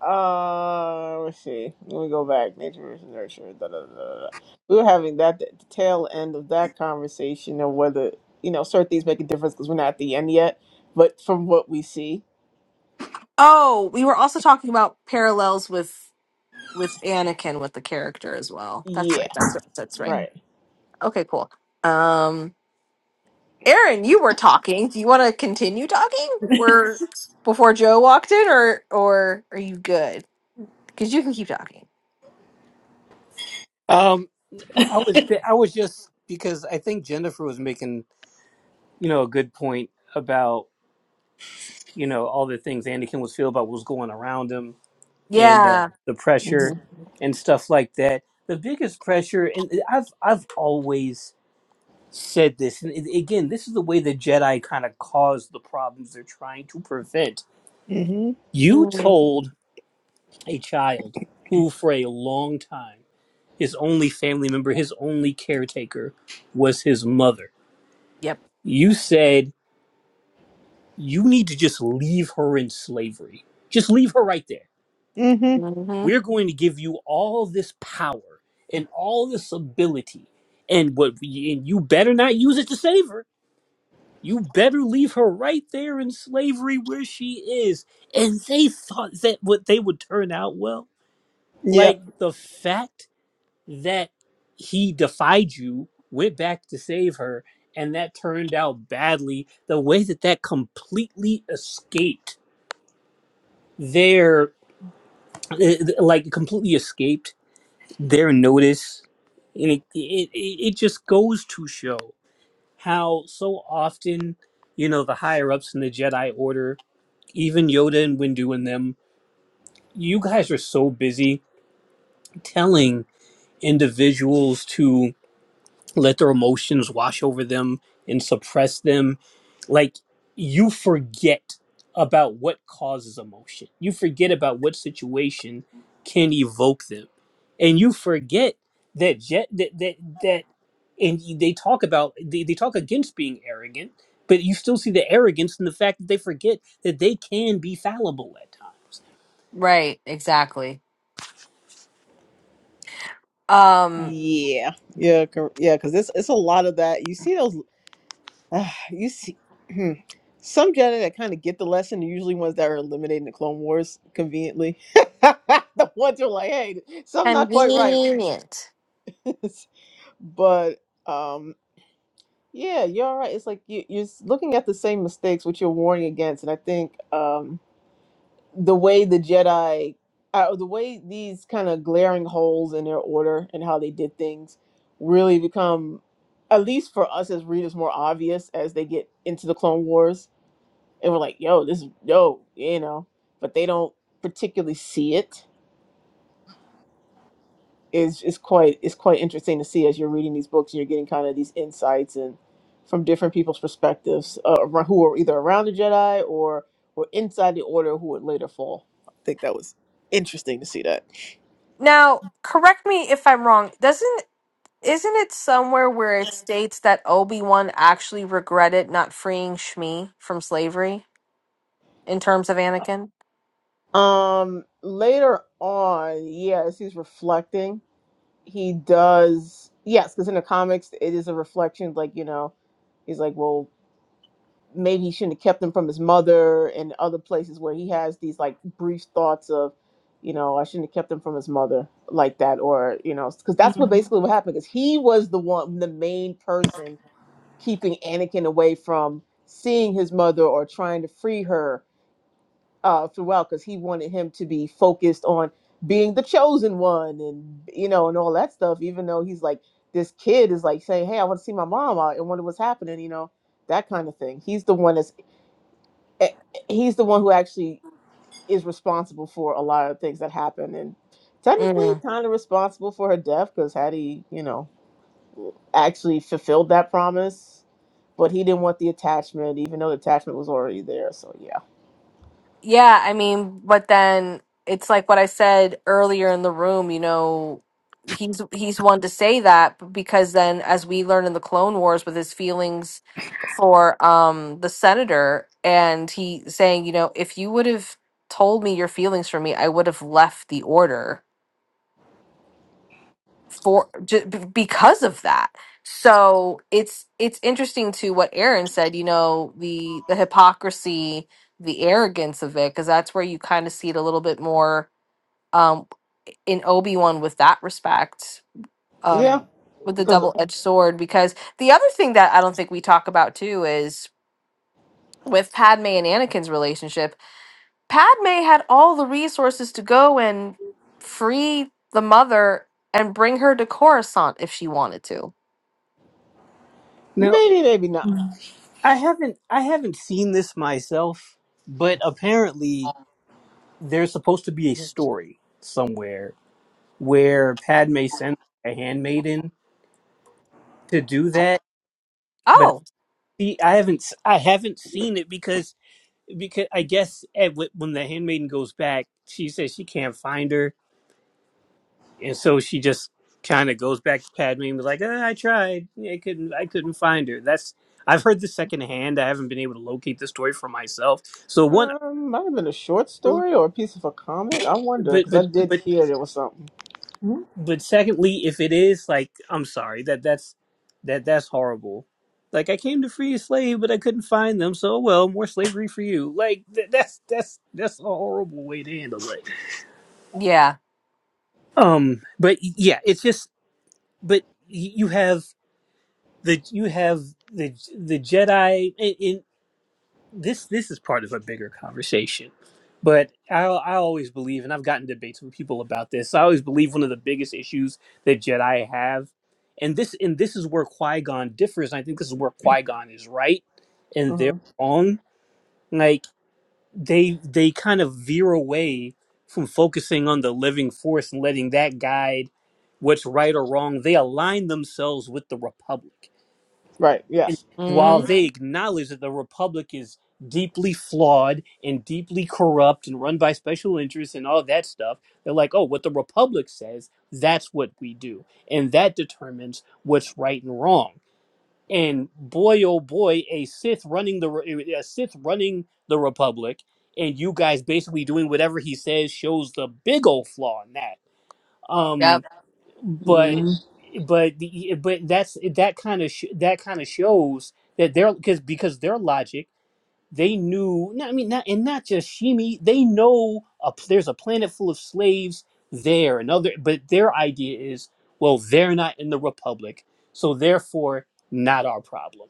Speaker 3: Uh, let's see. Let me go back. Nature versus nurture. Da, da, da, da, da. We were having that at the tail end of that conversation of whether you know certain things make a difference because we're not at the end yet. But from what we see,
Speaker 1: Oh, we were also talking about parallels with with Anakin with the character as well. That's
Speaker 3: yeah,
Speaker 1: right. That's right. That's right.
Speaker 3: right.
Speaker 1: Okay, cool. Um Aaron, you were talking. Do you want to continue talking? Were before Joe walked in or or are you good? Cuz you can keep talking.
Speaker 4: Um, I was I was just because I think Jennifer was making you know a good point about you know all the things Anakin was feeling about what was going around him and uh,
Speaker 1: Yeah.
Speaker 4: the pressure
Speaker 3: Mhm.
Speaker 4: and stuff like that. The biggest pressure, and uh, I've I've always said this, and it- again, this is the way the Jedi kind of caused the problems they're trying to prevent.
Speaker 3: Mhm.
Speaker 4: You
Speaker 1: Mm,
Speaker 4: told a child who, for a long time, his only family member, his only caretaker, was his mother.
Speaker 1: Yep.
Speaker 4: You said you need to just leave her in slavery. Just leave her right there
Speaker 3: Mhm.
Speaker 1: hmm
Speaker 4: we're going to give you all this power and all this ability and what and you better not use it to save her you better leave her right there in slavery where she is and they thought that what they would turn out well like
Speaker 3: Yep.
Speaker 4: the fact that he defied you went back to save her and that turned out badly the way that that completely escaped their eh, like completely escaped their notice and it, it it it just goes to show how so often you know the higher ups in the jedi order even yoda and windu and them you guys are so busy telling individuals to let their emotions wash over them and suppress them like you forget about what causes emotion you forget about what situation can evoke them and you forget that jet that that, that and you- they talk about they, they talk against being arrogant but you still see the arrogance in the fact that they forget that they can be fallible at times
Speaker 1: Right, exactly. Um
Speaker 3: Yeah. Yeah. Cor- yeah. Because it's it's a lot of that. You see those. Uh, you see. Hmm. Some Jedi that kind of get the lesson are usually ones that are eliminating the Clone Wars conveniently. the ones who are like, hey, something not quite right.
Speaker 1: convenient.
Speaker 3: but um, yeah, you're right. It's like you, you're s- looking at the same mistakes which you're warning against, and I think um, the way the Jedi, uh, the way these kind of glaring holes in their order and how they did things, really become, at least for us as readers, more obvious as they get into the Clone Wars, and we're like, yo, this is yo, you know, but they don't particularly see it is is quite it's quite interesting to see as you're reading these books and you're getting kind of these insights and from different people's perspectives uh, ar- who were either around the Jedi or were inside the Order who would later fall. I think that was interesting to see that.
Speaker 1: Now, correct me if I'm wrong. Doesn't isn't it somewhere where it states that Obi-Wan actually regretted not freeing Shmi from slavery in terms of Anakin?
Speaker 3: Um, later on, yeah, as he's reflecting. he does yes because in the comics it is a reflection like you know he's like well maybe he shouldn't have kept them from his mother and other places where he has these like brief thoughts of you know i shouldn't have kept them from his mother like that or you know because that's what basically what happened because he was the one the main person keeping anakin away from seeing his mother or trying to free her uh, throughout because he wanted him to be focused on being the chosen one and you know and all that stuff. Even though he's like this kid is like saying, "Hey, I want to see my mom. I I wonder what's happening," you know, that kind of thing. He's the one that's eh, he's the one who actually is responsible for a lot of things that happen and
Speaker 1: Mm.
Speaker 3: technically kind of responsible for her death because had he you know actually fulfilled that promise but he didn't want the attachment even though the attachment was already there so yeah
Speaker 1: Yeah, I mean, but then it's like what I said earlier in the room, you know, he's he's one to say that b- because then as we learn in the Clone Wars with his feelings for um the senator and he saying, you know, if you would have told me your feelings for me, I would have left the order for ju- because of that so it's it's interesting to what aaron said you know the the hypocrisy the arrogance of it because that's where you kind of see it a little bit more um in obi-wan with that respect
Speaker 3: yeah,
Speaker 1: um with the
Speaker 3: because
Speaker 1: double-edged sword because the other thing that i don't think we talk about too is with padme and anakin's relationship padme had all the resources to go and free the mother and bring her to coruscant if she wanted to
Speaker 4: now
Speaker 3: maybe, maybe not.
Speaker 4: i haven't i haven't seen this myself but apparently there's supposed to be a story somewhere where Padme sends a handmaiden to do that, but
Speaker 1: Oh,
Speaker 4: see, I haven't I haven't seen it because because I guess at, wh- when the handmaiden goes back, she says she can't find her, and so she just kind of goes back to Padme and was like, "Ah, I tried, Yeah, I couldn't, I couldn't find her. That's I've heard this secondhand. I haven't been able to locate the story for myself. So one,
Speaker 3: Um, might have been a short story or a piece of a comic. I wonder
Speaker 4: but
Speaker 3: because
Speaker 4: but
Speaker 3: I did
Speaker 4: but
Speaker 3: hear there was something.
Speaker 2: Mhm.
Speaker 4: but secondly, if it is like, I'm sorry that that's that that's horrible. Like I came to free a slave, but I couldn't find them, so well, more slavery for you. Like th- that's that's that's a horrible way to handle it.
Speaker 1: yeah.
Speaker 4: Um, but yeah, it's just, but y- you have the you have the the Jedi. this this is part of a bigger conversation but I, I always believe and i've gotten debates with people about this i always believe one of the biggest issues that jedi have and this and this is where qui-gon differs and i think this is where qui-gon is right and they're
Speaker 3: hmm
Speaker 4: wrong like they they kind of veer away from focusing on the living force and letting that guide what's right or wrong they align themselves with the republic
Speaker 3: Right.
Speaker 4: and
Speaker 3: Yes.
Speaker 4: while
Speaker 1: Mm-hmm.
Speaker 4: they acknowledge that the republic is deeply flawed and deeply corrupt and run by special interests and all that stuff, they're like, oh, what the republic says, that's what we do. And that determines what's right and wrong. And boy, oh boy, a Sith running the re- a Sith running the republic, and you guys basically doing whatever he says shows the big old flaw in that. Um,
Speaker 1: Yep.
Speaker 4: but but the- but that's that kind of sh- that kind of shows that they're because because their logic they knew no, I mean not and not just Shimi they know a, p- there's a planet full of slaves there another but their idea is well they're not in the republic so therefore not our problem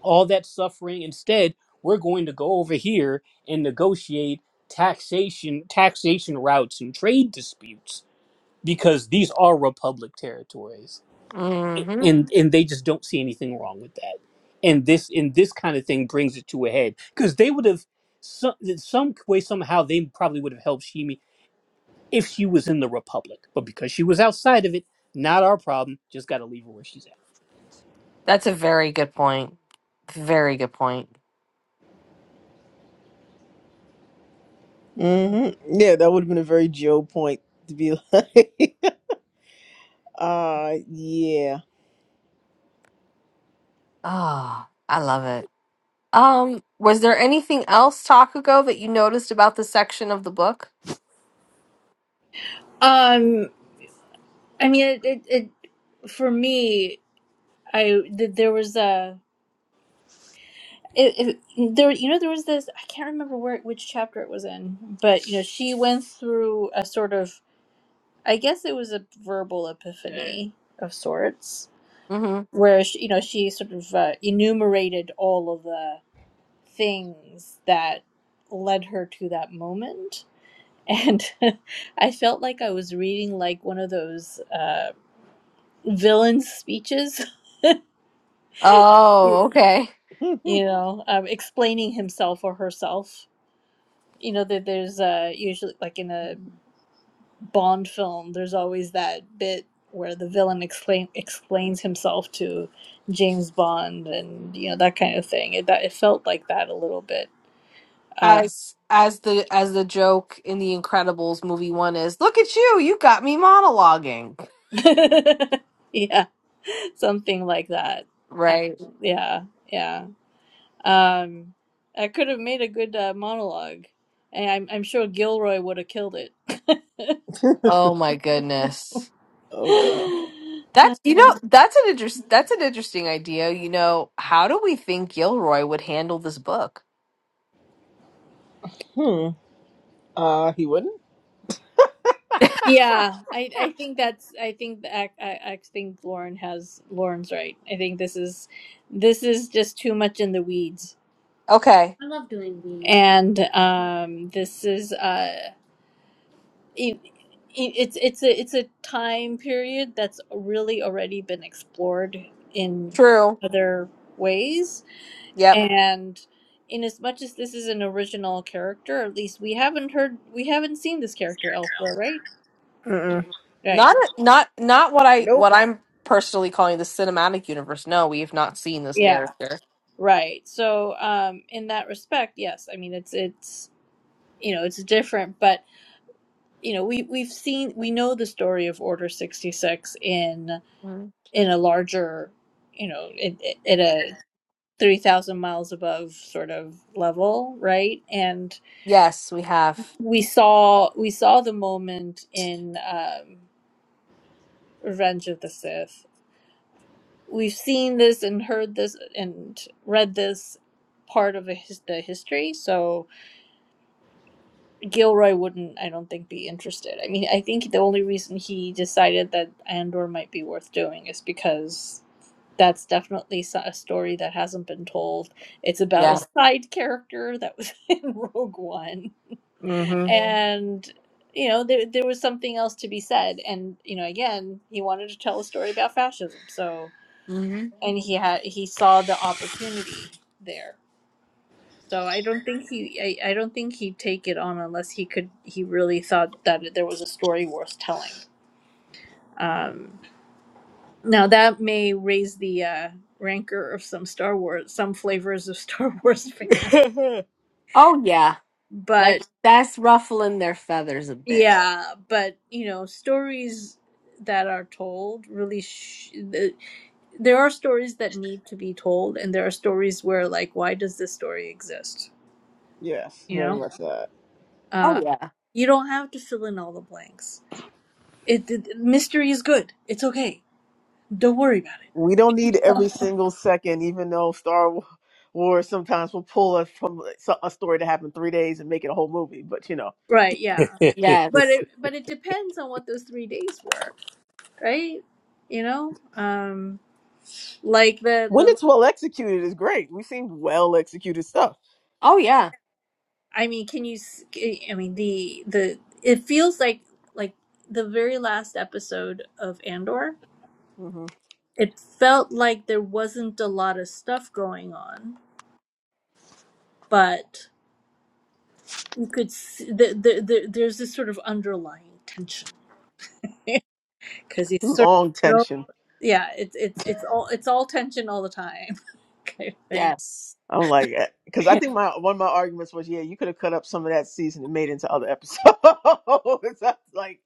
Speaker 4: all that suffering instead we're going to go over here and negotiate taxation taxation routes and trade disputes because these are republic territories
Speaker 1: Mm-hmm.
Speaker 4: and and they just don't see anything wrong with that and this and this kind of thing brings it to a head because they would have some, some way somehow they probably would have helped shimi if she was in the republic but because she was outside of it not our problem just got to leave her where she's
Speaker 1: That's a very good point. Very good point.
Speaker 3: hmm Yeah, that would have been a very Joe point to be like, uh, yeah.
Speaker 1: Oh, I love it. Um, was there anything else, Takugo, that you noticed about this section of the book?
Speaker 2: um, I mean, it, it, it for me, I th- there was a. It, it, there, you know, there was this. I can't remember where which chapter it was in, but you know, she went through a sort of I guess it was a verbal epiphany of sorts,
Speaker 1: Mm-hmm.
Speaker 2: where she, you know she sort of uh, enumerated all of the things that led her to that moment, and I felt like I was reading like one of those uh, villain speeches,
Speaker 1: Oh, okay.
Speaker 2: you
Speaker 3: oh,
Speaker 2: know, um, explaining himself or herself. You know that there's uh, usually like in a Bond film, there's always that bit where the villain explain, explains himself to James Bond and you know that kind of thing. It that it felt like that a little bit. Uh,
Speaker 1: As as the as the joke in the Incredibles movie one is, look at you, you got me monologuing.
Speaker 2: yeah, something like that. Uh,
Speaker 1: Right.
Speaker 2: yeah, yeah. Um, I could have made a good uh, monologue, and I'm I'm sure Gilroy would have killed it.
Speaker 1: Oh my goodness.
Speaker 3: wow.
Speaker 1: That's you know that's an interest that's an interesting idea. You know, how do we think Gilroy would handle this book?
Speaker 3: Hmm. Uh, he wouldn't?
Speaker 2: Yeah, I I think that's I think that I, I I think Lauren has Lauren's right. I think this is this is just too much in the weeds.
Speaker 1: Okay,
Speaker 2: I love doing weeds. and um, this is uh, it, it, it's it's a it's a time period that's really already been explored in
Speaker 1: true.
Speaker 2: other ways,
Speaker 1: Yep.
Speaker 2: and in as much as this is an original character, at least we haven't heard we haven't seen this character elsewhere, right?
Speaker 3: Mm-mm.
Speaker 2: Right.
Speaker 1: Not not not what I
Speaker 3: Nope.
Speaker 1: what I'm personally calling the cinematic universe. No, we have not seen this
Speaker 2: Yeah.
Speaker 1: character.
Speaker 2: Right. So, um, in that respect, yes. I mean, it's it's you know it's different, but you know we we've seen we know the story of Order sixty six in
Speaker 1: Mhm.
Speaker 2: in a larger you know in, in a three thousand miles above sort of level, right? And
Speaker 1: Yes, we have.
Speaker 2: we saw we saw the moment in um, Revenge of the Sith. We've seen this and heard this and read this part of the his, the history, so Gilroy wouldn't, I don't think, be interested. I mean, I think the only reason he decided that Andor might be worth doing is because that's definitely so- a story that hasn't been told. It's about a
Speaker 1: Yeah.
Speaker 2: side character that was in Rogue One. Mhm. And, you know, there, there was something else to be said. And, you know, again, he wanted to tell a story about fascism. So,
Speaker 1: hmm
Speaker 2: and he had, he saw the opportunity there. So I don't think he I, I don't think he'd take it on unless he could he really thought that there was a story worth telling. Um, now that may raise the uh, rancor of some Star Wars some flavors of Star Wars fan.
Speaker 3: Mm-hmm.
Speaker 1: Oh yeah. Like
Speaker 2: But
Speaker 1: that's ruffling their feathers a bit.
Speaker 2: yeah, but you know, stories that are told really sh- the, there are stories that need to be told and there are stories where like why does this story exist?
Speaker 3: yes,
Speaker 2: You
Speaker 3: very
Speaker 2: know?
Speaker 3: much that.
Speaker 1: Oh
Speaker 2: Uh,
Speaker 1: yeah.
Speaker 2: you don't have to fill in all the blanks It, it mystery is good. It's okay. Don't worry about it.
Speaker 3: We don't need every single second, even though Star Wa- Wars sometimes will pull us from like, so- a story that happened three days and make it a whole movie. But, you know,
Speaker 2: Right, yeah.
Speaker 4: at i
Speaker 2: But
Speaker 1: Yes.
Speaker 2: it but it depends on what those three days were, right? You know, um, like the
Speaker 3: when
Speaker 2: the
Speaker 3: it's well executed, is great. We've seen well executed stuff.
Speaker 1: Oh yeah.
Speaker 2: I mean, can you? s- I mean, the the it feels like like the very last episode of Andor.
Speaker 3: hmm
Speaker 2: It felt like there wasn't a lot of stuff going on, but you could see the, the, the, there's this sort of underlying tension because he's sort of
Speaker 3: Long tension.
Speaker 2: yeah it's it's it's all it's all tension all the time kind of thing
Speaker 1: Yes.
Speaker 3: I'm like, because I think my one of my arguments was, yeah, you could have cut up some of that season and made it into other episodes. I was like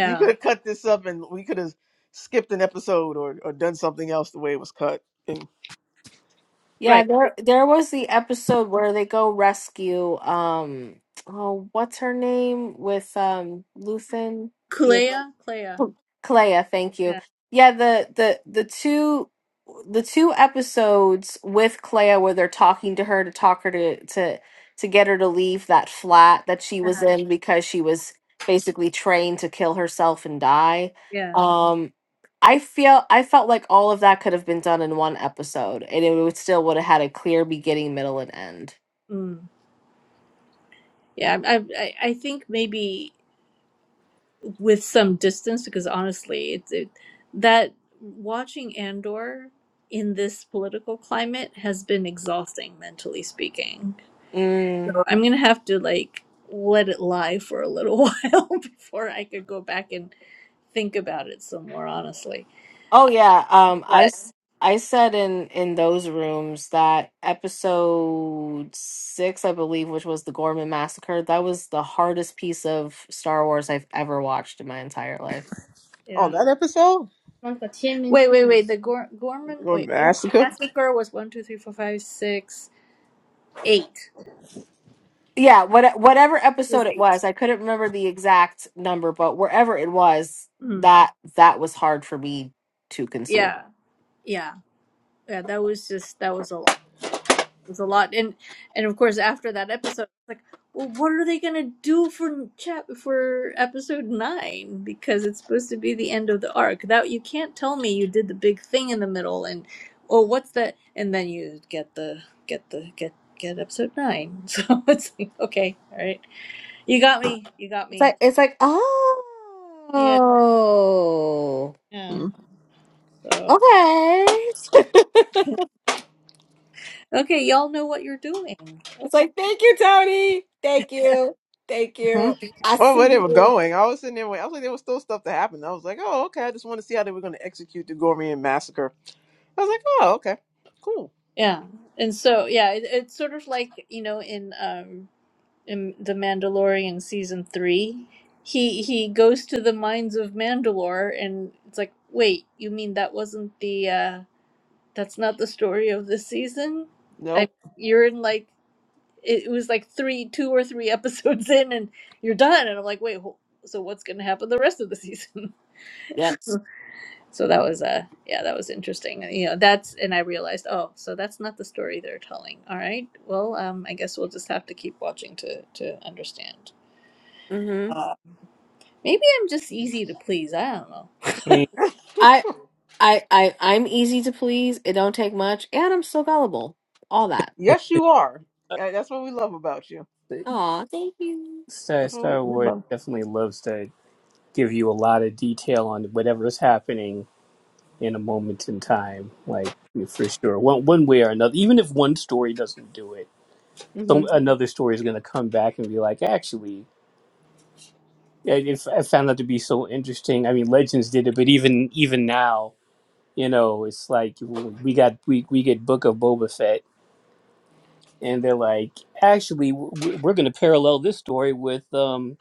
Speaker 3: you could have cut this up, and we could have skipped an episode or, or done something else the way it was cut. And
Speaker 1: Yeah,
Speaker 2: right
Speaker 1: there there was the episode where they go rescue um oh what's her name with um Luthen?
Speaker 2: Kulea Kulea
Speaker 1: Clea, thank you.
Speaker 2: yeah
Speaker 1: Yeah, the the the two the two episodes with Clea where they're talking to her to talk her to to to get her to leave that flat that she was
Speaker 2: uh-huh.
Speaker 1: in because she was basically trained to kill herself and die.
Speaker 2: yeah
Speaker 1: Um I feel I felt like all of that could have been done in one episode and it would still would have had a clear beginning, middle and end.
Speaker 2: mm. yeah I, I I I think maybe with some distance because honestly it's it, that watching Andor in this political climate has been exhausting mentally speaking
Speaker 1: Mm.
Speaker 2: so I'm gonna have to like let it lie for a little while before I could go back and think about it some more honestly
Speaker 1: Oh yeah, um I
Speaker 2: but
Speaker 1: s- I said in in those rooms that episode 6 I believe which was the Gorman massacre that was the hardest piece of Star Wars I've ever watched in my entire life.
Speaker 2: yeah
Speaker 3: oh, that episode
Speaker 2: Wait, wait, wait. The Gor- Gorman,
Speaker 3: or
Speaker 2: wait, Gorman
Speaker 3: massacre.
Speaker 2: massacre was one, two, three, four, five, six, eight.
Speaker 1: Yeah, what whatever
Speaker 2: It was
Speaker 1: episode it
Speaker 2: eight.
Speaker 1: was, I couldn't remember the exact number, but wherever it was,
Speaker 2: Mm.
Speaker 1: that that was hard for me to consume.
Speaker 2: Yeah, yeah, yeah. That was just that was a lot. It was a lot, and and of course after that episode, it's like, well, what are they gonna do for chap for episode nine? Because it's supposed to be the end of the arc. That you can't tell me you did the big thing in the middle, and oh, what's that? And then you get the get the get get episode nine. So it's like, okay, all right. You got me. You got
Speaker 1: It's
Speaker 2: me.
Speaker 1: like it's like
Speaker 2: Yeah.
Speaker 1: oh
Speaker 2: Yeah. So,
Speaker 1: okay.
Speaker 2: okay, y'all know what you're doing.
Speaker 1: it's like thank you, Tony. Thank you, thank
Speaker 3: Mm-hmm.
Speaker 1: you. I
Speaker 2: Yeah.
Speaker 3: Oh,
Speaker 1: see
Speaker 3: where they were
Speaker 1: you.
Speaker 3: going, I was sitting there. wait- I was like, there was still stuff to happen. I was like, oh, okay. I just want to see how they were going to execute the Gormian massacre. I was like, oh, okay, cool.
Speaker 2: Yeah. And so, yeah, it, it's sort of like, you know, in um in The Mandalorian season 3, he he goes to the mines of Mandalore and it's like, "Wait, you mean that wasn't the uh that's not the story of this season?" I
Speaker 3: Nope.
Speaker 2: you're in like it was like three, two or three episodes in, and you're done. And I'm like, wait, wh- so what's going to happen the rest of the season?
Speaker 1: Yes.
Speaker 2: So that was, uh, yeah, that was interesting. You know, that's, and I realized, oh, so that's not the story they're telling. All right, well, um, I guess we'll just have to keep watching to to understand.
Speaker 1: Mm-hmm.
Speaker 2: Maybe I'm just easy to please. I don't know.
Speaker 4: mean
Speaker 1: I I I I'm easy to please. It don't take much, and I'm so gullible. All that.
Speaker 3: Yes, you are. Yeah, That's what we love about you.
Speaker 1: Aw, thank you.
Speaker 4: Star,
Speaker 3: That's what we,
Speaker 4: Star
Speaker 3: we
Speaker 4: Wars
Speaker 3: love.
Speaker 4: definitely loves to give you a lot of detail on whatever is happening in a moment in time, like for sure, one one way or another. Even if one story doesn't do it,
Speaker 1: Mm-hmm.
Speaker 4: some another story is going to come back and be like, actually, I, if I found that to be so interesting. I mean, Legends did it, but even even now, you know, it's like we got we we get Book of Boba Fett, and they're like, actually, w- we're going to parallel this story with um,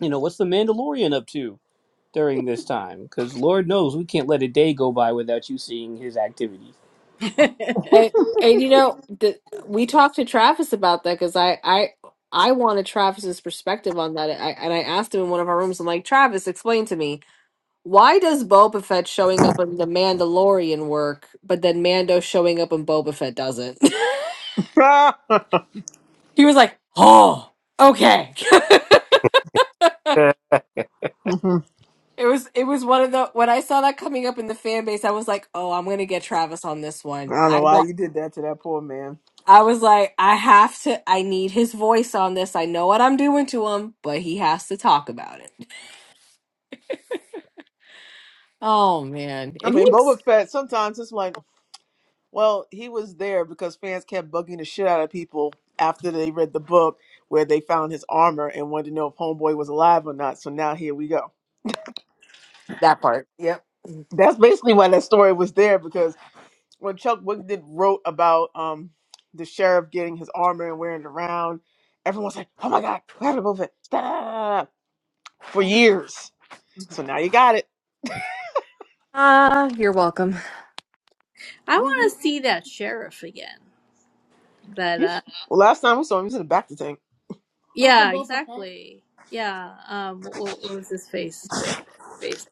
Speaker 4: you know, what's the Mandalorian up to? During this time, because Lord knows we can't let a day go by without you seeing his activities.
Speaker 1: And, and you know, the, we talked to Travis about that because I I I wanted Travis's perspective on that. I, and I asked him in one of our rooms. I'm like, Travis, explain to me. Why does Boba Fett showing up in the Mandalorian work, but then Mando showing up in Boba Fett doesn't?
Speaker 3: I
Speaker 1: he was like, "Oh, okay."
Speaker 3: don't
Speaker 1: It was it was one of the when I saw that coming up in the fan base, I was like, "Oh, I'm gonna get Travis on this one."
Speaker 3: know
Speaker 1: I
Speaker 3: why
Speaker 1: wa-
Speaker 3: you did that to that poor man.
Speaker 1: I was like, "I have to. I need his voice on this. I know what I'm doing to him, but he has to talk about it." Oh man,
Speaker 3: I
Speaker 1: and
Speaker 3: mean,
Speaker 1: he's
Speaker 3: Boba Fett, sometimes it's like, well, he was there because fans kept bugging the shit out of people after they read the book where they found his armor and wanted to know if Homeboy was alive or not. So now here we go.
Speaker 1: that part. Yep.
Speaker 3: That's basically why that story was there because when Chuck Wigden wrote about um, the sheriff getting his armor and wearing it around, everyone's like, oh my God, what happened to Boba Fett? Da, da, da, da, da," For years.
Speaker 2: Mhm.
Speaker 3: So now you got it.
Speaker 1: Ah, you're welcome.
Speaker 2: I
Speaker 3: Mm-hmm.
Speaker 2: want to see that sheriff again. That
Speaker 3: He's
Speaker 2: uh, Oh,
Speaker 3: well, last time we saw him, he was in the back of the tank.
Speaker 2: yeah, exactly. Yeah. Um, what, what was his face? Face.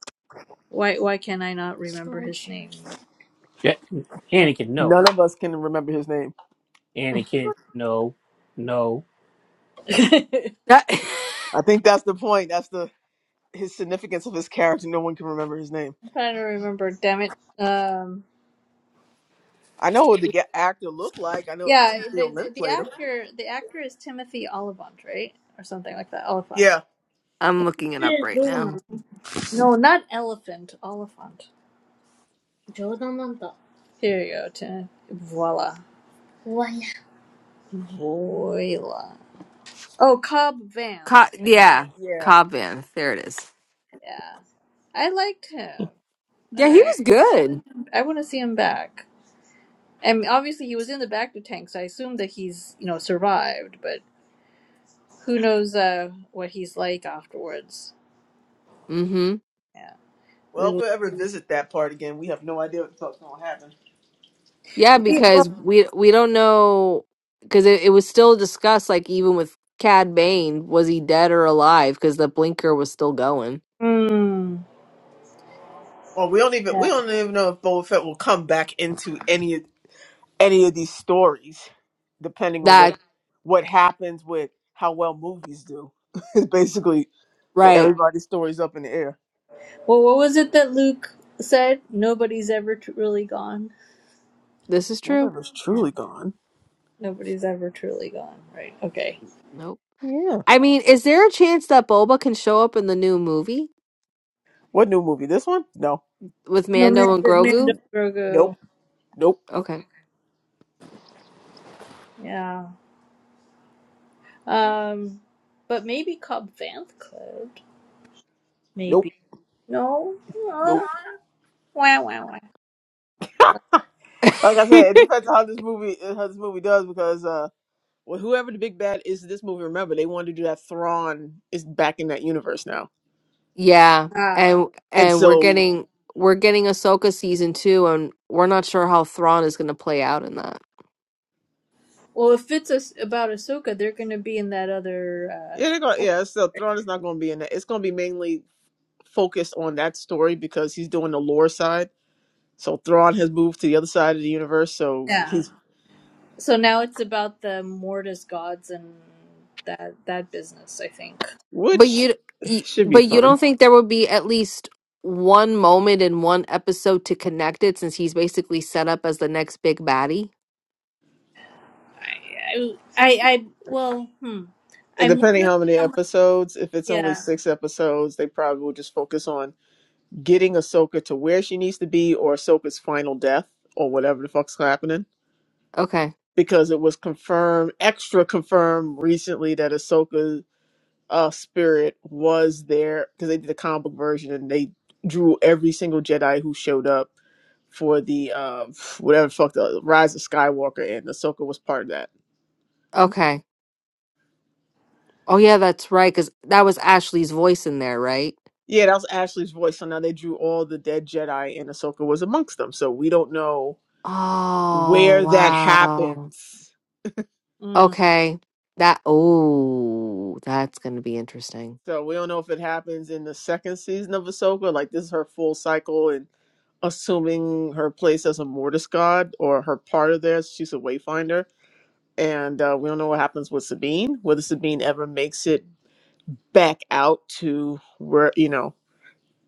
Speaker 2: Why? Why can I not remember his
Speaker 4: Yeah, Anakin, no.
Speaker 3: None of us can remember his name.
Speaker 4: Anakin, no, no.
Speaker 2: name?
Speaker 1: That-
Speaker 3: I think that's the point. That's the his significance of his character. No one can remember his name.
Speaker 2: I'm trying to remember. Damn it. Um.
Speaker 3: I know what the ga- actor looked like. I know
Speaker 2: Yeah.
Speaker 3: Timothy
Speaker 2: The
Speaker 3: O'Leary
Speaker 2: the
Speaker 3: played him.
Speaker 2: actor the actor is Timothy Olyphant, right, or something like that. Oliphant.
Speaker 3: Yeah,
Speaker 1: I'm looking it up
Speaker 2: Hey,
Speaker 1: right now.
Speaker 2: No, not elephant. Oliphant. Here you go. Tim. Voila. Voila. Voila. Oh, Cobb Vanth.
Speaker 1: Co-
Speaker 2: Thank you.
Speaker 1: yeah,
Speaker 3: yeah.
Speaker 1: Cobb Van. There it is.
Speaker 2: Yeah, I liked him.
Speaker 1: Yeah, he
Speaker 2: I
Speaker 1: was good.
Speaker 2: I want to see him back. And obviously, he was in the Bacta tank, so I assume that he's you know survived. But who knows uh, what he's like afterwards?
Speaker 1: Mm-hmm.
Speaker 2: Yeah, we
Speaker 3: Well, if
Speaker 2: will.
Speaker 3: we ever visit that part again, we have no idea what the fuck's gonna happen.
Speaker 1: Yeah,
Speaker 2: We-
Speaker 1: because
Speaker 2: well-
Speaker 1: we we don't know because it, it was still discussed. Like even with Cad Bane, was he dead or alive? Because the blinker was still going.
Speaker 2: Hmm.
Speaker 3: Well, we don't even
Speaker 2: yeah.
Speaker 3: we don't even know if Boba Fett will come back into any of any of these stories, depending on
Speaker 1: That
Speaker 3: what what happens with how well movies do. It's basically
Speaker 2: Well,
Speaker 1: right.
Speaker 3: everybody's stories up in the air.
Speaker 2: well, what was it that Luke said? Nobody's ever tr- really gone.
Speaker 1: This is
Speaker 3: That
Speaker 1: true.
Speaker 3: river's
Speaker 2: Yeah.
Speaker 3: truly gone.
Speaker 2: Nobody's ever truly gone. Right. Okay.
Speaker 1: Nope.
Speaker 3: Yeah.
Speaker 1: I mean, is there a chance that Boba can show up in the new movie
Speaker 3: What new movie? This one? No.
Speaker 1: with
Speaker 2: No,
Speaker 1: Mando
Speaker 2: Mando,
Speaker 1: and
Speaker 2: Mando
Speaker 1: Grogu?
Speaker 3: Nope.
Speaker 2: Grogu.
Speaker 3: Nope.
Speaker 1: Okay.
Speaker 2: Yeah. Um, but maybe Cobb Vanth could.
Speaker 3: Nope.
Speaker 2: Maybe. No?
Speaker 3: Nope.
Speaker 2: Uh, wah, wah, wah.
Speaker 3: like I said, it depends on how this movie how this movie does because uh well, whoever the big bad is in this movie, remember they wanted to do that Thrawn is back in that universe now,
Speaker 1: Yeah,
Speaker 2: Uh,
Speaker 1: and
Speaker 3: and
Speaker 1: and we're
Speaker 3: so
Speaker 1: getting we're getting Ahsoka season two, and we're not sure how Thrawn is going to play out in that.
Speaker 2: well, if it's a, about Ahsoka, they're going to be in that other. Uh,
Speaker 3: yeah, they're going yeah, so Thrawn is not going to be in that. It's going to be mainly focused on that story because he's doing the lore side. So Thrawn has moved to the other side of the universe, so
Speaker 2: yeah.
Speaker 3: he's
Speaker 2: So now it's about the Mortis gods and that that business, I think.
Speaker 1: But
Speaker 3: which
Speaker 1: you, you,
Speaker 3: should be
Speaker 1: but you
Speaker 3: fun.
Speaker 1: don't think there would be at least one moment in one episode to connect it, since he's basically set up as the next big baddie?
Speaker 2: I, I, I, well, hmm.
Speaker 3: And
Speaker 2: I'm
Speaker 3: depending
Speaker 2: wondering
Speaker 3: how many
Speaker 2: how much.
Speaker 3: episodes, if it's only
Speaker 2: Yeah.
Speaker 3: six episodes, they probably will just focus on getting Ahsoka to where she needs to be or Ahsoka's final death or whatever the fuck's happening.
Speaker 1: Okay,
Speaker 3: Because it was confirmed, extra confirmed recently that Ahsoka's uh, spirit was there because they did the comic book version and they drew every single Jedi who showed up for the uh, whatever the fuck the Rise of Skywalker and Ahsoka was part of that
Speaker 1: okay. Oh yeah, that's right, because that was Ashley's voice in there, right?
Speaker 3: Yeah, that was Ashley's voice. So now they drew all the dead Jedi, and Ahsoka was amongst them. So we don't know
Speaker 1: Oh
Speaker 3: where that
Speaker 1: wow.
Speaker 3: happens.
Speaker 2: Mm,
Speaker 1: Okay, that. Oh, that's going to be interesting.
Speaker 3: So we don't know if it happens in the second season of Ahsoka. Like this is her full cycle, and assuming her place as a Mortis god or her part of theirs, she's a Wayfinder. And uh, we don't know what happens with Sabine. Whether Sabine ever makes it back out to where you know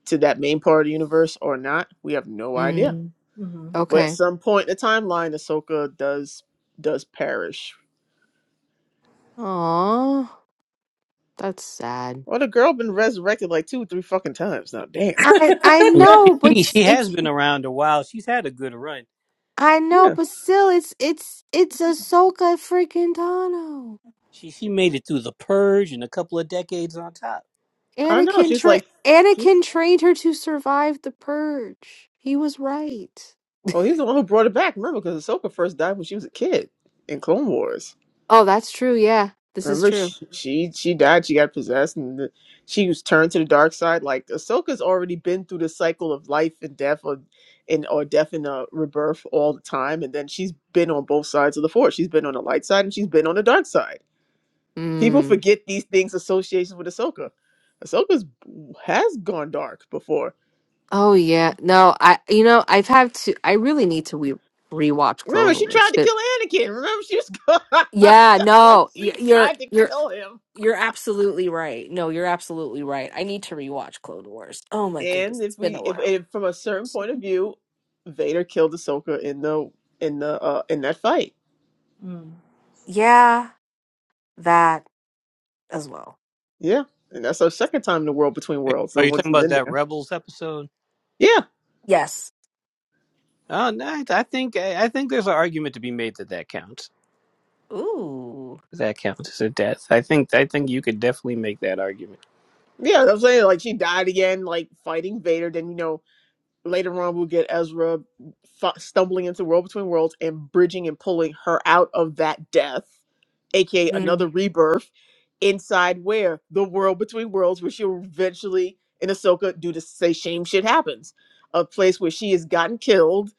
Speaker 3: to that main part of the universe or not, we have no idea.
Speaker 1: Mm,
Speaker 2: mm, mhm.
Speaker 3: But at
Speaker 1: okay.
Speaker 3: some point in the timeline, Ahsoka does does perish.
Speaker 1: Aw, that's sad.
Speaker 3: Well, the girl been resurrected like two, three fucking times now. Damn.
Speaker 1: I I
Speaker 4: I mean,
Speaker 1: know, but
Speaker 4: she
Speaker 1: s-
Speaker 4: she has
Speaker 1: it's
Speaker 4: been around a while. She's had a good run.
Speaker 1: I know,
Speaker 3: Yeah,
Speaker 1: but still, it's it's it's Ahsoka freaking Tano.
Speaker 4: She she made it through the purge and a couple of decades on top.
Speaker 3: I know.
Speaker 1: Anakin
Speaker 3: She's
Speaker 1: tra-
Speaker 3: like,
Speaker 1: Anakin
Speaker 3: she's.
Speaker 1: trained her to survive the purge. He was right.
Speaker 3: Oh, he's the one who brought it back. Remember, because Ahsoka first died when she was a kid in Clone Wars.
Speaker 1: Oh, that's true. Yeah, this is
Speaker 3: Remember,
Speaker 1: true.
Speaker 3: she she, she died. She got possessed, and the, she was turned to the dark side. Like Ahsoka's already been through the cycle of life and death, or and or death and uh, rebirth all the time. And then she's been on both sides of the force. She's been on the light side and she's been on the dark side People
Speaker 1: Mm.
Speaker 3: forget these things associations with Ahsoka. Ahsoka's has gone dark before.
Speaker 1: Oh yeah. No, I you know I've had to. I really need to re- rewatch
Speaker 3: Remember,
Speaker 1: Clone
Speaker 3: she tried
Speaker 1: Wars.
Speaker 3: to
Speaker 1: But
Speaker 3: kill Anakin. Remember, she was
Speaker 1: yeah,
Speaker 3: like
Speaker 1: no, y-
Speaker 3: she
Speaker 1: you're
Speaker 3: tried to
Speaker 1: you're
Speaker 3: kill him.
Speaker 1: You're absolutely right. No, you're absolutely right. I need to rewatch Clone Wars. Oh my goodness,
Speaker 3: And
Speaker 1: it's
Speaker 3: if
Speaker 1: been
Speaker 3: we,
Speaker 1: a
Speaker 3: if,
Speaker 1: while.
Speaker 3: if from a certain point of view, Vader killed Ahsoka in the in the uh, in that fight.
Speaker 2: mm.
Speaker 1: Yeah, that as well.
Speaker 3: Yeah, and that's her second time in the world between worlds.
Speaker 4: Are
Speaker 3: The
Speaker 4: you
Speaker 3: one
Speaker 4: talking
Speaker 3: she's
Speaker 4: about
Speaker 3: in
Speaker 4: that
Speaker 3: there.
Speaker 4: Rebels episode?
Speaker 3: Yeah,
Speaker 1: Yes.
Speaker 4: Oh no, I I think I I think there's an argument to be made that that counts.
Speaker 1: Ooh.
Speaker 4: That counts as a death. I think I think you could definitely make that argument.
Speaker 3: yeah. I'm saying like she died again, like fighting Vader. Then you know later on we'll get Ezra f- stumbling into World Between Worlds and bridging and pulling her out of that death, aka another
Speaker 1: Mm,
Speaker 3: rebirth, inside where the World Between Worlds, where she'll eventually in Ahsoka do the say shame shit happens, a place where she has gotten killed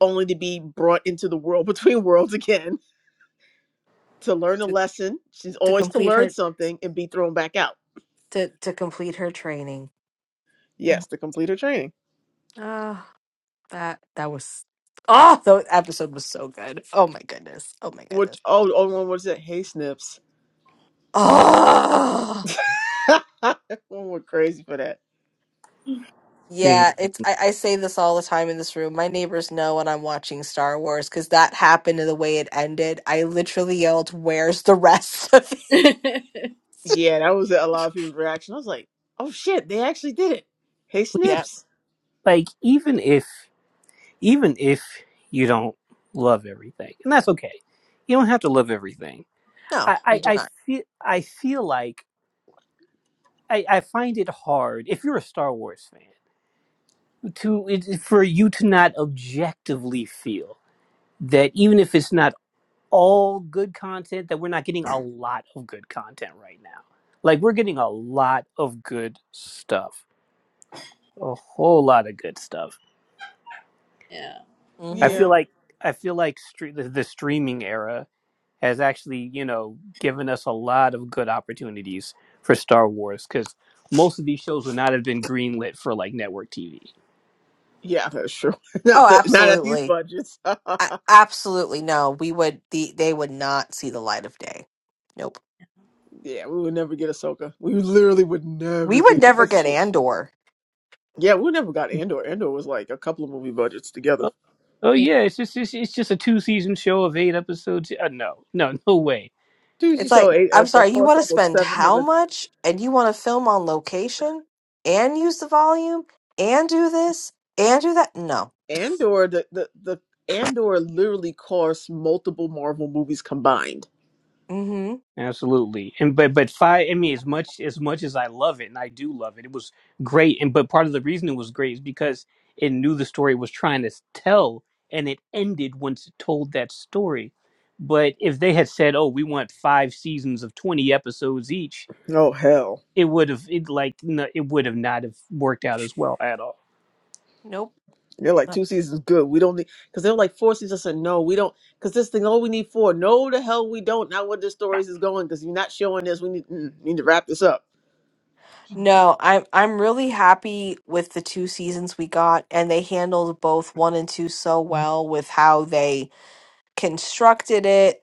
Speaker 3: only to be brought into the World Between Worlds again to learn a
Speaker 1: to,
Speaker 3: lesson. She's
Speaker 1: to
Speaker 3: always to
Speaker 1: complete
Speaker 3: learn
Speaker 1: her
Speaker 3: something and be thrown back out.
Speaker 1: to to complete her training.
Speaker 3: Yes, to complete her training.
Speaker 1: Ah, that that was Oh, the episode was so good. Oh my goodness. Oh my
Speaker 3: Which
Speaker 1: goodness.
Speaker 3: oh, oh, one was it? Hey, Snips.
Speaker 1: Oh.
Speaker 3: one went crazy for that.
Speaker 4: Yeah.
Speaker 1: Yeah, it's I, I say this all the time in this room. My neighbors know when I'm watching Star Wars because that happened in the way it ended. I literally yelled, Where's the rest of it?
Speaker 3: Yeah, that was a lot of people's reaction. I was like, oh shit, they actually did it. Hey,
Speaker 1: Yeah.
Speaker 3: Snips.
Speaker 4: Like even if even if you don't love everything, and that's okay. You don't have to love everything.
Speaker 1: No,
Speaker 4: I
Speaker 1: you
Speaker 4: I,
Speaker 1: did
Speaker 4: I
Speaker 1: not.
Speaker 4: feel I feel like I, I find it hard if you're a Star Wars fan to it, for you to not objectively feel that even if it's not all good content that we're not getting a lot of good content right now. Like we're getting a lot of good stuff, a whole lot of good stuff.
Speaker 2: yeah.
Speaker 4: I
Speaker 1: hmm
Speaker 4: feel
Speaker 3: Yeah.
Speaker 4: like I feel like stre- the, the streaming era has actually you know given us a lot of good opportunities for Star Wars because most of these shows would not have been greenlit for like network TV.
Speaker 3: Yeah, that's true. not
Speaker 1: Oh,
Speaker 3: the not at these
Speaker 1: absolutely.
Speaker 3: budgets.
Speaker 1: A-
Speaker 3: yeah,
Speaker 1: absolutely. No, we would the they would not see the light of day. Nope.
Speaker 3: we would never get Ahsoka. We literally would never
Speaker 1: We would
Speaker 3: get
Speaker 1: never
Speaker 3: that
Speaker 1: get
Speaker 3: show.
Speaker 1: Andor.
Speaker 3: Yeah, we never got Andor. Andor was like a couple of movie budgets together.
Speaker 4: Oh
Speaker 2: Yeah.
Speaker 4: yeah, it's just it's, it's just a two season show of eight episodes. Uh, no, no, no way.
Speaker 3: Dude, you
Speaker 1: It's
Speaker 3: saw
Speaker 1: like,
Speaker 3: eight, uh,
Speaker 1: I'm
Speaker 3: that
Speaker 1: sorry, you
Speaker 3: cost
Speaker 1: want to
Speaker 3: almost
Speaker 1: spend how
Speaker 3: $700
Speaker 1: much and you want to film on location and use the volume and do this and do that? No.
Speaker 3: Andor the the, the Andor literally cost multiple Marvel movies combined.
Speaker 1: Mm-hmm.
Speaker 4: Absolutely. And but but five. I mean, as much as much as I love it, and I do love it, it was great. And but part of the reason it was great is because it knew the story it was trying to s- tell, and it ended once it told that story. But if they had said, "Oh, we want five seasons of twenty episodes each,"
Speaker 3: Oh hell.
Speaker 4: it would have it like no, it would have not have worked out as well at all.
Speaker 1: Nope.
Speaker 3: They're like
Speaker 1: Uh,
Speaker 3: two seasons good. We don't need because they're like four seasons. I said no, we don't because this thing. Oh, we need four. No, the hell we don't. Not where the stories is going because you're not showing this. We need mm, need to wrap this up.
Speaker 1: No, I'm I'm really happy with the two seasons we got and they handled both one and two so well with how they constructed it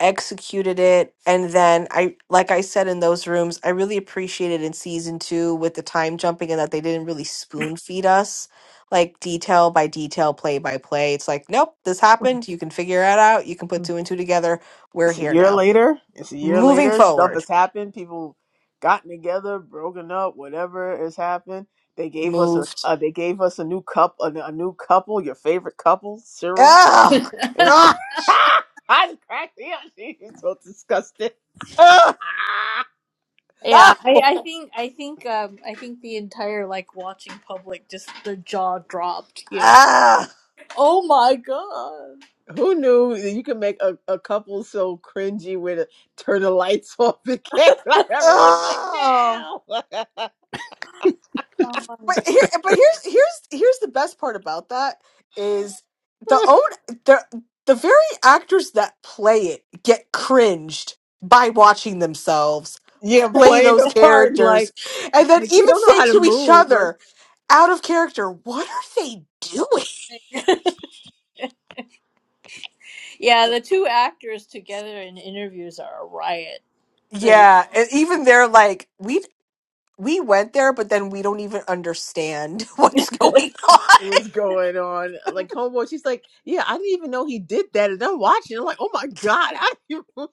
Speaker 1: executed it and then i like i said in those rooms i really appreciated in season two with the time jumping and that they didn't really spoon feed us like detail by detail play by play it's like nope this happened you can figure it out you can put two and two together we're
Speaker 3: It's a
Speaker 1: here
Speaker 3: year
Speaker 1: now
Speaker 3: later. It's a year
Speaker 1: moving
Speaker 3: later. Stuff
Speaker 1: forward
Speaker 3: has happened. People gotten together, broken up, whatever has happened. They gave us a
Speaker 1: moved
Speaker 3: uh, they gave us a new cup a, a new couple, your favorite couple, Cyril.
Speaker 1: oh
Speaker 3: And
Speaker 1: god
Speaker 3: I cracked me up. She's so disgusted.
Speaker 2: Yeah, I, I think I think um I think the entire like watching public just the jaw dropped, you know. Oh my god.
Speaker 3: Who knew that you could make a, a couple so cringy with a, turn the lights off and get, like everyone's like,
Speaker 1: no
Speaker 2: Oh my
Speaker 1: but here but here's here's here's the best part about that is the
Speaker 3: no.
Speaker 1: own the the very actors that play it get cringed by watching themselves
Speaker 3: yeah,
Speaker 1: play
Speaker 3: playing
Speaker 1: those
Speaker 3: the part
Speaker 1: characters
Speaker 3: like
Speaker 1: and
Speaker 3: it's
Speaker 1: then
Speaker 3: like they
Speaker 1: even
Speaker 3: don't know
Speaker 1: say
Speaker 3: how to
Speaker 1: to each
Speaker 3: move. Like
Speaker 1: other out of character what are they doing
Speaker 2: Yeah, the two actors together in interviews are a riot. They-
Speaker 1: yeah and even they're like we we went there but then we don't even understand what's going on
Speaker 3: was going on. Like homeboy, she's like, yeah, I didn't even know he did that, and I'm watching. I'm like, oh my god, how do you?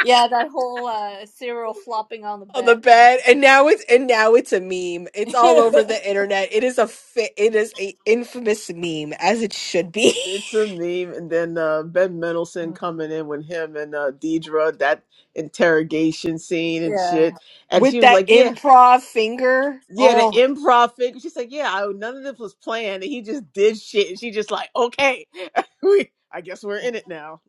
Speaker 2: yeah, that whole uh Cyril flopping on the
Speaker 1: on the
Speaker 2: bed.
Speaker 1: bed and now it's and now it's a meme it's all over
Speaker 3: it's,
Speaker 1: the internet it is a fi- it is a infamous meme as it should be
Speaker 3: it's a meme. And then uh, Ben Mendelsohn coming in with him and uh, Deidre that interrogation scene and
Speaker 2: yeah.
Speaker 3: shit, and
Speaker 1: with
Speaker 3: she was
Speaker 1: that
Speaker 3: like, yeah.
Speaker 1: improv finger
Speaker 3: Yeah, the
Speaker 1: oh
Speaker 3: improv thing. She's like, yeah, I, none of this was planned, and he just did shit. And she just like, okay, we, I guess we're in it now.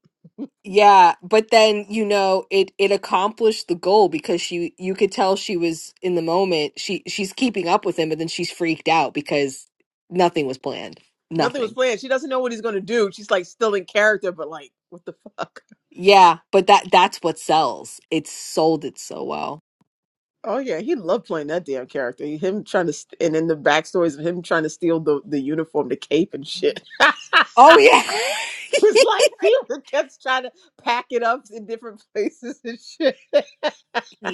Speaker 1: yeah but then you know it it accomplished the goal because she you could tell she was in the moment she she's keeping up with him but then she's freaked out because nothing was planned
Speaker 3: Nothing was
Speaker 1: nothing
Speaker 3: planned. She doesn't know what he's gonna do. She's like still in character, but like, what the fuck?
Speaker 1: yeah but that that's what sells it sold it so well
Speaker 3: Oh yeah, he loved playing that damn character. Him trying to, st- and then the backstories of him trying to steal the, the uniform, the cape, and shit. it
Speaker 1: oh
Speaker 3: was like he was kept trying to pack it up in different places and shit.
Speaker 1: yeah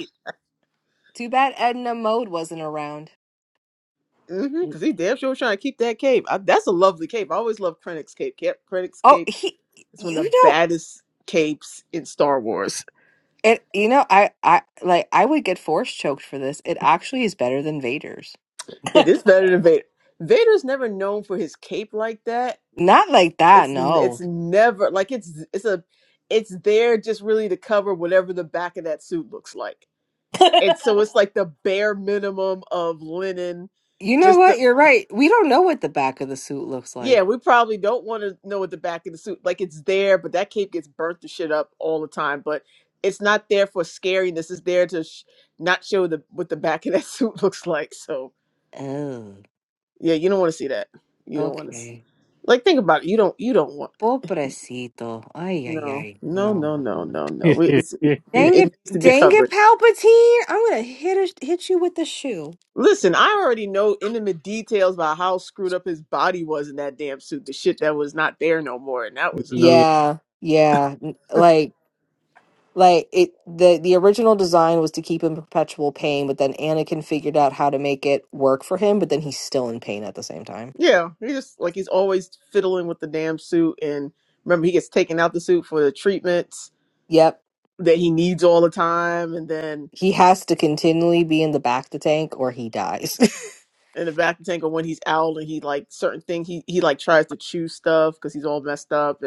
Speaker 1: Too bad Edna Mode wasn't around.
Speaker 3: hmm Cause he damn sure was trying to keep that cape. I, that's a lovely cape. I always loved Krennic's cape. Cap- Krennic's
Speaker 1: Oh,
Speaker 3: cape
Speaker 1: he,
Speaker 3: is one
Speaker 1: you
Speaker 3: of the
Speaker 1: know,
Speaker 3: baddest capes in Star Wars.
Speaker 1: it, you know, I, I, like, I would get force choked for this. It actually is better than Vader's.
Speaker 3: It is better than Vader. Vader's never known for his cape like that
Speaker 1: Not like that,
Speaker 3: it's it's
Speaker 1: no.
Speaker 3: never like it's it's a it's there just really to cover whatever the back of that suit looks like and so it's like the bare minimum of linen
Speaker 1: You know
Speaker 3: just
Speaker 1: what?
Speaker 3: the
Speaker 1: You're right. We don't know what the back of the suit looks like.
Speaker 3: yeah we probably don't want to know what the back of the suit like it's there but that cape gets burnt to shit up all the time but it's not there for scariness it's there to sh- not show the what the back of that suit looks like so
Speaker 1: Oh,
Speaker 3: yeah you don't want to see that you don't want to
Speaker 1: okay.
Speaker 3: like think about it you don't you don't want
Speaker 1: Pobrecito. Ay, ay,
Speaker 3: No,
Speaker 1: ay.
Speaker 3: no,
Speaker 1: No,
Speaker 3: no,
Speaker 1: no, no,
Speaker 3: no,
Speaker 1: no.
Speaker 3: no, no. We-
Speaker 4: yeah.
Speaker 3: It's, it,
Speaker 1: Dang
Speaker 3: it
Speaker 1: it,
Speaker 3: needs to be
Speaker 1: dang it,
Speaker 3: covered.
Speaker 1: Palpatine. I'm gonna hit a, hit you with the shoe.
Speaker 3: Listen, I already know intimate details about how screwed up his body was in that damn suit. The shit that was not there no more, and that was enough.
Speaker 1: Yeah, yeah. n- Like, Like it, the the original design was to keep him in perpetual pain, but then Anakin figured out how to make it work for him. But then he's still in pain at the same time.
Speaker 3: Yeah, he just like he's always fiddling with the damn suit. And remember, he gets taken out the suit for the treatments
Speaker 1: Yep,
Speaker 3: that he needs all the time. And then
Speaker 1: he has to continually be in the back to tank, or he dies.
Speaker 3: in the back tank, or when he's out, and he like certain things, he he like tries to chew stuff because he's all messed up.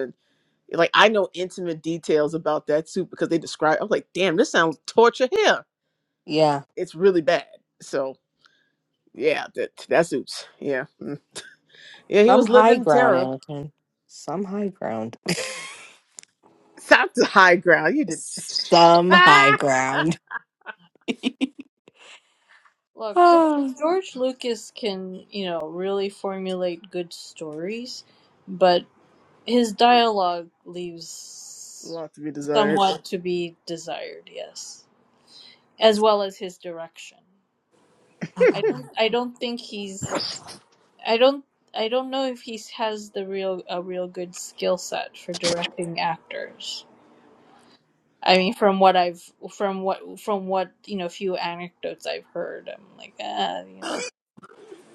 Speaker 3: Like I know intimate details about that soup because they describe. I'm like, damn, this sounds torture here.
Speaker 1: yeah,
Speaker 3: It's really bad. So yeah, that that suits. Yeah, mm. yeah, he
Speaker 1: some
Speaker 3: was
Speaker 1: high
Speaker 3: living
Speaker 1: ground,
Speaker 3: terror.
Speaker 1: Anakin. Some high ground.
Speaker 3: Stop the high ground. You did.
Speaker 1: some high
Speaker 3: Ah, ah.
Speaker 1: ground.
Speaker 2: Look, George,
Speaker 1: Ah.
Speaker 2: George Lucas can, you know, really formulate good stories, but His dialogue leaves
Speaker 3: lot to be desired.
Speaker 2: somewhat to be desired, yes. As well as his direction. I don't I don't think he's I don't I don't know if he has the real a real good skill set for directing actors. I mean from what I've from what from what, you know, few anecdotes I've heard, I'm like, ah, you know,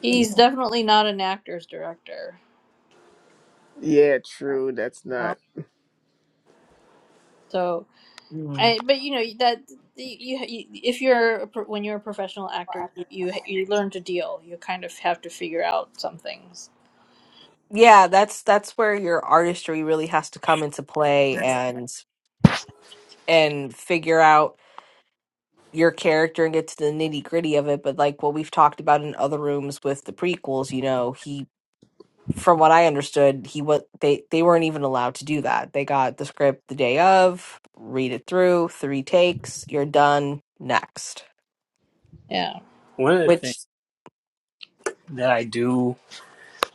Speaker 2: he's definitely not an actor's director,
Speaker 3: Yeah, true. That's
Speaker 2: you know.
Speaker 3: not.
Speaker 2: So
Speaker 1: Mm.
Speaker 2: I, but you know that you, you if you're a, pro- when you're a professional actor you, you you learn to deal you kind of have to figure out some things
Speaker 1: yeah, that's that's where your artistry really has to come into play and and figure out your character and get to the nitty gritty of it, but like what we've talked about in other rooms with the prequels, you know, he from what I understood, he what they they weren't even allowed to do that. They got the script the day of, read it through, three takes, you're done, next.
Speaker 2: yeah
Speaker 4: One of the things.
Speaker 1: Which
Speaker 4: that I do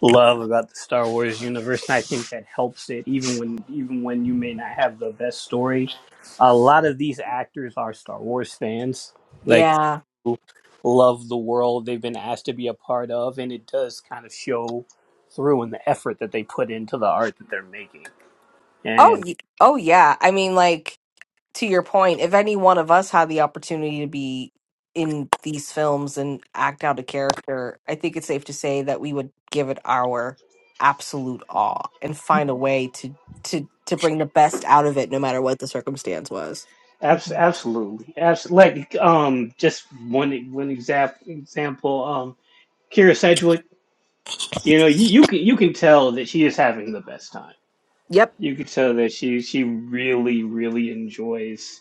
Speaker 4: love about the Star Wars universe, and I think that helps it even when even when you may not have the best story. A lot of these actors are Star Wars fans, like
Speaker 1: yeah.
Speaker 4: love the world they've been asked to be a part of, and it does kind of show through in the effort that they put into the art that they're making.
Speaker 1: Oh,
Speaker 4: And
Speaker 1: y- oh yeah. I mean like to your point, if any one of us had the opportunity to be in these films and act out a character, I think it's safe to say that we would give it our absolute all and find a way to to to bring the best out of it no matter what the circumstance was.
Speaker 2: hmm
Speaker 4: abs- absolutely, abs- like um, just one one example example um, Kira Sedgwick, you know, you, you can you can tell that she is having the best time
Speaker 1: Yep.
Speaker 4: You could tell that she she really really enjoys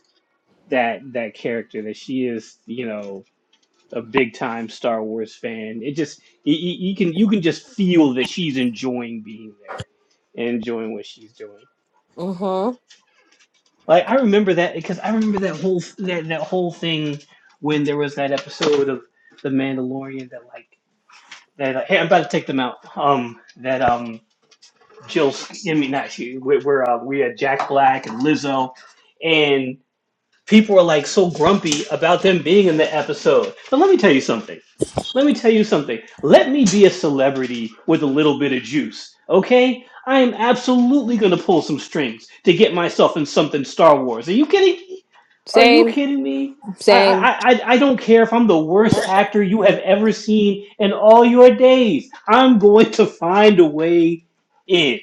Speaker 4: that that character that she is you know a big time Star Wars fan. It just you, you you can you can just feel that she's enjoying being there and enjoying what she's doing.
Speaker 1: Mhm.
Speaker 4: Like I remember that because I remember that whole that, that whole thing when there was that episode of The Mandalorian that like that uh, hey I'm about to take them out um that um Jill I mean not she we're, we uh, we had Jack Black and Lizzo and. people are like so grumpy about them being in the episode. But let me tell you something. Let me tell you something. Let me be a celebrity with a little bit of juice, okay? I am absolutely gonna pull some strings to get myself in something Star Wars. Are you kidding? me? Are you
Speaker 1: Same,
Speaker 4: kidding me? I I,
Speaker 1: same.
Speaker 4: I I don't care if I'm the worst actor you have ever seen in all your days. I'm going to find a way in.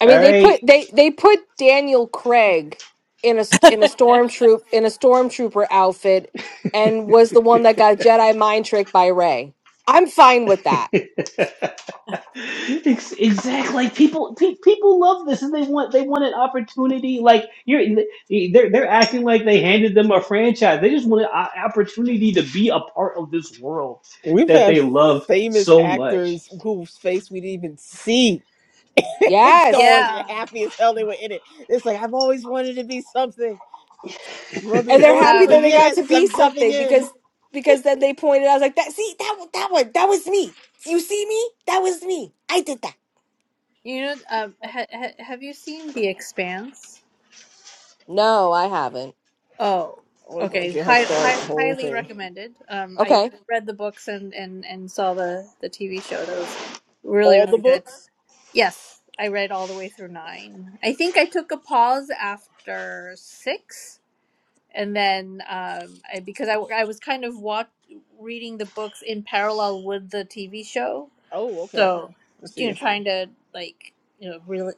Speaker 1: I mean,
Speaker 4: All
Speaker 1: they
Speaker 4: right.
Speaker 1: put they they put Daniel Craig in a st- in a stormtroop in a stormtrooper outfit and was the one that got Jedi mind tricked by Ray. I'm fine with that.
Speaker 4: exactly. Like people, pe- people love this, and they want they want an opportunity. Like you're, they're they're acting like they handed them a franchise. They just want an o- opportunity to be a part of this world
Speaker 3: We've
Speaker 4: that they
Speaker 3: had
Speaker 4: love
Speaker 3: famous
Speaker 4: so much.
Speaker 3: actors whose face we didn't even see. it's
Speaker 1: Yes.
Speaker 3: stars and
Speaker 2: yeah
Speaker 3: happy as hell they were in it. It's like I've always wanted to be something. You want to be a
Speaker 1: And
Speaker 2: You-
Speaker 1: they're happy
Speaker 3: stormtrooper?
Speaker 1: that
Speaker 2: um
Speaker 1: they got to
Speaker 3: Yes,
Speaker 1: be
Speaker 3: I'm jumping
Speaker 1: something
Speaker 3: in.
Speaker 1: because because then they pointed out like that see that one- that one that was me. You see me? That was me. I did that.
Speaker 2: you know um ha, ha, have you seen The Expanse
Speaker 1: No, I haven't.
Speaker 2: oh
Speaker 3: Oh, you're gonna
Speaker 2: okay
Speaker 3: get her
Speaker 2: high,
Speaker 3: started
Speaker 2: high,
Speaker 3: the whole
Speaker 2: highly
Speaker 3: thing.
Speaker 2: recommended um I
Speaker 1: Okay.
Speaker 2: read the books and and and saw the the TV show that was really
Speaker 3: All the
Speaker 2: really good
Speaker 3: books?
Speaker 2: Yes, I read all the way through nine. I think I took a pause after six, and then um, I, because I, I was kind of watch, reading the books in parallel with the TV show,
Speaker 3: Oh, okay.
Speaker 2: so
Speaker 3: I
Speaker 2: you
Speaker 3: see
Speaker 2: know,
Speaker 3: you.
Speaker 2: trying to like you know really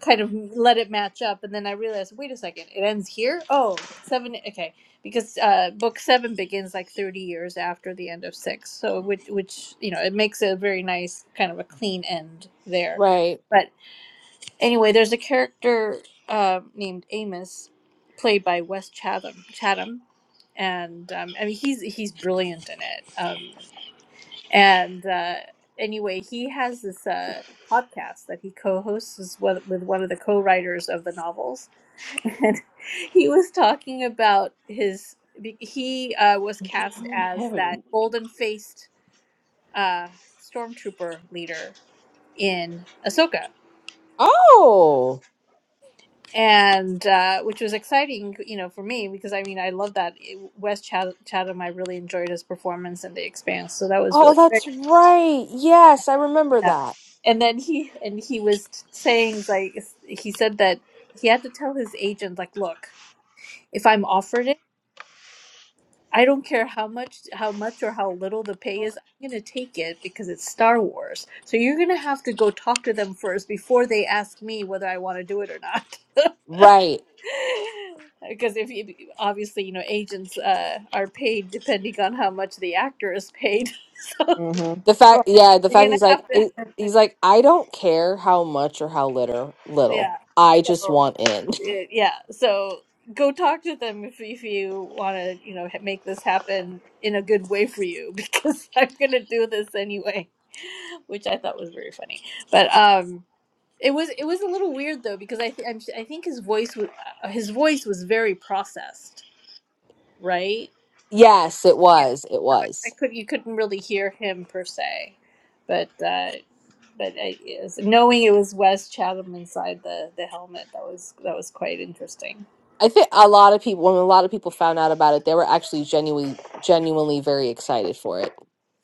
Speaker 2: kind of let it match up, and then I realized, wait a second, it ends here. Oh, seven. Okay, because uh, book seven begins like thirty years after the end of six, so which which you know it makes a very nice kind of a clean end there
Speaker 1: Right.
Speaker 2: Anyway, there's a character uh, named Amos, played by Wes Chatham. Chatham, and um, I mean he's he's brilliant in it. Um, and uh, anyway, he has this uh, podcast that he co-hosts is with, with one of the co-writers of the novels, and he was talking about his. be- He uh, was
Speaker 4: Okay, I
Speaker 2: cast
Speaker 4: don't
Speaker 2: as
Speaker 4: have it. I'm
Speaker 2: that
Speaker 4: looking for it.
Speaker 2: golden-faced uh, stormtrooper leader in Ahsoka
Speaker 1: Oh.
Speaker 2: and uh, which was exciting, you know, for me because I mean I love that West Chat- Chatham. I really enjoyed his performance in The Expanse, so that was
Speaker 1: Oh,
Speaker 2: really great.
Speaker 1: that's right. Yes, I remember
Speaker 2: Yeah.
Speaker 1: that.
Speaker 2: And then he and he was saying like he said that he had to tell his agent like, look, if I'm offered it. I don't care how much how much or how little the pay is. I'm going to take it because it's Star Wars. So you're going to have to go talk to them first before they ask me whether I want to do it or not.
Speaker 1: Right.
Speaker 2: Because if you, obviously you know agents uh, are paid depending on how much the actor is paid, so
Speaker 3: Mm-hmm.
Speaker 1: The fact,
Speaker 2: well,
Speaker 1: yeah, the
Speaker 2: you're
Speaker 1: fact
Speaker 2: gonna
Speaker 1: he's like,
Speaker 2: have
Speaker 1: it-
Speaker 2: to.
Speaker 1: he's like, I don't care how much or how little, little.
Speaker 2: yeah.
Speaker 1: I
Speaker 2: So
Speaker 1: just want in.
Speaker 2: y- yeah, so go talk to them if if you want to, you know, ha- make this happen in a good way for you because I'm gonna do this anyway, which I thought was very funny. But um, it was it was a little weird though because I th- I'm, I think his voice was uh, his voice was very processed, right?
Speaker 1: Yes, it
Speaker 2: Yeah.
Speaker 1: was. It
Speaker 2: So I, I
Speaker 1: was.
Speaker 2: could you couldn't really hear him per se, but uh, but I, is knowing it was Wes Chatham inside the the helmet that was that was quite interesting.
Speaker 1: I think a lot of people, when a lot of people found out about it, they were actually genuinely, genuinely very excited for it.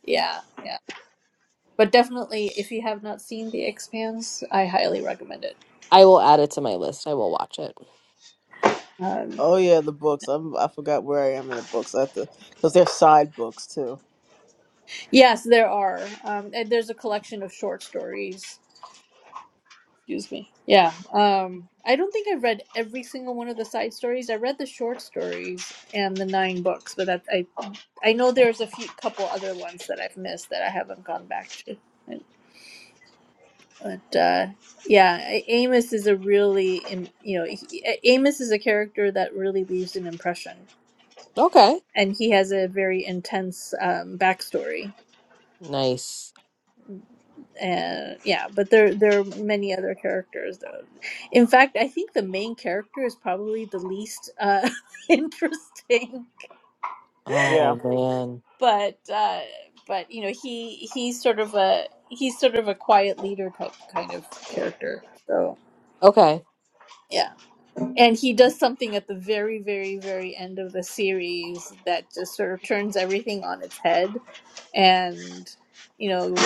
Speaker 2: Yeah, yeah. But definitely, if you have not seen The Expanse, I highly recommend it.
Speaker 1: I will add it to my list. I will watch it.
Speaker 2: Um,
Speaker 3: Oh yeah, the books. I'm I forgot where I am in the books. I have to because they're side books too.
Speaker 2: yes, there are. Um, and there's a collection of short stories. Excuse me. Yeah. Um, I don't think I've read every single one of the side stories. I read the short stories and the nine books, but that I I know there's a few couple other ones that I've missed that I haven't gone back to. But uh, yeah, A- Amos is a really im- you know he, A- Amos is a character that really leaves an impression,
Speaker 1: Okay.
Speaker 2: and he has a very intense um, backstory.
Speaker 1: Nice.
Speaker 2: Uh, yeah, but there there are many other characters though. In fact, I think the main character is probably the least uh, interesting.
Speaker 3: Yeah.
Speaker 1: Oh man.
Speaker 2: but uh, but you know he he's sort of a he's sort of a quiet leader type kind of character. So
Speaker 1: Okay.
Speaker 2: yeah, and he does something at the very very very end of the series that just sort of turns everything on its head, and you know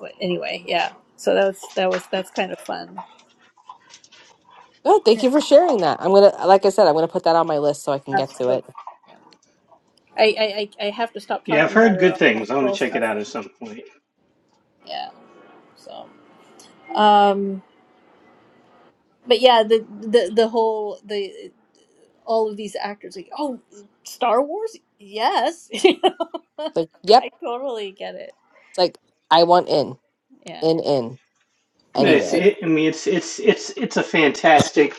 Speaker 2: but anyway yeah. So that's that was that's kind of fun.
Speaker 1: Oh, thank you for sharing that. I'm gonna, like I said, I'm gonna put that on my list so I can get to it.
Speaker 2: Absolutely. I, I I I have to stop
Speaker 4: Yeah, I've
Speaker 2: talking about it
Speaker 4: heard good
Speaker 2: or I'll
Speaker 4: things. I want to
Speaker 2: spoil
Speaker 4: check it
Speaker 2: stuff.
Speaker 4: out at some point.
Speaker 2: Yeah. So. Um. but yeah, the the the whole the all of these actors like, oh, Star Wars, yes, I
Speaker 1: Like, yep.
Speaker 2: totally get it.
Speaker 1: Like, I want in,
Speaker 2: Yeah,
Speaker 1: in, in.
Speaker 4: No, It's,
Speaker 2: speaking.
Speaker 1: anywhere.
Speaker 4: it, I mean, it's it's it's it's a fantastic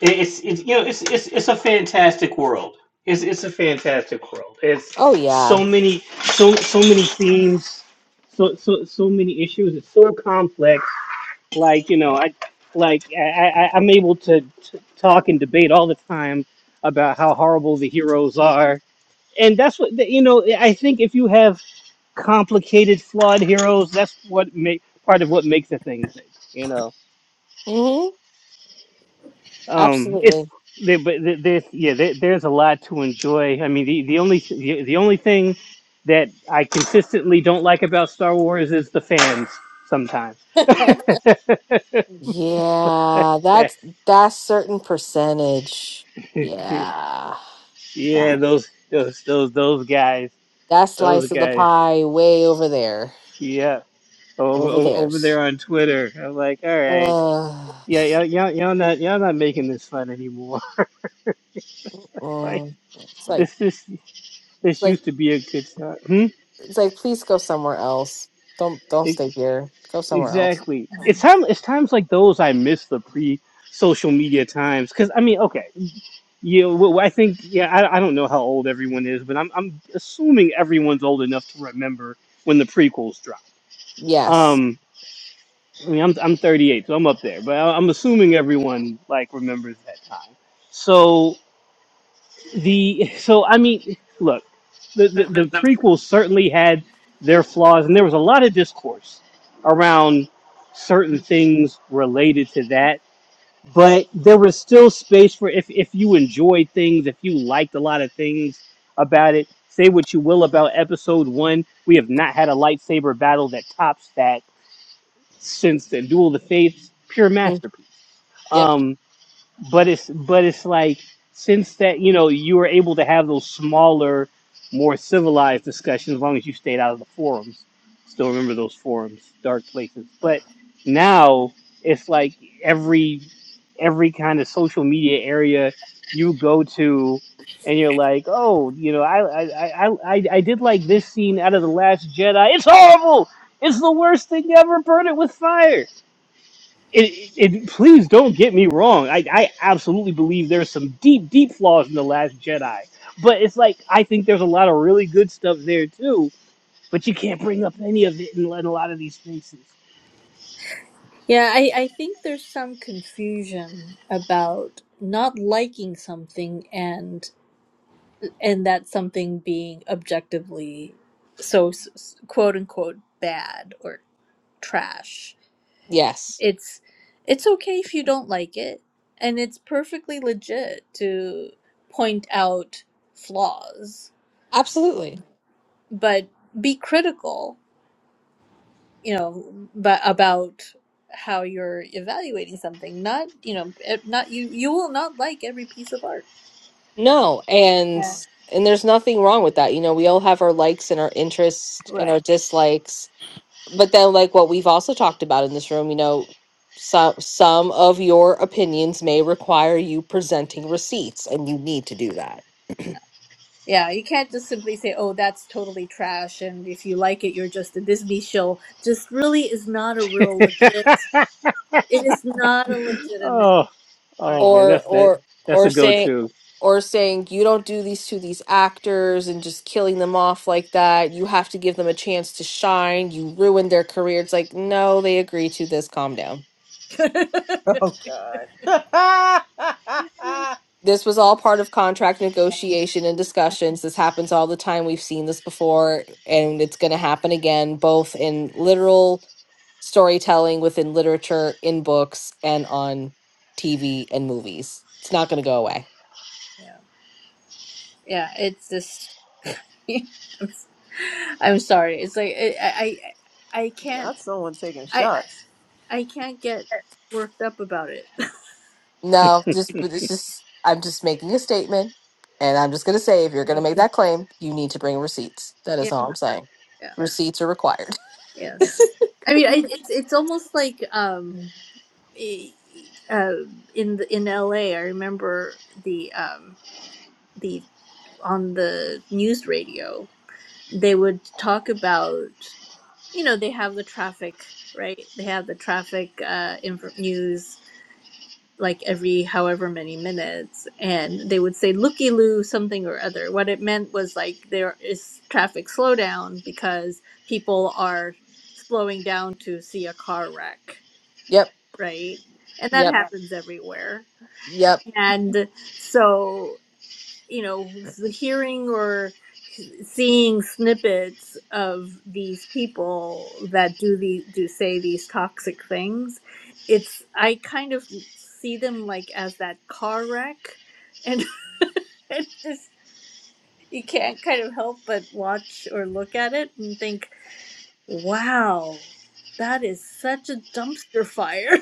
Speaker 4: It- It's it's you know it's it's it's a fantastic world. It's it's a fantastic world. It's
Speaker 1: Oh yeah.
Speaker 4: so many so so many themes, so so so many issues. It's so complex. Like you know, I like I, I I'm able to t- talk and debate all the time about how horrible the heroes are, and that's what you know. I think if you have complicated, flawed heroes, that's what make part of what makes a thing good. You know.
Speaker 1: hmm
Speaker 4: um it's
Speaker 1: Absolutely.
Speaker 4: there but there- there's yeah there, there's a lot to enjoy i mean the, the only the, the only thing that i consistently don't like about star wars is the fans sometimes
Speaker 2: Of-
Speaker 1: Yeah, that's that certain percentage. Yeah.
Speaker 4: yeah
Speaker 1: That
Speaker 4: those those those those guys
Speaker 1: that
Speaker 4: those
Speaker 1: slice of the
Speaker 4: guys
Speaker 1: pie way over there.
Speaker 4: yeah over
Speaker 1: Over
Speaker 4: over over
Speaker 1: theirs.
Speaker 4: there on twitter i'm like all right
Speaker 1: Uh,
Speaker 4: yeah y'all, y'all, y'all not y'all not making this fun anymore like
Speaker 1: mm, it's like
Speaker 4: this this
Speaker 1: it's
Speaker 4: this
Speaker 1: like
Speaker 4: used to be a good time
Speaker 1: It's like, please go somewhere else. Don't don't
Speaker 4: hmm?
Speaker 1: stay here. Go somewhere else.
Speaker 4: Exactly. It's time. It's times like those I miss the pre-social media times. Because I mean, okay, yeah. Well, I think yeah. I, I don't know how old everyone is, but I'm I'm assuming everyone's old enough to remember when the prequels dropped.
Speaker 1: Yes.
Speaker 4: Um, I mean, I'm I'm 38, so I'm up there, but I- I'm assuming everyone like remembers that time. So the so I mean, look, the, the the prequels certainly had their flaws, and there was a lot of discourse around certain things related to that. But there was still space for if if you enjoyed things, if you liked a lot of things about it. Say what you will about Episode One, we have not had a lightsaber battle that tops that since the Duel of the Fates, pure
Speaker 1: Mm,
Speaker 4: masterpiece.
Speaker 1: Yep.
Speaker 4: Um, but it's but it's like since that you know you were able to have those smaller more civilized discussions as long as you stayed out of the forums still remember those forums dark places but now it's like every every kind of social media area you go to and you're like oh you know i i i i, I did like this scene out of the last jedi it's horrible it's the worst thing ever burn it with fire it, it, please don't get me wrong. I, I absolutely believe there's some deep, deep flaws in The Last Jedi. But it's like, I think there's a lot of really good stuff there too. But you can't bring up any of it in, in a lot of these spaces.
Speaker 2: Yeah, I, I think there's some confusion about not liking something and and that something being objectively so s- s- quote unquote bad or trash.
Speaker 1: Yes.
Speaker 2: it's it's okay if you don't like it and it's perfectly legit to point out flaws
Speaker 1: Absolutely.
Speaker 2: but be critical you know but about how you're evaluating something not you know it- not you you will not like every piece of art
Speaker 1: No. And
Speaker 2: yeah
Speaker 1: and there's nothing wrong with that. You know, we all have our likes and our interests and our
Speaker 2: right
Speaker 1: dislikes. but then like what we've also talked about in this room you know some some of your opinions may require you presenting receipts and you need to do that
Speaker 2: yeah you can't just simply say oh that's totally trash and if you like it you're just a disney show just really is not a real legit it is not a legitimate
Speaker 4: oh,
Speaker 2: art
Speaker 4: oh man,
Speaker 1: or
Speaker 4: that's that.
Speaker 1: or
Speaker 4: That's
Speaker 1: or
Speaker 4: a
Speaker 1: saying
Speaker 4: go-to.
Speaker 1: or saying you don't do these to these actors and just killing them off like that you have to give them a chance to shine you ruined their career it's like no they agree to this calm down
Speaker 3: Oh God.
Speaker 1: This was all part of contract negotiation and discussions. This happens all the time. We've seen this before, and it's going to happen again, both in literal storytelling within literature, in books, and on TV and movies. It's not going to go away.
Speaker 2: Yeah, yeah. It's just, I'm, I'm sorry. It's like I, I, I I can't,
Speaker 3: Not someone taking
Speaker 2: I,
Speaker 3: shots.
Speaker 2: I can't get worked up about it.
Speaker 1: No, just but it's just I'm just making a statement, and I'm just going to say if you're going to
Speaker 2: yeah,
Speaker 1: make that claim, you need to bring receipts. That
Speaker 2: yeah,
Speaker 1: is all I'm saying.
Speaker 2: yeah.
Speaker 1: Receipts are required.
Speaker 2: Yes. I mean, I, it's it's almost like um, e- e- uh, in the, in L.A. I remember the um the on the news radio they would talk about you know they have the traffic right they have the traffic uh inf- news like every however many minutes and they would say looky loo something or other what it meant was like there is traffic slowdown because people are slowing down to see a car wreck
Speaker 1: Yep,
Speaker 2: right and that Yeah.
Speaker 1: yep,
Speaker 2: happens everywhere
Speaker 1: yep.
Speaker 2: and so you know, hearing or seeing snippets of these people that do the do say these toxic things, it's I kind of see them like as that car wreck, and it just you can't kind of help but watch or look at it and think, wow, that is such a dumpster fire.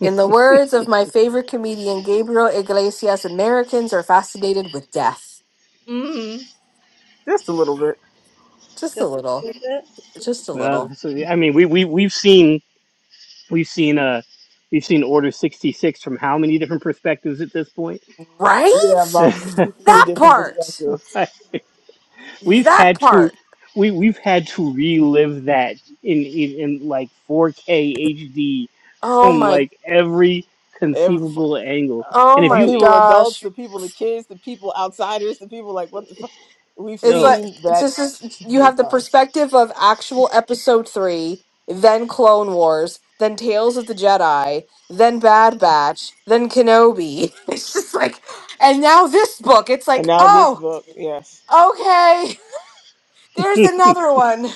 Speaker 1: In the words of my favorite comedian, Gabriel Iglesias, Americans are fascinated with death.
Speaker 2: mm
Speaker 3: Just a little bit.
Speaker 1: Just a
Speaker 2: Just a
Speaker 1: little.
Speaker 2: little
Speaker 1: Just a
Speaker 4: Uh,
Speaker 1: little.
Speaker 4: so I mean, we we we've seen we've seen uh we've seen Order sixty six from how many different perspectives at this point?
Speaker 1: Right?
Speaker 3: Yeah, about sixty-three
Speaker 1: That
Speaker 3: different
Speaker 1: part.
Speaker 3: perspectives.
Speaker 4: We've
Speaker 1: That
Speaker 4: had to
Speaker 1: part.
Speaker 4: we we've had to relive that in in, in like 4K HD
Speaker 1: Oh
Speaker 4: from
Speaker 1: my
Speaker 4: like every
Speaker 3: Ev- f-
Speaker 4: conceivable angle.
Speaker 1: oh
Speaker 4: And if
Speaker 3: from
Speaker 1: my
Speaker 4: you
Speaker 3: people, adults,
Speaker 1: gosh.
Speaker 3: to people, the kids, to people, outsiders, to people like what the fuck. We've
Speaker 1: It's
Speaker 4: yo
Speaker 1: like
Speaker 3: seen
Speaker 1: it's
Speaker 3: that
Speaker 1: just, just
Speaker 3: so
Speaker 1: you
Speaker 3: many
Speaker 1: have the
Speaker 3: times.
Speaker 1: perspective of actual episode three, then Clone Wars, then Tales of the Jedi, then Bad Batch, then Kenobi. It's just like and now this book. It's
Speaker 3: And
Speaker 1: like,
Speaker 3: now this
Speaker 1: oh,
Speaker 3: book, yes.
Speaker 1: okay. There's another one.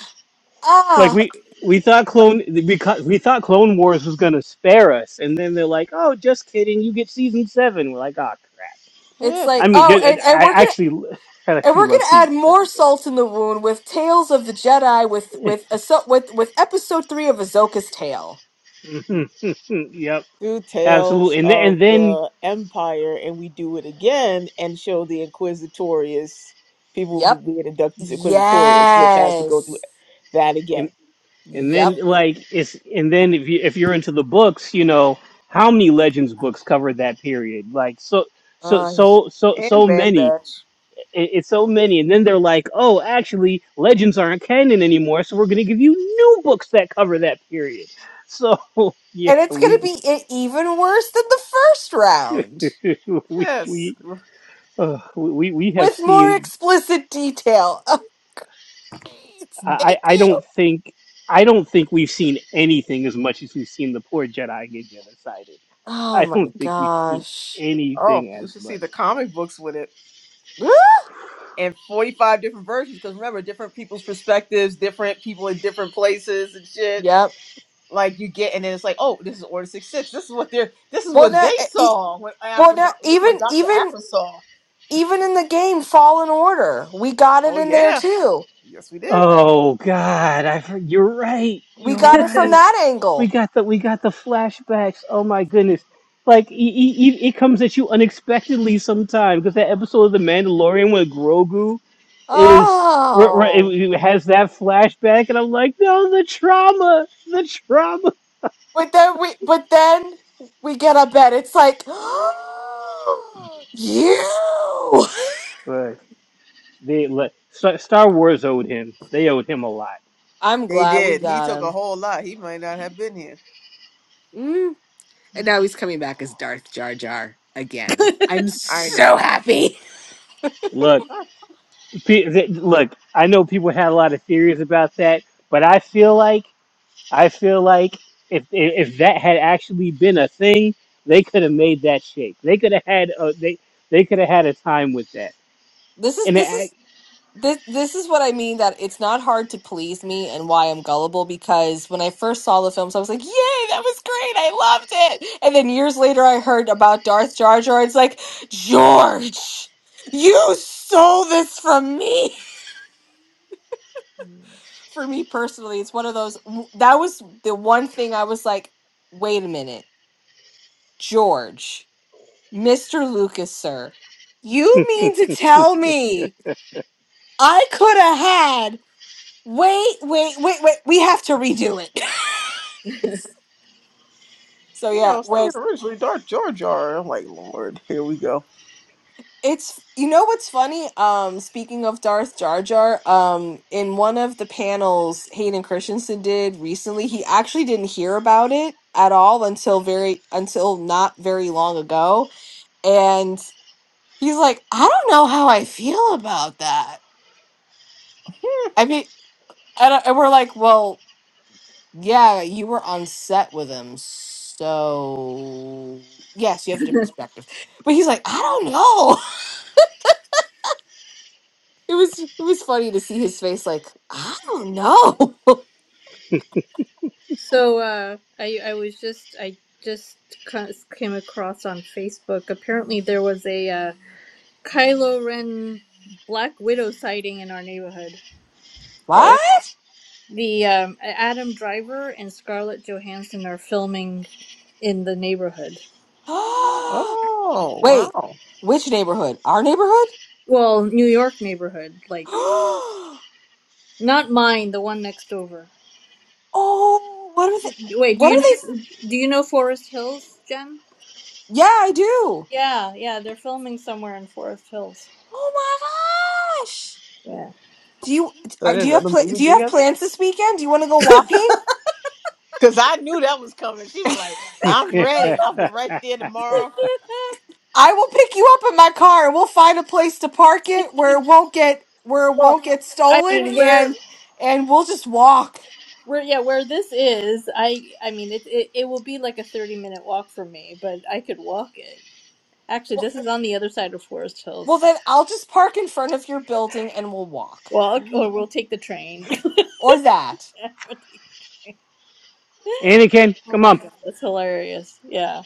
Speaker 4: like
Speaker 1: Ah,
Speaker 4: we we thought clone because we thought Clone Wars was gonna spare us, and then they're like, "Oh, just kidding! You get season seven. We're like, "Oh crap!"
Speaker 1: it's
Speaker 3: Yes,
Speaker 4: I
Speaker 1: like
Speaker 3: it's
Speaker 4: mean,
Speaker 1: oh,
Speaker 4: I
Speaker 1: and, and
Speaker 4: I
Speaker 1: we're gonna
Speaker 4: actually I
Speaker 1: and
Speaker 4: actually
Speaker 1: we're
Speaker 4: love
Speaker 1: gonna add
Speaker 4: season
Speaker 1: more
Speaker 4: seven.
Speaker 1: salt in the wound with Tales of the Jedi with with Ahso- with with episode three of Ahsoka's Tale.
Speaker 4: But yep,
Speaker 3: through tales
Speaker 4: absolutely. And then and
Speaker 3: of
Speaker 4: then
Speaker 3: the empire, and we do it again and show the inquisitorious people
Speaker 1: Yep.
Speaker 3: being inducted to inquisitorious, which has to go through
Speaker 1: Yes.
Speaker 3: that again.
Speaker 4: And
Speaker 1: Yep.
Speaker 4: then like it's and then if you if you're into the books, you know, how many legends books covered that period? Like so so
Speaker 1: Uh, and
Speaker 4: so so
Speaker 3: And
Speaker 4: so
Speaker 3: Bad
Speaker 4: many.
Speaker 3: Batch.
Speaker 4: It- It's so many. And then they're like, "Oh, actually, legends aren't canon anymore, so we're going to give you new books that cover that period." So, yeah,
Speaker 1: it's gonna
Speaker 4: we
Speaker 1: be e- even worse than the first round
Speaker 4: we
Speaker 3: Yes.
Speaker 4: we uh, we we have
Speaker 1: with more
Speaker 4: seen
Speaker 1: explicit detail. Oh, it's-
Speaker 4: I I
Speaker 1: thank
Speaker 4: I
Speaker 1: you.
Speaker 4: don't think I don't think we've seen anything as much as we've seen the poor Jedi get genocided.
Speaker 1: Oh
Speaker 4: I
Speaker 1: my
Speaker 4: don't think you've seen
Speaker 1: gosh.
Speaker 3: Oh,
Speaker 4: anything
Speaker 3: you
Speaker 4: as
Speaker 3: should see the
Speaker 4: much.
Speaker 3: comic books with it. And 45 different versions, because remember, different people's perspectives, different people in different places and shit.
Speaker 1: Yep.
Speaker 3: like you get, and then it's like, oh, this is Order Six Six. This is what they're. This is
Speaker 1: Well,
Speaker 3: what
Speaker 1: not
Speaker 3: they
Speaker 1: e- e,
Speaker 3: saw. What
Speaker 1: well,
Speaker 3: Afro. This
Speaker 1: not
Speaker 3: is what
Speaker 1: even
Speaker 3: Doctor
Speaker 1: even.
Speaker 3: Afro saw.
Speaker 1: Even in the game Fallen Order, we got it
Speaker 3: Oh
Speaker 1: in there
Speaker 3: yeah,
Speaker 1: too.
Speaker 3: yes we did.
Speaker 4: Oh God, I for- you're right.
Speaker 1: We
Speaker 4: You're
Speaker 1: got it from
Speaker 4: right.
Speaker 1: that
Speaker 4: We
Speaker 1: angle.
Speaker 4: got the we got the flashbacks. Oh my goodness. Like e- e- e- it comes at you unexpectedly sometimes because that episode of The Mandalorian with Grogu is where, where it,
Speaker 1: Oh.
Speaker 4: it has that flashback, and I'm like, no, the trauma, the trauma.
Speaker 1: But then we but then we get up and it's like you
Speaker 4: But they let Star Star Wars owed him. They owed him a lot.
Speaker 1: I'm
Speaker 3: They
Speaker 1: glad we
Speaker 3: did. He
Speaker 1: got
Speaker 3: took a
Speaker 1: him.
Speaker 3: whole lot. He might not have been here.
Speaker 1: Mm. And now he's coming back as Darth Jar Jar again.
Speaker 2: bit.
Speaker 1: I'm
Speaker 3: I
Speaker 1: so
Speaker 3: know.
Speaker 1: happy.
Speaker 4: Look.
Speaker 3: Ah,
Speaker 4: Fe- th- Look, I know people had a lot of theories about that, but I feel like I feel like if if if that had actually been a thing, they could have made that shape. They could have had a, they they could have had a time with that.
Speaker 1: This is
Speaker 4: And it,
Speaker 1: this
Speaker 4: I-
Speaker 1: is this this is what I mean that it's not hard to please me and why I'm gullible because when I first saw the films I was like, "Yay, that was great. I loved it." And then years later I heard about Darth Jar Jar. It's like, "George, you stole this from me." for me personally, it's one of those. That was the one thing I was like, wait a minute, George, Mr. Lucas, sir, you mean to tell me I could have had. Wait, wait, wait, wait. We have to redo it. so
Speaker 3: yeah, I
Speaker 1: yeah,
Speaker 3: was
Speaker 1: when
Speaker 3: thinking originally Dark Jar Jar. I'm like, Lord, here we go.
Speaker 1: it's you know what's funny? Um, speaking of Darth Jar Jar, um, in one of the panels Hayden Christensen did recently, he actually didn't hear about it at all until very until not very long ago And he's like, I don't know how I feel about that.
Speaker 3: Hmm.
Speaker 1: I mean, and, I- and we're like, well, yeah, you were on set with him. So, yes, you have a different perspective. But he's like, I don't know. It was it was funny to see his face like, I don't know.
Speaker 2: So uh, I I was just I just ca- came across on Facebook. Apparently, there was a uh, Kylo Ren Black Widow sighting in our neighborhood.
Speaker 3: oh,
Speaker 1: What?
Speaker 2: The um, Adam Driver and Scarlett Johansson are filming in the neighborhood.
Speaker 3: oh,
Speaker 1: Wait,
Speaker 3: wow.
Speaker 1: which neighborhood? Our neighborhood?
Speaker 2: Well, New York neighborhood, like not mine, the one next over.
Speaker 1: Oh, what are they?
Speaker 2: Wait, do
Speaker 1: What
Speaker 2: you
Speaker 1: are
Speaker 2: know,
Speaker 1: they?
Speaker 2: do you know Forest Hills, Jen?
Speaker 1: Yeah, I do.
Speaker 2: Yeah, yeah, they're filming somewhere in Forest Hills.
Speaker 1: Oh my gosh.
Speaker 2: Yeah.
Speaker 1: Do you
Speaker 3: So
Speaker 1: are,
Speaker 3: they're
Speaker 1: do you have
Speaker 3: another
Speaker 1: pla-
Speaker 3: movie
Speaker 1: do you have
Speaker 3: together?
Speaker 1: plans this weekend? Do you want to go walking?
Speaker 3: Cause I knew that was coming. She was like, "I'm ready. I'll be right there tomorrow."
Speaker 1: I will pick you up in my car we'll find a place to park it where it won't get where it
Speaker 2: Well,
Speaker 1: won't get
Speaker 2: I
Speaker 1: stolen
Speaker 2: mean, where
Speaker 1: and and we'll just walk.
Speaker 2: where yeah, where this is, I I mean, it it, it will be like a 30 minute walk for me, but I could walk it. Actually,
Speaker 1: Well,
Speaker 2: this is on the other side of Forest
Speaker 1: well
Speaker 2: Hills.
Speaker 1: then I'll just park in front of your building and we'll walk.
Speaker 2: Walk or we'll take the train.
Speaker 1: Or that.
Speaker 2: Yeah, We'll take the train.
Speaker 4: Anakin,
Speaker 2: Oh
Speaker 4: come
Speaker 2: my
Speaker 4: on!
Speaker 2: god, that's hilarious. Yeah.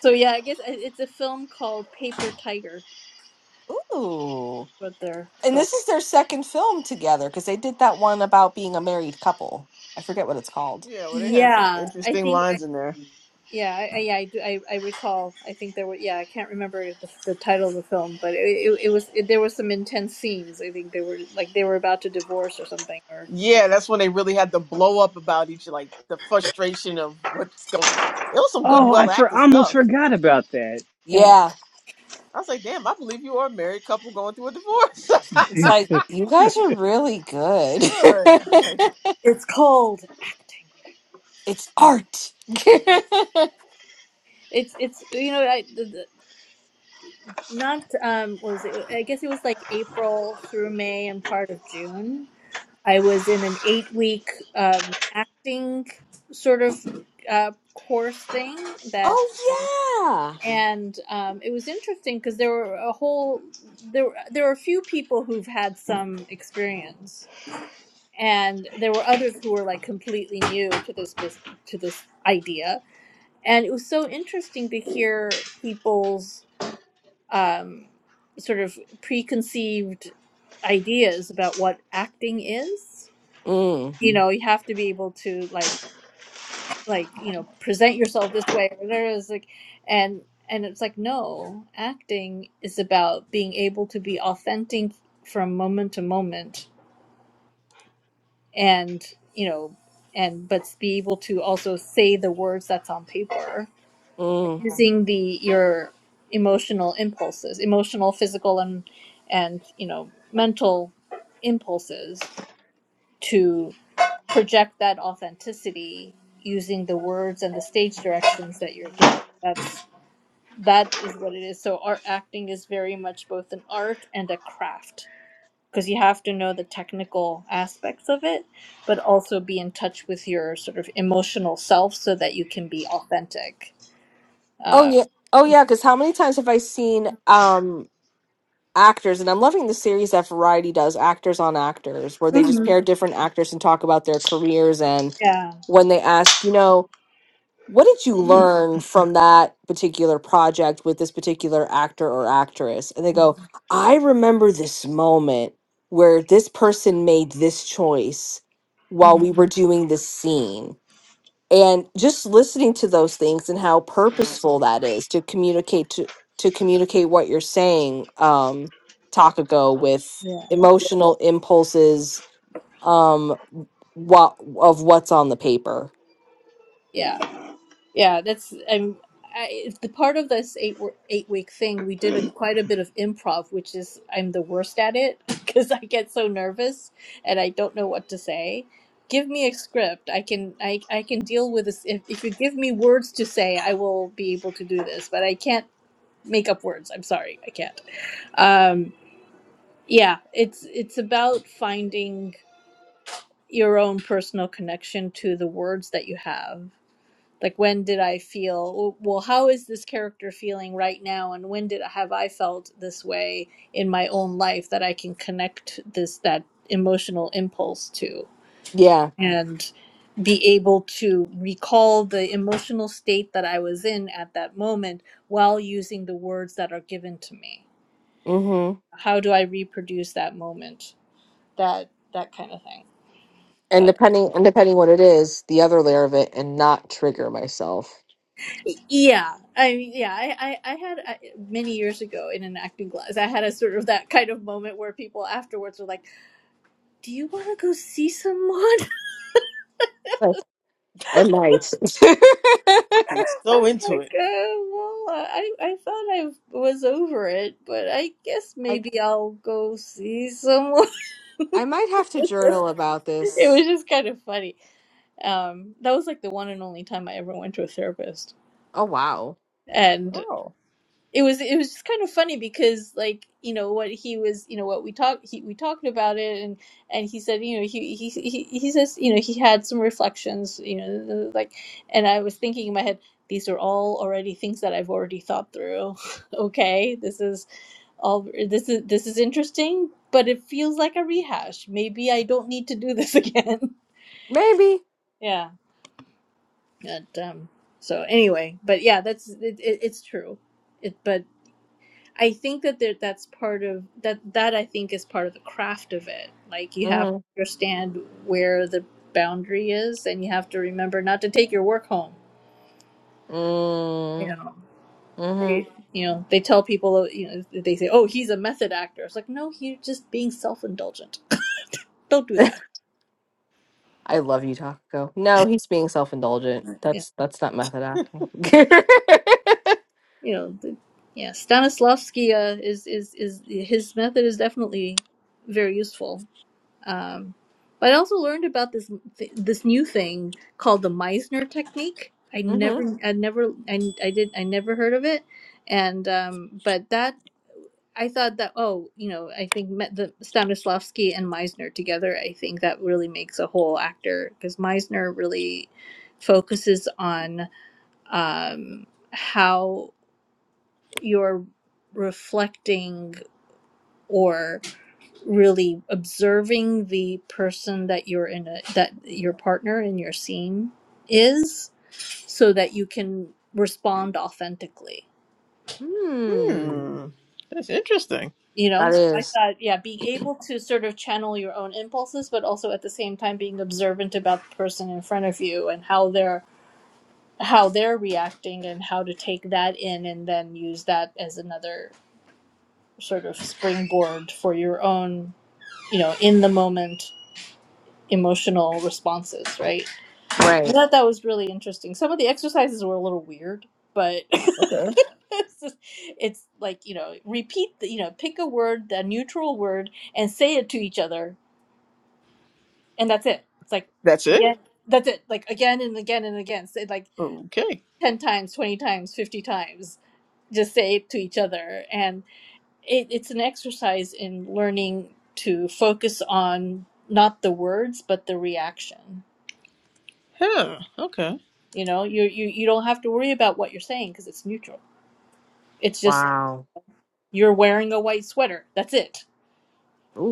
Speaker 2: So yeah, I guess it- it's a film called Paper Tiger,
Speaker 1: Ooh.
Speaker 2: but they're
Speaker 1: And
Speaker 2: film.
Speaker 1: this is their second film together cuz they did that one about being a married couple. I forget what it's called.
Speaker 3: Yeah, well, they had some
Speaker 2: Yeah, I
Speaker 3: interesting
Speaker 2: think
Speaker 3: lines in there.
Speaker 2: Yeah, I, I- yeah, I do. I, I recall. I think there were. Yeah, I can't remember the, the title of the film, but it, it, it was it, there was some intense scenes. I think they were like they were about to divorce or something or something.
Speaker 3: Yeah, that's when they really had to blow up about each, like the frustration of what's going. It was some good,
Speaker 4: Oh, I
Speaker 3: well
Speaker 4: for
Speaker 3: acted
Speaker 4: almost
Speaker 3: stuff.
Speaker 4: forgot about that.
Speaker 2: Yeah,
Speaker 1: Yeah.
Speaker 3: I was like, damn, I believe you are a married couple going through a divorce.
Speaker 1: It's like you guys are really good.
Speaker 3: good, like
Speaker 2: it's called acting.
Speaker 1: it's
Speaker 2: Yeah,
Speaker 1: art.
Speaker 2: it's it's you know I the, the, not um what was it? I guess it was like April through May and part of June. I was in an eight week um acting sort of uh course thing that.
Speaker 1: Oh
Speaker 2: um,
Speaker 1: yeah.
Speaker 2: and um, it was interesting because there were a whole there there were a few people who've had some experience, and there were others who were like completely new to this bus- to this idea, and it was so interesting to hear people's um, sort of preconceived ideas about what acting is.
Speaker 1: Mm,
Speaker 2: You know, you have to be able to like like you know present yourself this way or there is like and and it's like no acting is about being able to be authentic from moment to moment and you know and but be able to also say the words that's on paper
Speaker 1: mm.
Speaker 2: using the your emotional impulses emotional physical and and you know mental impulses to project that authenticity using the words and the stage directions that you're given. That's that is what it is. So art acting is very much both an art and a craft because you have to know the technical aspects of it, but also be in touch with your sort of emotional self so that you can be authentic.
Speaker 1: Oh
Speaker 2: Uh,
Speaker 1: yeah. Oh yeah. Because how many times have I seen um actors, and I'm loving the series that Variety does, Actors on Actors, where they just
Speaker 2: Mhm.
Speaker 1: pair different actors and talk about their careers, and
Speaker 2: Yeah.
Speaker 1: when they ask, you know, what did you learn from that particular project with this particular actor or actress, and they go, I remember this moment where this person made this choice while
Speaker 2: Mhm.
Speaker 1: we were doing this scene and just listening to those things and how purposeful that is to communicate to to communicate what you're saying um go with
Speaker 2: Yeah.
Speaker 1: emotional impulses um what of what's on the paper
Speaker 2: Yeah. Yeah, that's um, I, the part of this eight wo- eight week thing. We did a, quite a bit of improv, which is I'm the worst at it because I get so nervous and I don't know what to say. Give me a script. I can I I can deal with this. If if you give me words to say, I will be able to do this. But I can't make up words. I'm sorry, I can't. Um, yeah, it's it's about finding your own personal connection to the words that you have like when did i feel well how is this character feeling right now and when did have i felt this way in my own life that i can connect this that emotional impulse to
Speaker 1: yeah
Speaker 2: and be able to recall the emotional state that i was in at that moment while using the words that are given to me
Speaker 1: mhm
Speaker 2: how do i reproduce that moment that that kind of thing So
Speaker 1: and depending and depending what it is the other layer of it and not trigger myself
Speaker 2: Yeah, I mean, yeah, I, I, I had I, many years ago in an acting class, I had a sort of that kind of moment where people afterwards were like, "Do you want to go see someone?"
Speaker 1: I might.
Speaker 3: they're
Speaker 2: I
Speaker 3: so
Speaker 2: was
Speaker 3: into it.
Speaker 2: like, uh, "Well, I, I thought I was over it, but I guess
Speaker 1: I
Speaker 2: maybe I'll go see someone."
Speaker 1: I might have to journal about
Speaker 2: it
Speaker 1: this.
Speaker 2: was just kind of funny. Um, that was like the one and only time I ever went to a therapist,
Speaker 1: Oh wow,
Speaker 2: and.
Speaker 3: Oh,
Speaker 2: it was it was just kind of funny because like you know what he was you know what we talked he we talked about it and and he said you know he he he he says you know he had some reflections you know like and I was thinking in my head these are all already things that I've already thought through okay this is all this is this is interesting but it feels like a rehash maybe I don't need to do this again
Speaker 1: maybe.
Speaker 2: yeah and um so anyway but yeah that's it, it, it's true it but I think that there, that's part of that. That I think is part of the craft of it. Like you have
Speaker 1: Mm,
Speaker 2: to understand where the boundary is, and you have to remember not to take your work home. You
Speaker 1: mm,
Speaker 2: know,
Speaker 1: hmm
Speaker 2: they, you know, they tell people, you know, they say, "Oh, he's a method actor." It's like, no, you're just being self-indulgent. Don't do that.
Speaker 1: I love you, Taco. No, he's being self-indulgent.
Speaker 2: Yeah,
Speaker 1: That's that's not method acting.
Speaker 2: you know, the, yeah. Stanislavski uh, is is is his method is definitely very useful. Um, but I also learned about this th- this new thing called the Meisner technique. I never, I never, I, I did, I never heard of it. And um, but that I thought that oh, you know, I think met the Stanislavski and Meisner together. I think that really makes a whole actor because Meisner really focuses on um, how you're reflecting or really observing the person that you're in a that your partner in your scene is so that you can respond authentically
Speaker 1: Hmm. Hmm.
Speaker 3: hmm, that's interesting.
Speaker 2: you know
Speaker 1: That
Speaker 2: so i
Speaker 1: is
Speaker 2: thought yeah being able to sort of channel your own impulses but also at the same time being observant about the person in front of you and how they're how they're reacting and how to take that in and then use that as another sort of springboard for your own you know in the moment emotional responses right I
Speaker 1: right.
Speaker 2: thought that was really interesting. Some of the exercises were a little weird, but
Speaker 3: Okay,
Speaker 2: it's, just, it's like you know, repeat the, you know, pick a word, the neutral word, and say it to each other, and that's it. It's like
Speaker 3: that's it.
Speaker 2: again, that's it. Like again and again and again. Say it like
Speaker 3: Okay,
Speaker 2: ten times, twenty times, fifty times. Just say it to each other, and it, it's an exercise in learning to focus on not the words but the reaction.
Speaker 3: huh? Okay.
Speaker 2: You know, you you you don't have to worry about what you're saying because it's neutral. It's just
Speaker 1: Wow.
Speaker 2: you're wearing a white sweater. That's it.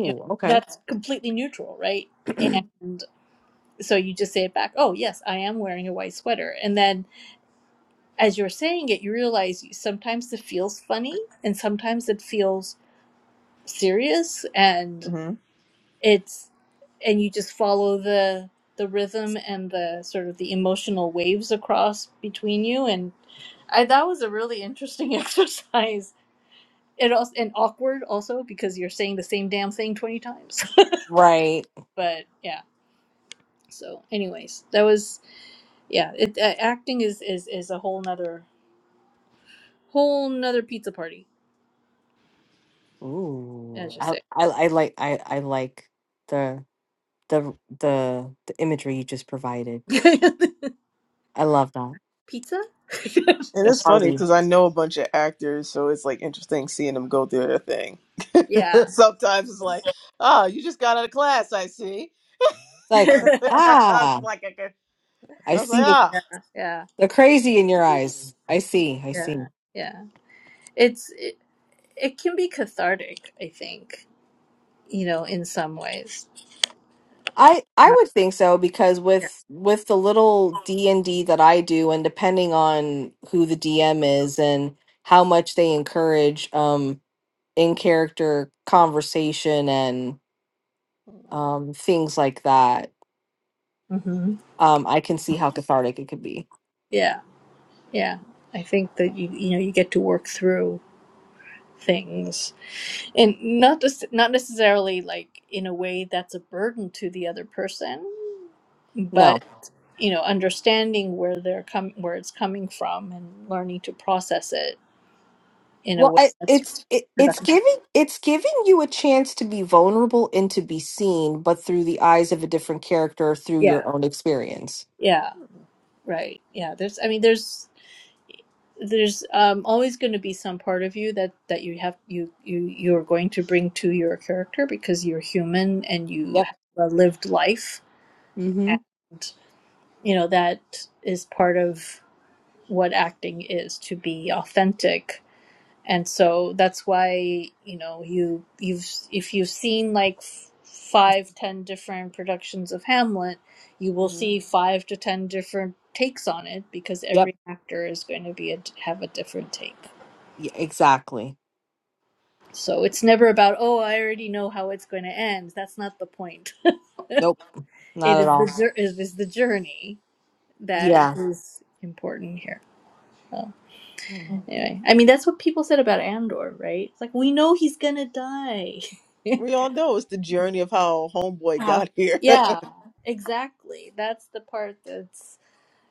Speaker 2: You know,
Speaker 1: Okay.
Speaker 2: that's completely neutral, right? And so you just say it back. Oh, yes, I am wearing a white sweater. And then as you're saying it, you realize you, sometimes it feels funny and sometimes it feels serious
Speaker 3: hmm
Speaker 2: and
Speaker 3: And
Speaker 2: it's and you just follow the the rhythm and the sort of the emotional waves across between you and I, that was a really interesting exercise it also and awkward also because you're saying the same damn thing 20 times
Speaker 1: Right.
Speaker 2: but yeah so anyways that was yeah it, uh, acting is is is a whole nother whole nother pizza party
Speaker 1: Ooh.
Speaker 2: as you
Speaker 1: I
Speaker 2: say
Speaker 1: I, I like I I like the the the the imagery you just provided. I love that.
Speaker 2: pizza
Speaker 1: It's
Speaker 3: it's
Speaker 1: a
Speaker 3: funny
Speaker 1: party.
Speaker 3: because I
Speaker 1: It's
Speaker 3: know a bunch of actors, so it's like interesting seeing them go through their thing.
Speaker 2: yeah
Speaker 3: Sometimes it's like, oh, you just got out of class, I see.
Speaker 1: like,
Speaker 2: yeah
Speaker 3: That's
Speaker 1: ah,
Speaker 3: like a good.
Speaker 1: I
Speaker 3: I was like,
Speaker 1: see the,
Speaker 3: ah.
Speaker 2: yeah
Speaker 1: the crazy in your eyes. I see. I
Speaker 2: yeah
Speaker 1: see.
Speaker 2: Yeah. it's it, it can be cathartic i think you know in some ways
Speaker 1: I I
Speaker 2: uh,
Speaker 1: would think so because with with the little D and D that I do, and depending on who the DM is and how much they encourage um in character conversation and
Speaker 3: Hmm.
Speaker 1: um things like that,
Speaker 2: yeah. hmm
Speaker 1: um I can see how cathartic it could be.
Speaker 2: yeah yeah i think that you you know you get to work through things and not just not necessarily like in a way that's a burden to the other person
Speaker 1: No.
Speaker 2: but you know understanding where they're com- where it's coming from and learning to process it in a
Speaker 1: Well,
Speaker 2: way
Speaker 1: I,
Speaker 2: that's
Speaker 1: it's it, it's
Speaker 2: productive
Speaker 1: giving it's giving you a chance to be vulnerable and to be seen, but through the eyes of a different character through
Speaker 2: yeah
Speaker 1: your own experience.
Speaker 2: yeah right yeah there's i mean there's there's um, always going to be some part of you that that you have you you you're going to bring to your character because you're human and you
Speaker 1: Yep.
Speaker 2: have a lived life
Speaker 1: Mm-hmm.
Speaker 2: and you know that is part of what acting is to be authentic and so that's why you know you you've if you've seen like f- five ten different productions of hamlet you will
Speaker 3: Mhm.
Speaker 2: see five to ten different takes on it because
Speaker 1: Yep.
Speaker 2: every actor is going to be a, have a different take
Speaker 1: Yeah, exactly.
Speaker 2: so it's never about oh i already know how it's going to end that's not the point
Speaker 1: Nope.
Speaker 2: it
Speaker 1: Not at
Speaker 2: is the
Speaker 1: all.
Speaker 2: jour- it is the journey that
Speaker 1: Yeah.
Speaker 2: is important here so.
Speaker 1: Mm.
Speaker 2: Anyway, I mean that's what people said about Andor, right? It's like we know he's gonna die.
Speaker 3: We all know it's the journey of how homeboy
Speaker 2: Have-
Speaker 3: got here.
Speaker 2: yeah, exactly. That's the part that's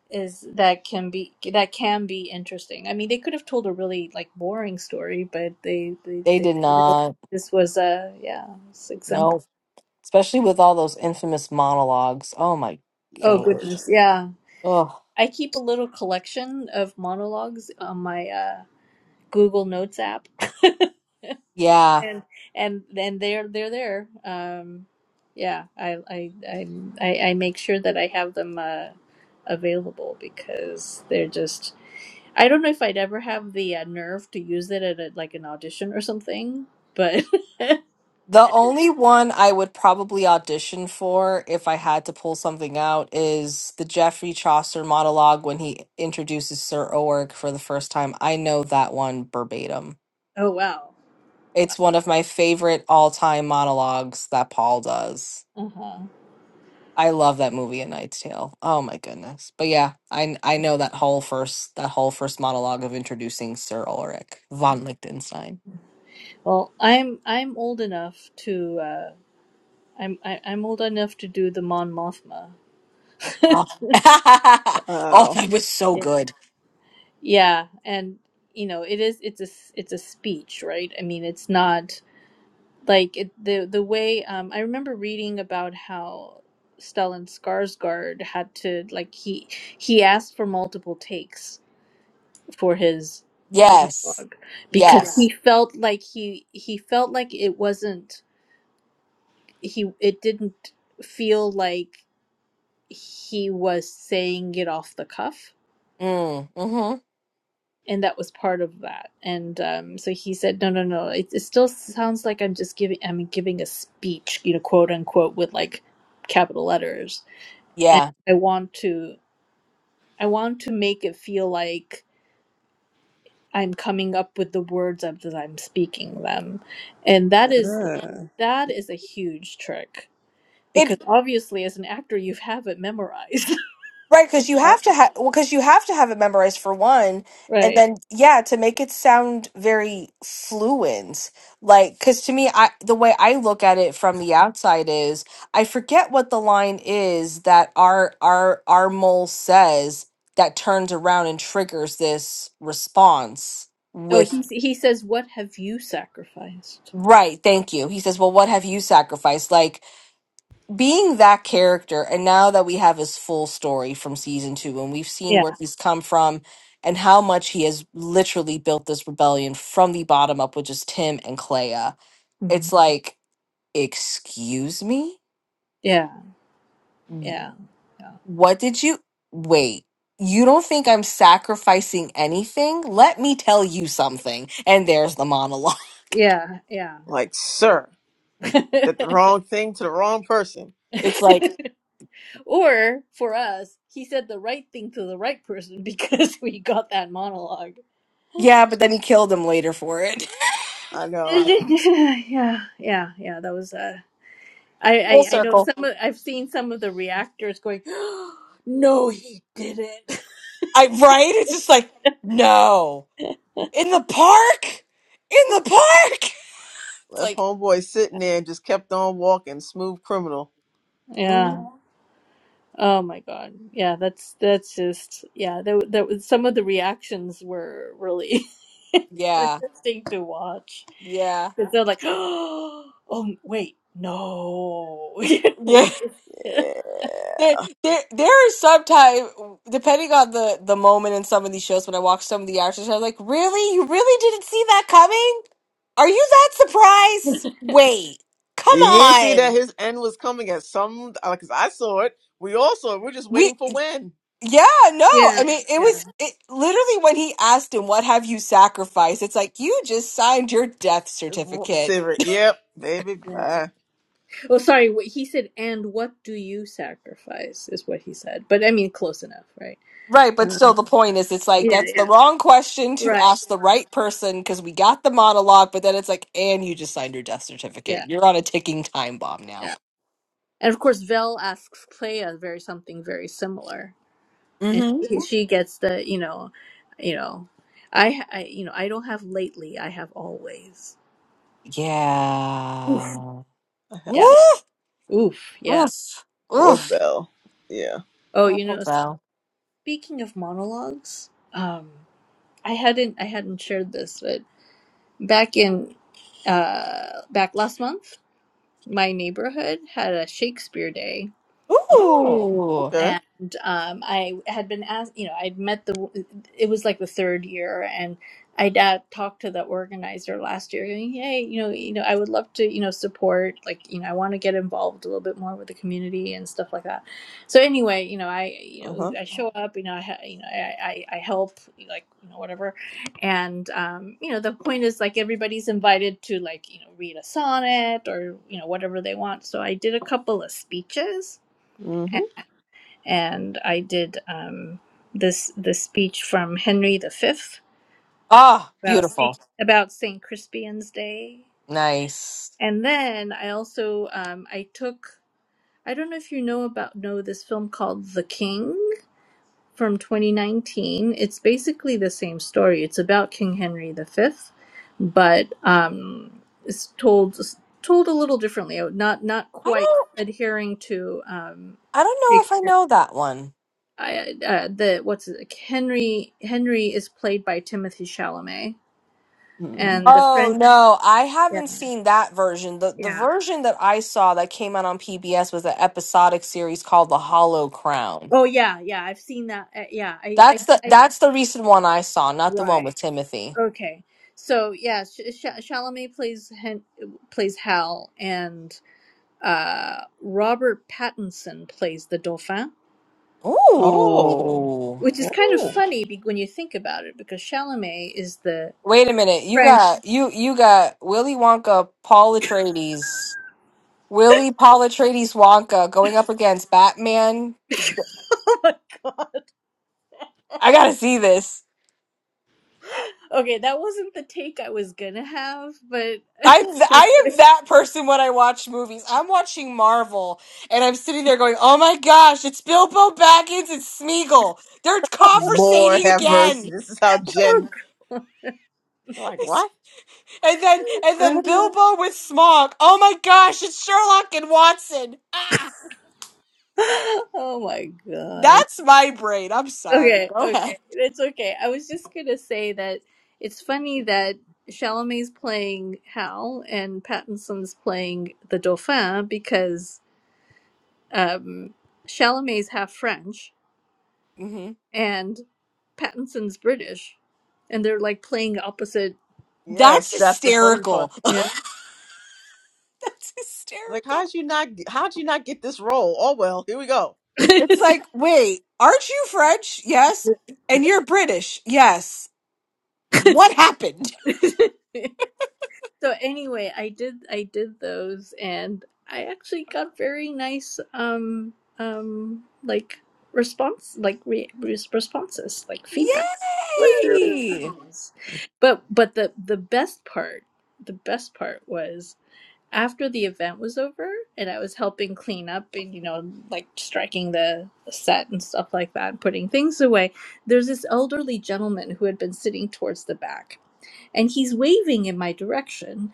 Speaker 2: is that can be that can be interesting. I mean, they could have told a really like boring story, but they they,
Speaker 1: They
Speaker 2: they,
Speaker 1: did not.
Speaker 2: this was a yeah it's example.
Speaker 1: No. Especially with all those infamous monologues. Oh my
Speaker 2: Oh
Speaker 3: Lord.
Speaker 1: gosh.
Speaker 2: goodness, yeah.
Speaker 1: Oh
Speaker 2: I keep a little collection of monologues on my uh, Google Notes app.
Speaker 1: yeah.
Speaker 2: and and and they're they're there. Um, yeah, I I I I I make sure that I have them uh, available because they're just. I don't know if I'd ever have the uh, nerve to use it at a, like an audition or something, but
Speaker 1: The only one I would probably audition for if I had to pull something out is the Geoffrey Chaucer monologue when he introduces Sir Owerk for the first time. I know that one verbatim.
Speaker 2: oh wow.
Speaker 1: It's one of my favorite all-time monologues that Paul does.
Speaker 2: Uh huh.
Speaker 1: I love that movie, A Knight's Tale. Oh my goodness. But yeah, I I know that whole first that whole first monologue of introducing Sir Ulrich von Liechtenstein.
Speaker 2: Well, I'm I'm old enough to uh, I'm I, I'm old enough to do the Mon Mothma.
Speaker 1: Oh, oh
Speaker 3: Wow.
Speaker 1: that was so
Speaker 2: yeah.
Speaker 1: good.
Speaker 2: Yeah, and you know it is it's a s- it's a speech, right? I mean, it's not. like it, the the way um I remember reading about how Stellan Skarsgård had to like he he asked for multiple takes for his
Speaker 1: Yes.
Speaker 2: monologue because Yeah. he
Speaker 1: Yes.
Speaker 2: felt like he he felt like it wasn't he it didn't feel like he was saying it off the cuff
Speaker 1: Mm. Mhm.
Speaker 2: and that was part of that and um, so he said no no no it, it still sounds like i'm just giving i'm giving a speech you know quote unquote with like capital letters
Speaker 1: Yeah.
Speaker 2: i want to i want to make it feel like i'm coming up with the words of- as i'm speaking them and that is like,
Speaker 3: Uh,
Speaker 2: that is a huge trick because
Speaker 1: It
Speaker 2: obviously as an actor you have it memorized
Speaker 1: right because you have to have well because you have to have it memorized for one, and
Speaker 2: right
Speaker 1: then yeah to make it sound very fluent. Like because to me, I the way I look at it from the outside is I forget what the line is that our our our mole says that turns around and triggers this response
Speaker 2: oh
Speaker 1: with
Speaker 2: he, he says what have you sacrificed
Speaker 1: right. Thank you. He says, "Well, what have you sacrificed?" Like. being that character and now that we have his full story from season two and we've seen
Speaker 2: yeah
Speaker 1: where he's come from and how much he has literally built this rebellion from the bottom up with just Tim and Clea,
Speaker 2: Mhm.
Speaker 1: it's like, excuse me?
Speaker 2: yeah yeah
Speaker 1: What did you wait? You don't think I'm sacrificing anything? Let me tell you something. And there's the monologue.
Speaker 2: Yeah, yeah,
Speaker 3: like, sir,
Speaker 2: yeah.
Speaker 3: did the wrong thing to the wrong person.
Speaker 1: It's like,
Speaker 2: or for us, he said the right thing to the right person because we got that monologue.
Speaker 1: yeah, but then he killed him later for it.
Speaker 3: I know.
Speaker 2: yeah, yeah, yeah. That was uh I,
Speaker 1: Full
Speaker 2: I I know
Speaker 1: circle.
Speaker 2: some of I've seen some of the reactors going, No, he didn't.
Speaker 1: I right? It's just like, no. in the park in the park it's
Speaker 3: Left
Speaker 1: like
Speaker 3: homeboy sitting there and just kept on walking. Smooth criminal.
Speaker 1: mhm,
Speaker 2: Yeah. Oh my god. Yeah, that's that's just yeah, that that was some of the reactions were really
Speaker 1: yeah
Speaker 2: interesting to watch.
Speaker 1: yeah
Speaker 2: Because they're like, oh, wait, no. You know, it's
Speaker 1: yeah
Speaker 2: just-
Speaker 3: Yeah.
Speaker 1: there, there there is sometimes depending on the the moment in some of these shows when i watch some of the actors i'm like really you really didn't see that coming are you that surprised wait come
Speaker 3: You, you did see that
Speaker 1: on
Speaker 3: his end was coming at some, because I saw it. We all saw it. We're just
Speaker 1: we
Speaker 3: waiting for when.
Speaker 1: yeah no
Speaker 2: Yeah,
Speaker 1: i mean it
Speaker 2: yeah,
Speaker 1: was it literally when he asked him what have you sacrificed it's like you just signed your death certificate
Speaker 3: Sivert. Yep. Baby,
Speaker 2: yeah.
Speaker 3: bye.
Speaker 2: Oh, sorry, wh- he said, "And what do you sacrifice?" is what he said. But I mean, close enough, right?
Speaker 1: Right, but
Speaker 2: Uh,
Speaker 1: still, the point is, it's like
Speaker 2: yeah,
Speaker 1: that's the
Speaker 2: yeah,
Speaker 1: wrong question to
Speaker 2: right.
Speaker 1: ask the right person because we got the monologue, but then it's like, and you just signed your death
Speaker 2: Yeah,
Speaker 1: certificate. You're on a ticking time bomb now.
Speaker 2: yeah. And of course, Vel asks Clea very something very similar, and
Speaker 1: hmm
Speaker 2: she, she gets the you know, you know, I, I you know I don't have lately. I have always. Oof.
Speaker 1: Yeah.
Speaker 3: I have
Speaker 2: Yeah.
Speaker 3: all
Speaker 1: Woof,
Speaker 2: Oof. Yeah.
Speaker 1: woof,
Speaker 3: four
Speaker 1: woof.
Speaker 3: bell. Yeah.
Speaker 2: Oh,
Speaker 1: Oh,
Speaker 2: you know.
Speaker 1: well.
Speaker 2: Speaking of monologues, um, I hadn't I hadn't shared this, but back in uh, back last month, my neighborhood had a Shakespeare day,
Speaker 3: Oh,
Speaker 1: Ooh.
Speaker 3: okay.
Speaker 2: and um, I had been asked, you know, I'd met the, it was like the third year, and I'd uh, talked to the organizer last year, going, hey, you know, you know, I would love to, you know, support, like, you know, I want to get involved a little bit more with the community and stuff like that. So anyway, you know, I, you
Speaker 3: Uh huh.
Speaker 2: know, I show up, you know, I, ha- you know, I, I, I help, like, you know, whatever, and um, you know, the point is like everybody's invited to like, you know, read a sonnet or you know whatever they want. So I did a couple of speeches
Speaker 3: Mm
Speaker 2: and I did um, this the speech from Henry V
Speaker 1: Ah,
Speaker 2: about Saint,
Speaker 1: beautiful.
Speaker 2: about Saint Crispian's Day,
Speaker 1: Nice.
Speaker 2: and then I also um, I took I don't know if you know about know this film called The King from 2019. It's basically the same story. It's about King Henry V, but um, it's told told a little differently. Not not
Speaker 1: I
Speaker 2: quite
Speaker 1: don't.
Speaker 2: adhering to um,
Speaker 1: I don't know if
Speaker 2: Shakespeare
Speaker 1: I know that one.
Speaker 2: I uh, the what's it, Henry Henry is played by Timothy Chalamet, Mm.
Speaker 3: hmm.
Speaker 2: and the
Speaker 1: Oh
Speaker 2: French.
Speaker 1: no, I
Speaker 2: Yeah,
Speaker 1: haven't seen that version. The the
Speaker 2: yeah.
Speaker 1: version that I saw that came out on PBS was an episodic series called The Hollow Crown.
Speaker 2: Oh yeah, yeah. I've seen that. Uh, yeah, I,
Speaker 1: That's
Speaker 2: I,
Speaker 1: the
Speaker 2: I.
Speaker 1: that's the recent one I saw, not the one
Speaker 2: Right.
Speaker 1: with Timothy.
Speaker 2: Okay. So yeah, Sh- Sh- Chalamet plays Hen- plays Hal, and uh, Robert Pattinson plays the Dauphin,
Speaker 3: Oh.
Speaker 1: Ooh.
Speaker 2: which is kind of
Speaker 3: Oh.
Speaker 2: funny be- when you think about it, because Chalamet is the
Speaker 1: Wait a minute. You
Speaker 2: French.
Speaker 1: got you you got Willy Wonka, Paul Atreides, Willy Paul Atreides Wonka going up against Batman. I gotta see this.
Speaker 2: okay, that wasn't the take I was gonna have, but
Speaker 1: I'm th- I am that person when I watch movies. I'm watching Marvel and I'm sitting there going, "Oh my gosh, it's Bilbo Baggins and Smeagol. They're
Speaker 3: Lord
Speaker 1: conversating
Speaker 3: have mercy.
Speaker 1: again."
Speaker 3: This is how Jen, like, what?
Speaker 1: and then and then Bilbo with Smog. Oh my gosh, it's Sherlock and Watson. Ah,
Speaker 2: oh my gosh.
Speaker 1: that's my brain. I'm sorry.
Speaker 2: Okay,
Speaker 1: Go ahead.
Speaker 2: okay. It's okay. I was just gonna say that it's funny that Chalamet's playing Hal and Pattinson's playing the Dauphin because um Chalamet's half French
Speaker 1: hmm
Speaker 2: and Pattinson's British and they're like playing opposite,
Speaker 1: That's
Speaker 3: Yes, that's the funny part.
Speaker 1: hysterical.
Speaker 2: you
Speaker 1: that's
Speaker 3: Like,
Speaker 1: hysterical.
Speaker 3: how'd you not? How'd you not get this role? Oh well, here we go.
Speaker 2: know.
Speaker 1: It's like, wait, aren't you French? Yes. And you're British? Yes. What happened?
Speaker 2: So anyway, I did I did those and I actually got very nice um um like response like re- res- responses like feedback. It was really
Speaker 1: Yay!
Speaker 2: nice. But but the the best part the best part was after the event was over and I was helping clean up and you know like striking the set and stuff like that and putting things away there's this elderly gentleman who had been sitting towards the back and he's waving in my direction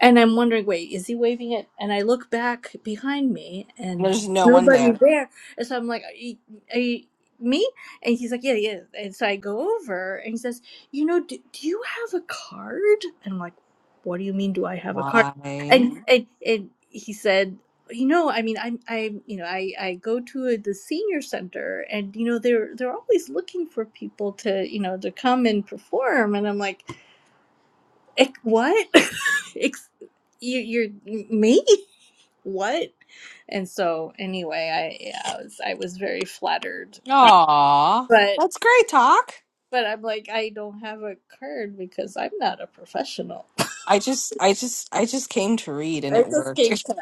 Speaker 2: and I'm wondering, wait, is he waving it? And I look back behind me and
Speaker 1: There's no one
Speaker 2: nobody
Speaker 1: there.
Speaker 2: there. And so I'm like, are you, are you me? And he's like, yeah, yeah. And so I go over and he says, you know, do, do you have a card? And I'm like, what do you mean, do I have a card?
Speaker 1: Why?
Speaker 2: And and, and he said, you know, I mean, I'm, I'm, you know, I, I go to a, the senior center, and you know, they're they're always looking for people to, you know, to come and perform. And I'm like, Ex- what? Ex- you, you're me? What? And so, anyway, I yeah, I was I was very flattered,
Speaker 1: Aw.
Speaker 2: but
Speaker 1: That's great talk.
Speaker 2: but I'm like I don't have a card because I'm not a professional.
Speaker 1: I just I just I just came to read and
Speaker 2: I
Speaker 1: it
Speaker 2: just
Speaker 1: worked.
Speaker 2: came to.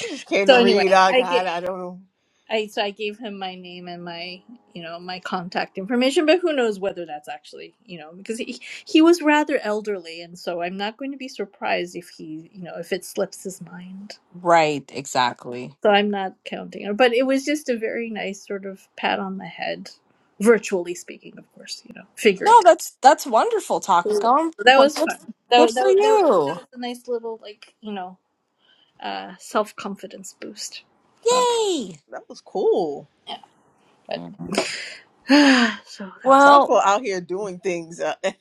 Speaker 3: You just came to
Speaker 2: So
Speaker 3: read.
Speaker 2: anyway,
Speaker 3: I
Speaker 2: I get
Speaker 3: got. I don't know.
Speaker 2: I so I gave him my name and my you know my contact information, but who knows whether that's actually you know because he he was rather elderly, and so I'm not going to be surprised if he you know if it slips his mind.
Speaker 1: right, exactly.
Speaker 2: So I'm not counting her, but it was just a very nice sort of pat on the head, virtually speaking, of course, you know,
Speaker 1: No,
Speaker 2: figurative.
Speaker 1: that's that's wonderful,
Speaker 2: So
Speaker 1: Takako.
Speaker 2: that
Speaker 1: Well,
Speaker 2: was
Speaker 1: good
Speaker 2: fun. That, wa-
Speaker 1: good
Speaker 2: that,
Speaker 1: for
Speaker 2: wa- that, wa- that
Speaker 1: you.
Speaker 2: was a nice little, like, you know, uh, self confidence boost. So,
Speaker 1: Yay.
Speaker 3: That was cool.
Speaker 2: yeah, but
Speaker 1: Yeah.
Speaker 2: so that was.
Speaker 1: Well,
Speaker 3: Southpaw out here doing things. Uh,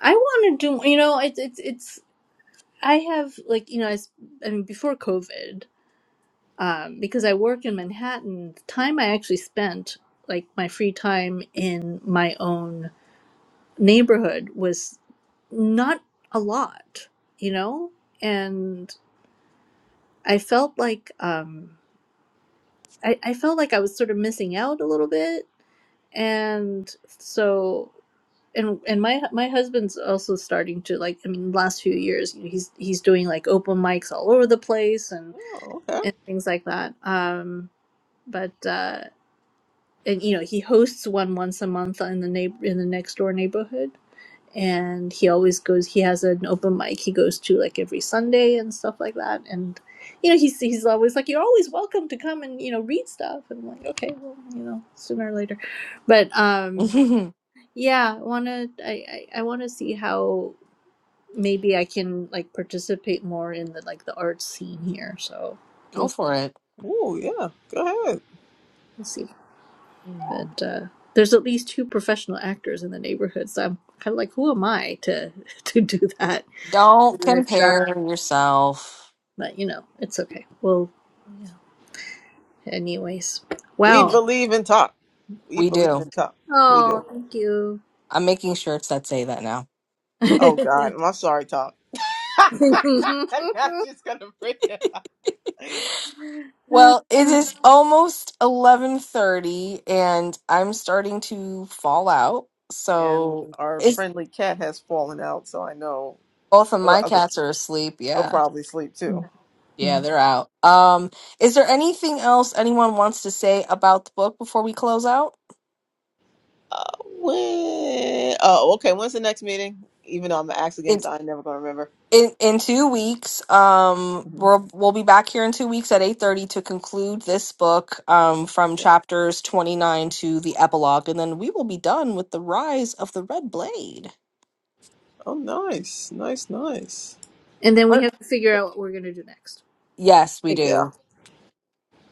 Speaker 2: I want to do, you know, it's, it's, it's, I have, like, you know, I, s- I mean, before COVID, um, because I work in Manhattan, the time I actually spent, like, my free time in my own neighborhood was not a lot, you know? And I felt like um I, I felt like I was sort of missing out a little bit. And so and and my my husband's also starting to like I mean last few years, you know, he's he's doing like open mics all over the place and
Speaker 3: oh, okay.
Speaker 2: and things like that. Um but uh and you know, he hosts one once a month in the neighbor in the next door neighborhood and he always goes he has an open mic he goes to like every sunday and stuff like that and you know he's he's always like you're always welcome to come and you know read stuff and i'm like okay well you know sooner or later but um yeah i want to i i, I want to see how maybe i can like participate more in the like the art scene here so
Speaker 1: go
Speaker 2: we'll,
Speaker 1: for it.
Speaker 3: Oh yeah. Go ahead.
Speaker 2: we'll see
Speaker 1: Mm.
Speaker 2: but uh there's at least two professional actors in the neighborhood so i'm kind of like who am i to to do that
Speaker 1: Don't compare yourself.
Speaker 2: but you know, it's okay. Well, yeah. anyways,
Speaker 3: We
Speaker 2: wow.
Speaker 1: Mm.
Speaker 3: believe in talk. We
Speaker 1: We
Speaker 3: believe
Speaker 1: do.
Speaker 3: in talk. We do.
Speaker 2: Oh, thank you.
Speaker 1: I'm making shirts that say that now.
Speaker 3: Oh
Speaker 2: and
Speaker 3: God, I'm sorry, talk. I'm not just gonna bring it up.
Speaker 1: Well, it is almost 11:30 and I'm starting to fall out.
Speaker 3: And
Speaker 1: So,
Speaker 3: our
Speaker 1: is
Speaker 3: friendly cat has fallen out, so I know
Speaker 1: both of
Speaker 3: the
Speaker 1: my
Speaker 3: other
Speaker 1: cats are asleep.
Speaker 3: will
Speaker 1: Yeah.
Speaker 3: probably sleep too.
Speaker 1: Yeah, they're out. Um, is there anything else anyone wants to say about the book before we close out?
Speaker 3: Uh, when? Oh, okay. When's the next meeting? Even though I'm an axe again, so I'm never gonna remember.
Speaker 1: in in two weeks um
Speaker 3: hmm
Speaker 1: we'll we'll be back here in two weeks at 8.30 to conclude this book um from chapters 29 to the epilogue and then we will be done with the rise of the red blade
Speaker 3: Oh, nice, nice, nice.
Speaker 2: then we
Speaker 1: We're-
Speaker 2: have to figure out what we're gonna do next.
Speaker 1: yes we
Speaker 2: I guess.
Speaker 3: Yeah.
Speaker 1: do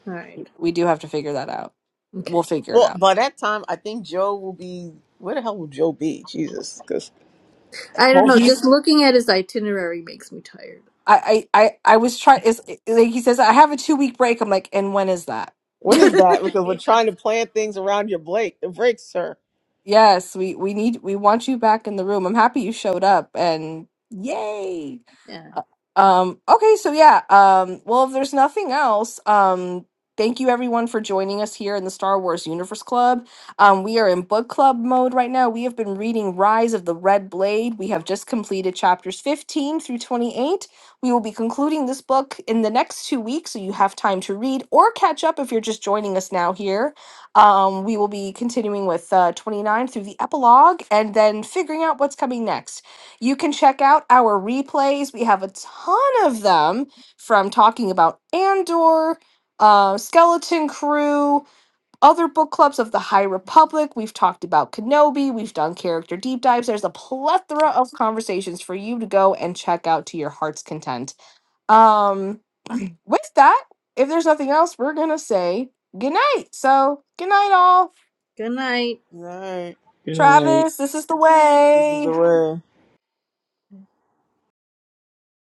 Speaker 2: All right.
Speaker 1: we do have to figure that out
Speaker 2: Okay.
Speaker 1: we'll figure it
Speaker 3: Well,
Speaker 1: out
Speaker 3: by that time, I think Joe will be. Where the hell will Joe be? Jesus, because
Speaker 2: I don't know.
Speaker 1: he's
Speaker 2: Just looking at his itinerary makes me tired.
Speaker 1: i i i, I was trying is like he says i have a two week break i'm like and when is that
Speaker 3: when is that? Because we're
Speaker 2: yeah.
Speaker 3: trying to plan things around your break, the break, sir.
Speaker 1: yes we we need we want you back in the room i'm happy you showed up and yay
Speaker 2: yeah.
Speaker 1: Uh, Um, okay, so yeah, um, well, if there's nothing else, um, thank you everyone for joining us here in the Star Wars Universe Club. Um, we are in book club mode right now. We have been reading Rise of the Red Blade. We have just completed chapters 15 through 28. We will be concluding this book in the next two weeks, so you have time to read or catch up if you're just joining us now here. Um, we will be continuing with uh, 29 through the epilogue and then figuring out what's coming next. You can check out our replays. We have a ton of them from talking about Andor, uh, Skeleton Crew, other book clubs of the High Republic. We've talked about Kenobi. We've done character deep dives. There's a plethora of conversations for you to go and check out to your heart's content. Um, with that, if there's nothing else, we're going to say good night. So, good night, all.
Speaker 2: Good night.
Speaker 3: All right,
Speaker 1: Travis, this is the
Speaker 3: this is
Speaker 1: way.
Speaker 3: the way.